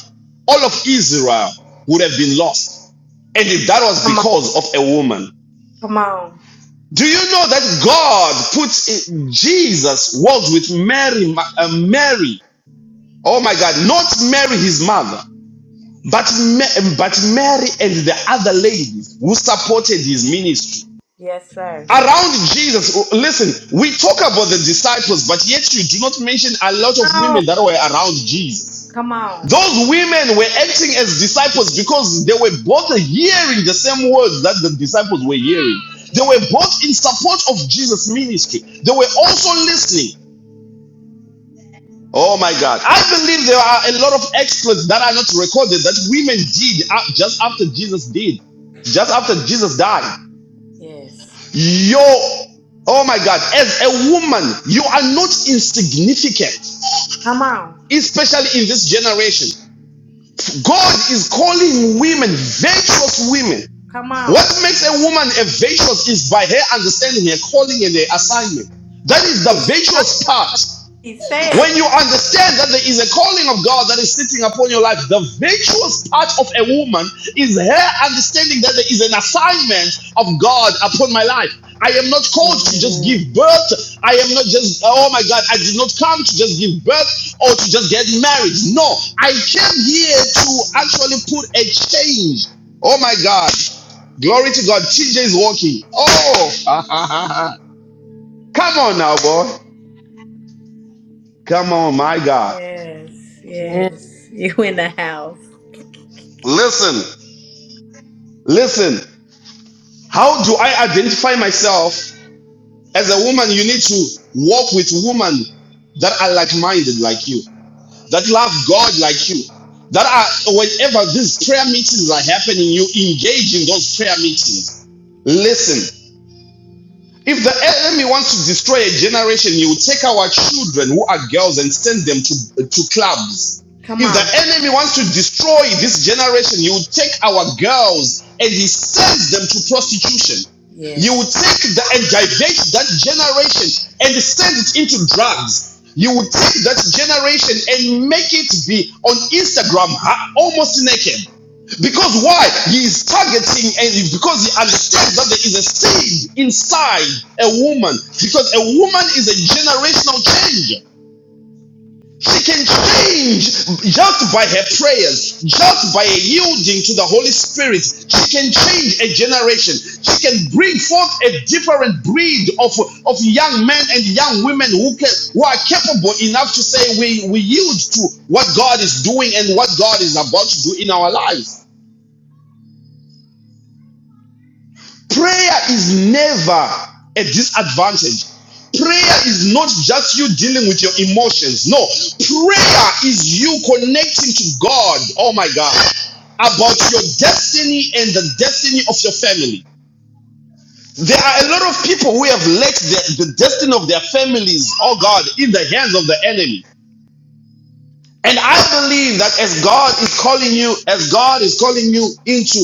[SPEAKER 2] all of Israel would have been lost? And if that was
[SPEAKER 1] Come on.
[SPEAKER 2] because of a woman,
[SPEAKER 1] Come on.
[SPEAKER 2] do you know that God puts in- Jesus was with Mary, uh, Mary? Oh my God, not Mary, his mother, but but Mary and the other ladies who supported his ministry.
[SPEAKER 1] Yes, sir.
[SPEAKER 2] Around Jesus, oh, listen, we talk about the disciples, but yet you do not mention a lot of
[SPEAKER 1] Come
[SPEAKER 2] women
[SPEAKER 1] on.
[SPEAKER 2] that were around Jesus.
[SPEAKER 1] Come on.
[SPEAKER 2] Those women were acting as disciples because they were both hearing the same words that the disciples were hearing. They
[SPEAKER 1] Yes.
[SPEAKER 2] were both in support of Jesus' ministry. They were also listening. Oh my God. I believe there are a lot of exploits that are not recorded that women did uh, just after Jesus did, just after Jesus died.
[SPEAKER 1] Yes.
[SPEAKER 2] Yo, oh my God, as a woman, you are not insignificant,
[SPEAKER 1] Come on.
[SPEAKER 2] especially in this generation. God is calling women, virtuous women.
[SPEAKER 1] Come
[SPEAKER 2] What
[SPEAKER 1] on.
[SPEAKER 2] makes a woman a virtuous is by her understanding her calling and her assignment. That is the
[SPEAKER 1] He's Chucky,
[SPEAKER 2] virtuous part.
[SPEAKER 1] say it.
[SPEAKER 2] When you understand that there is a calling of God that is sitting upon your life, the virtuous part of a woman is her understanding that there is an assignment of God upon my life. I am not called to just
[SPEAKER 7] Amen.
[SPEAKER 2] give birth. I am not just, oh my God, I did not come to just give birth or to just get married. No, I came here to actually put a change. Oh my God. Glory to God. TJ is walking. Oh, come on now, boy. Come on, my God.
[SPEAKER 1] Yes. Yes. You in the house.
[SPEAKER 2] Listen, listen. How do I identify myself as a woman? You need to walk with women that are like-minded like you, that love God like you, that are whenever these prayer meetings are happening, you engage in those prayer meetings. Listen. If the enemy wants to destroy a generation, he will take our children who are girls and send them to, to clubs.
[SPEAKER 1] Come
[SPEAKER 2] If the
[SPEAKER 1] on.
[SPEAKER 2] enemy wants to destroy this generation, he will take our girls and he sends them to prostitution. You
[SPEAKER 1] Yes.
[SPEAKER 2] will take the and divert that generation and send it into drugs. You will take that generation and make it be on Instagram almost naked. Because why? He is targeting, and because he understands that there is a seed inside a woman. Because a woman is a generational changer. She can change just by her prayers, just by yielding to the Holy Spirit. She can change a generation. She can bring forth a different breed of, of young men and young women who can who are capable enough to say we, we yield to what God is doing and what God is about to do in our lives. Prayer is never a disadvantage. Prayer is not just you dealing with your emotions. No, prayer is you connecting to God, oh my God, about your destiny and the destiny of your family. There are a lot of people who have let the, the destiny of their families, oh God, in the hands of the enemy. And I believe that as God is calling you, as God is calling you into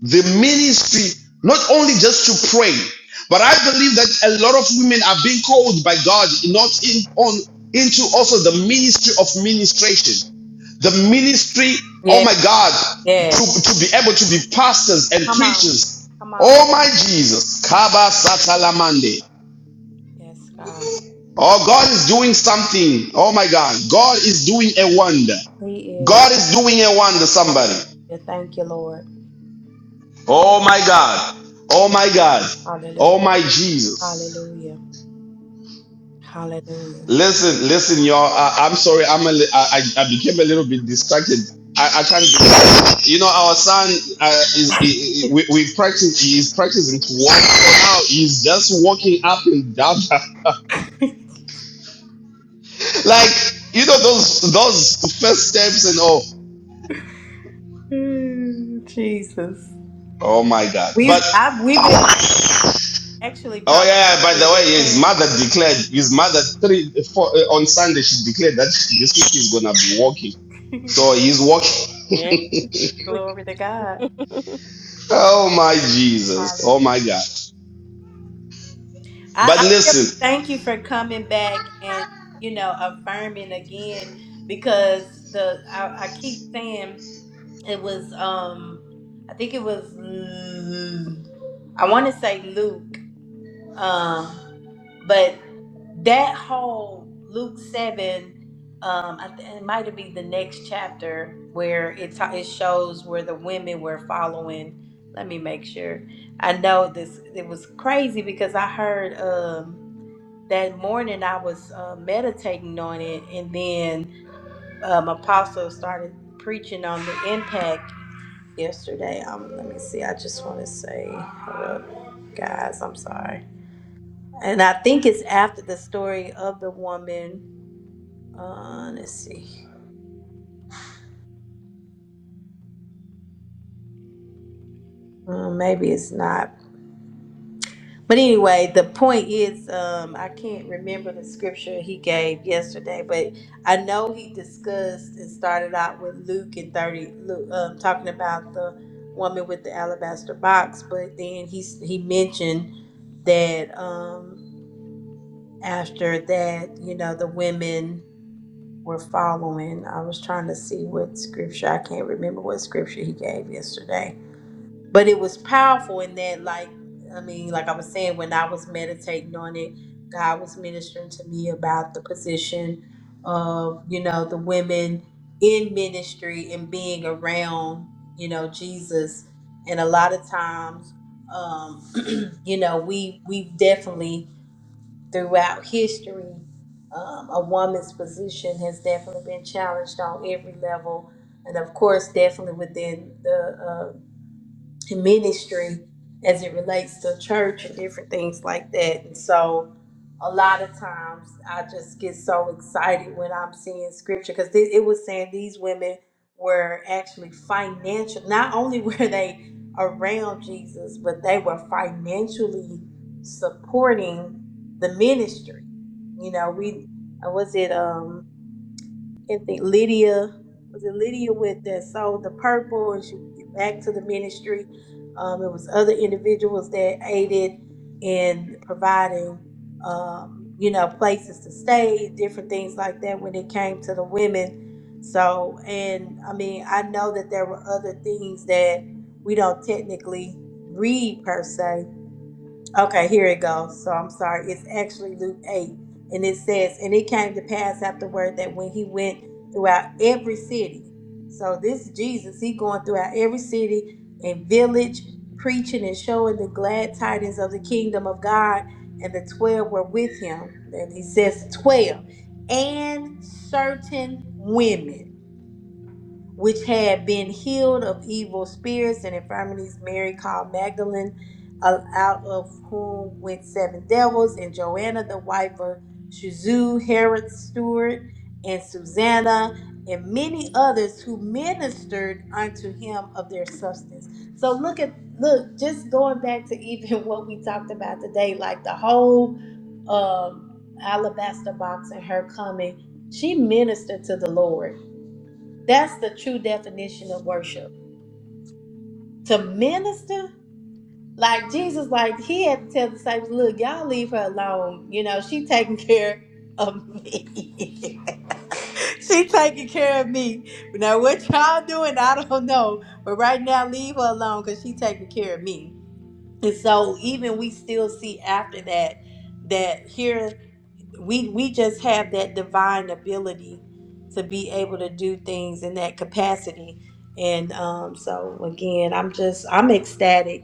[SPEAKER 2] the ministry, not only just to pray, but I believe that a lot of women are being called by God not in on into also the ministry of ministration the ministry, oh
[SPEAKER 1] Yes.
[SPEAKER 2] my God, to,
[SPEAKER 1] Yes.
[SPEAKER 2] to be able to be pastors and
[SPEAKER 1] Come on.
[SPEAKER 2] preachers.
[SPEAKER 1] Come on.
[SPEAKER 2] Oh my Jesus. Kaba Satalamande.
[SPEAKER 1] Yes, God.
[SPEAKER 2] Oh, God is doing something. Oh my God. God is doing a wonder.
[SPEAKER 1] He is.
[SPEAKER 2] God is doing a wonder, somebody.
[SPEAKER 1] Hallelujah. Thank you, Lord.
[SPEAKER 2] Oh my God. Oh my God. Oh
[SPEAKER 1] Hallelujah.
[SPEAKER 2] my Jesus.
[SPEAKER 1] Hallelujah. Hallelujah.
[SPEAKER 2] Listen, listen, y'all. I, I'm sorry. I'm a li- I, I I became a little bit distracted. I, I can't believe You know, our son uh, is, he, he- we, we practice, he is practicing to walk. So now he's just walking up and down. like, you know, those, those first steps and all.
[SPEAKER 1] Mm, Jesus.
[SPEAKER 2] Oh my God.
[SPEAKER 1] We I,
[SPEAKER 2] But.
[SPEAKER 1] have we've been actually
[SPEAKER 2] Oh
[SPEAKER 1] probably
[SPEAKER 2] yeah, yeah, by the way, his
[SPEAKER 1] declaring
[SPEAKER 2] mother declared his mother three four, uh, on Sunday she declared that this week he's gonna be walking. So he's walking.
[SPEAKER 7] Amen.
[SPEAKER 1] glory to God.
[SPEAKER 2] Oh my Jesus. Oh
[SPEAKER 1] Hallelujah.
[SPEAKER 2] my God. But
[SPEAKER 1] I, I just
[SPEAKER 2] listen,
[SPEAKER 1] thank you for coming back and you know affirming again because the I, I keep saying it was um I think it was mm, I want to say Luke Um, but that whole Luke seven, um, I th- it might have been the next chapter where it ta- it shows where the women were following. Let me make sure. I know this. It was crazy because I heard um, that morning I was uh, meditating on it, and then um, Apostle started preaching on the impact yesterday. Um, let me see. I just want to say, hold up, guys. I'm sorry. And I think it's after the story of the woman. Uh, let's see. Uh, maybe it's not. But anyway, the point is, um, I can't remember the scripture he gave yesterday, but I know he discussed and started out with Luke and 30, Luke, um, talking about the woman with the alabaster box. But then he, he mentioned that um, after that, you know, the women. We're following. I was trying to see what scripture. I can't remember what scripture he gave yesterday, but it was powerful in that, like, I mean, like I was saying, when I was meditating on it, God was ministering to me about the position of, you know, the women in ministry and being around, you know, Jesus. And a lot of times, um, you know, we we definitely throughout history, um, a woman's position has definitely been challenged on every level, and of course, definitely within the uh, and ministry as it relates to church and different things like that. And so a lot of times I just get so excited when I'm seeing scripture because it was saying these women were actually financial. Not only were they around Jesus, but they were financially supporting the ministry. You know, we, uh, was it? um, and think Lydia was it Lydia with that sold the purple and she would get back to the ministry. Um, it was other individuals that aided in providing, um, you know, places to stay, different things like that when it came to the women. So, and I mean, I know that there were other things that we don't technically read per se, Okay, here it goes. So I'm sorry. It's actually Luke 8. And it says, And it came to pass afterward that when he went throughout every city. So this Jesus, he going throughout every city and village, preaching and showing the glad tidings of the kingdom of God. And the 12 were with him. And he says, 12. And certain women which had been healed of evil spirits and infirmities. Mary called Magdalene, uh, out of whom went seven devils, and Joanna, the wife of Shazu, Herod's steward, and Susanna, and many others who ministered unto him of their substance. So look at look, just going back to even what we talked about today, like the whole um, alabaster box and her coming, she ministered to the Lord that's the true definition of worship. To minister, like Jesus, like he had to tell the disciples, look, y'all leave her alone. You know, she taking care of me. she taking care of me. Now what y'all doing, I don't know. But right now, leave her alone because she taking care of me. And so even we still see after that that here we we just have that divine ability to be able to do things in that capacity and um, so again i'm just i'm ecstatic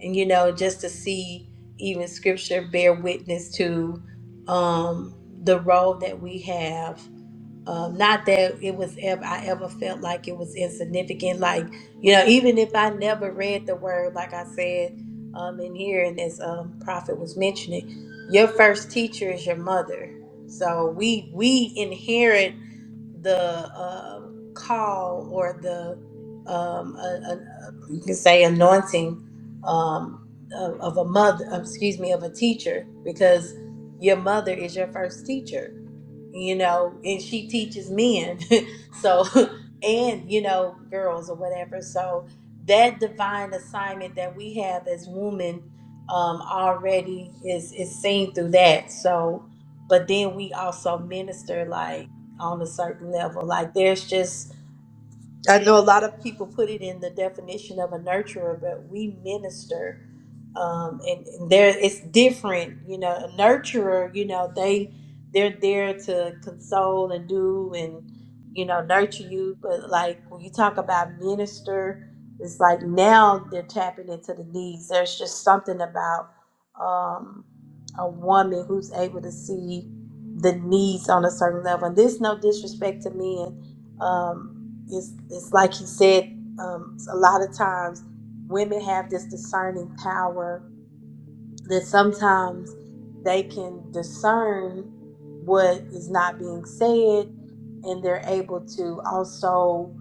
[SPEAKER 1] and you know just to see even scripture bear witness to um, the role that we have um, not that it was ever I ever felt like it was insignificant. Like you know, even if I never read the word, like I said um, in here, and as um, Prophet was mentioning, your first teacher is your mother. So we we inherit the um, call or the um, a, a, you can say anointing um, of, of a mother, um, excuse me, of a teacher, because your mother is your first teacher you know, and she teaches men, so and you know, girls or whatever. So that divine assignment that we have as women um, already is is seen through that. So, but then we also minister. like on a certain level. Like there's just I know a lot of people put it in the definition of a nurturer, but we minister, um, and, and there it's different. You know, a nurturer, you know, they they're there to console and do and you know nurture you. But like when you talk about minister, it's like now they're tapping into the needs. There's just something about um, a woman who's able to see the needs on a certain level. And this no disrespect to men. Um, it's it's like he said um, a lot of times women have this discerning power that sometimes they can discern what is not being said and they're able to also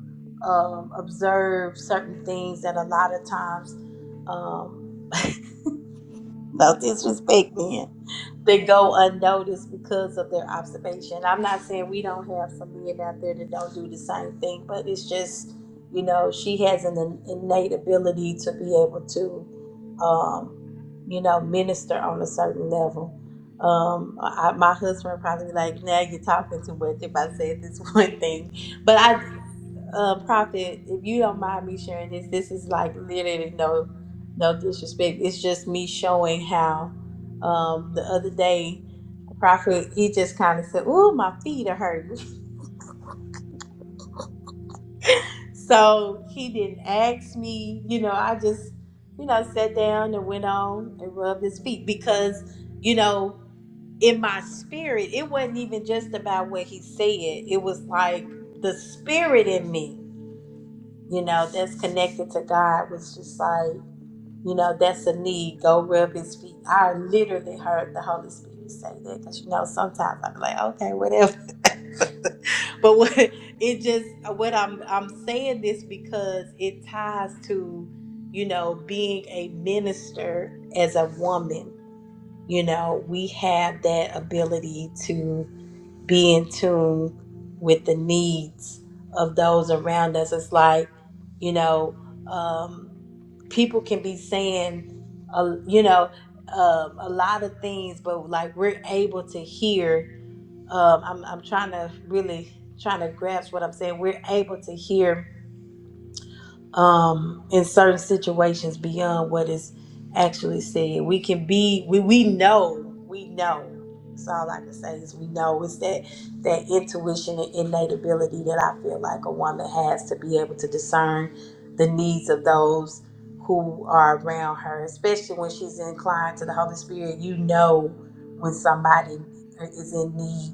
[SPEAKER 1] um, observe certain things that a lot of times um, No disrespect, man. They go unnoticed because of their observation. I'm not saying we don't have some men out there that don't do the same thing, but it's just, you know, she has an in- innate ability to be able to, um, you know, minister on a certain level. Um, I, my husband would probably be like, "Now you're talking too much if I said this one thing," but I uh, Prophet, if you don't mind me sharing this, this is like literally no, no disrespect. It's just me showing how. Um, the other day, Prophet he just kind of said, "Ooh, my feet are hurting," so he didn't ask me. You know, I just, you know, sat down and went on and rubbed his feet because, you know, in my spirit, it wasn't even just about what he said. It was like the spirit in me. you know, that's connected to God was just like, you know, that's a need. Go rub his feet. I literally heard the Holy Spirit say that because, you know, sometimes I'm like, okay, whatever. but what it just, what I'm, I'm saying this because it ties to, you know, being a minister as a woman. You know, we have that ability to be in tune with the needs of those around us. It's like, you know, um, people can be saying, uh, you know, um a lot of things, but like we're able to hear. Um, I'm, I'm trying to really trying to grasp what I'm saying. We're able to hear um, in certain situations beyond what is actually said. We can be we we know we know. That's all I can say is we know. It's that that intuition and innate ability that I feel like a woman has to be able to discern the needs of those who are around her, especially when she's inclined to the Holy Spirit. You know when somebody is in need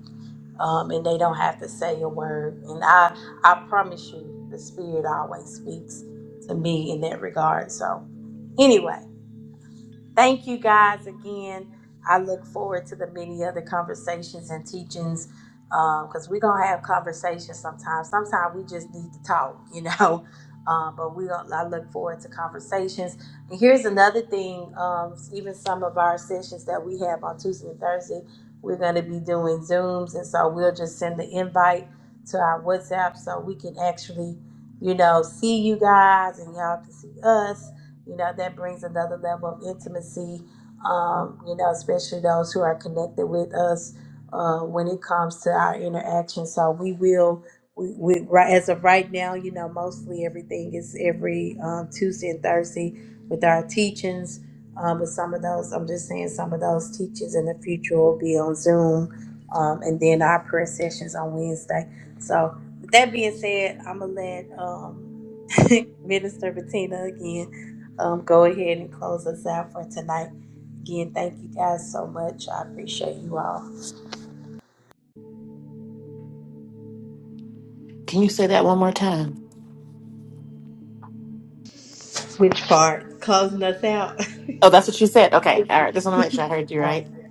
[SPEAKER 1] um, and they don't have to say a word. And I I promise you, the Spirit always speaks to me in that regard. So anyway, Thank you guys again. I look forward to the many other conversations and teachings because we're going to have conversations sometimes. Sometimes we just need to talk, you know. Um, but we, gonna- I look forward to conversations. And here's another thing: um, even some of our sessions that we have on Tuesday and Thursday, we're going to be doing Zooms, and so we'll just send the invite to our WhatsApp so we can actually, you know, see you guys and y'all can see us you know, that brings another level of intimacy, um, you know, especially those who are connected with us uh, when it comes to our interaction. So we will, we, we right as of right now, you know, mostly everything is every um, Tuesday and Thursday with our teachings. Um, but some of those, I'm just saying, some of those teachings in the future will be on Zoom, um, and then our prayer sessions on Wednesday. So, with that being said, I'm gonna let um, Minister Bettina again um, go ahead and close us out for tonight. Again, thank you guys so much. I appreciate you all.
[SPEAKER 4] Can you say that one more time?
[SPEAKER 1] Which part? Closing us out.
[SPEAKER 4] Oh, that's what you said. Okay. All right. Just want to make sure I heard you
[SPEAKER 1] All right.
[SPEAKER 4] right.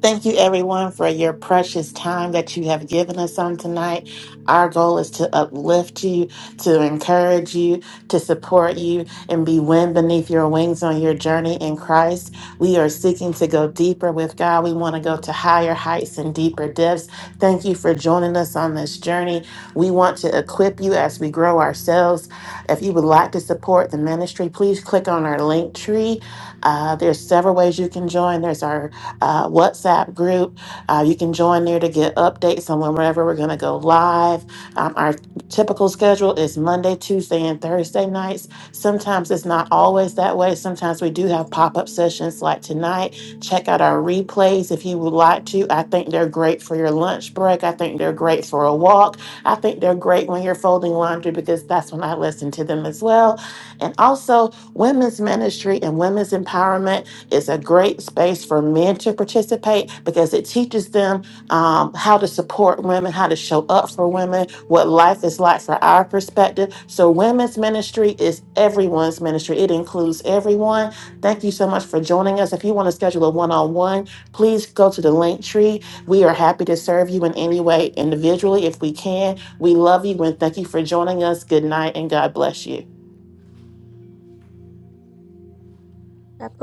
[SPEAKER 4] Thank you, everyone, for your precious time that you have given us on tonight. Our goal is to uplift you, to encourage you, to support you, and be wind beneath your wings on your journey in Christ. We are seeking to go deeper with God. We want to go to higher heights and deeper depths. Thank you for joining us on this journey. We want to equip you as we grow ourselves. If you would like to support the ministry, please click on our link tree. Uh, there's several ways you can join. There's our uh, WhatsApp group. Uh, you can join there to get updates on whenever we're going to go live. Um, our typical schedule is Monday, Tuesday, and Thursday nights. Sometimes it's not always that way. Sometimes we do have pop up sessions like tonight. Check out our replays if you would like to. I think they're great for your lunch break. I think they're great for a walk. I think they're great when you're folding laundry because that's when I listen to them as well. And also, women's ministry and women's empowerment. It's a great space for men to participate because it teaches them um, how to support women, how to show up for women, what life is like from our perspective. So, women's ministry is everyone's ministry, it includes everyone. Thank you so much for joining us. If you want to schedule a one on one, please go to the link tree. We are happy to serve you in any way individually if we can. We love you and thank you for joining us. Good night and God bless you.
[SPEAKER 7] God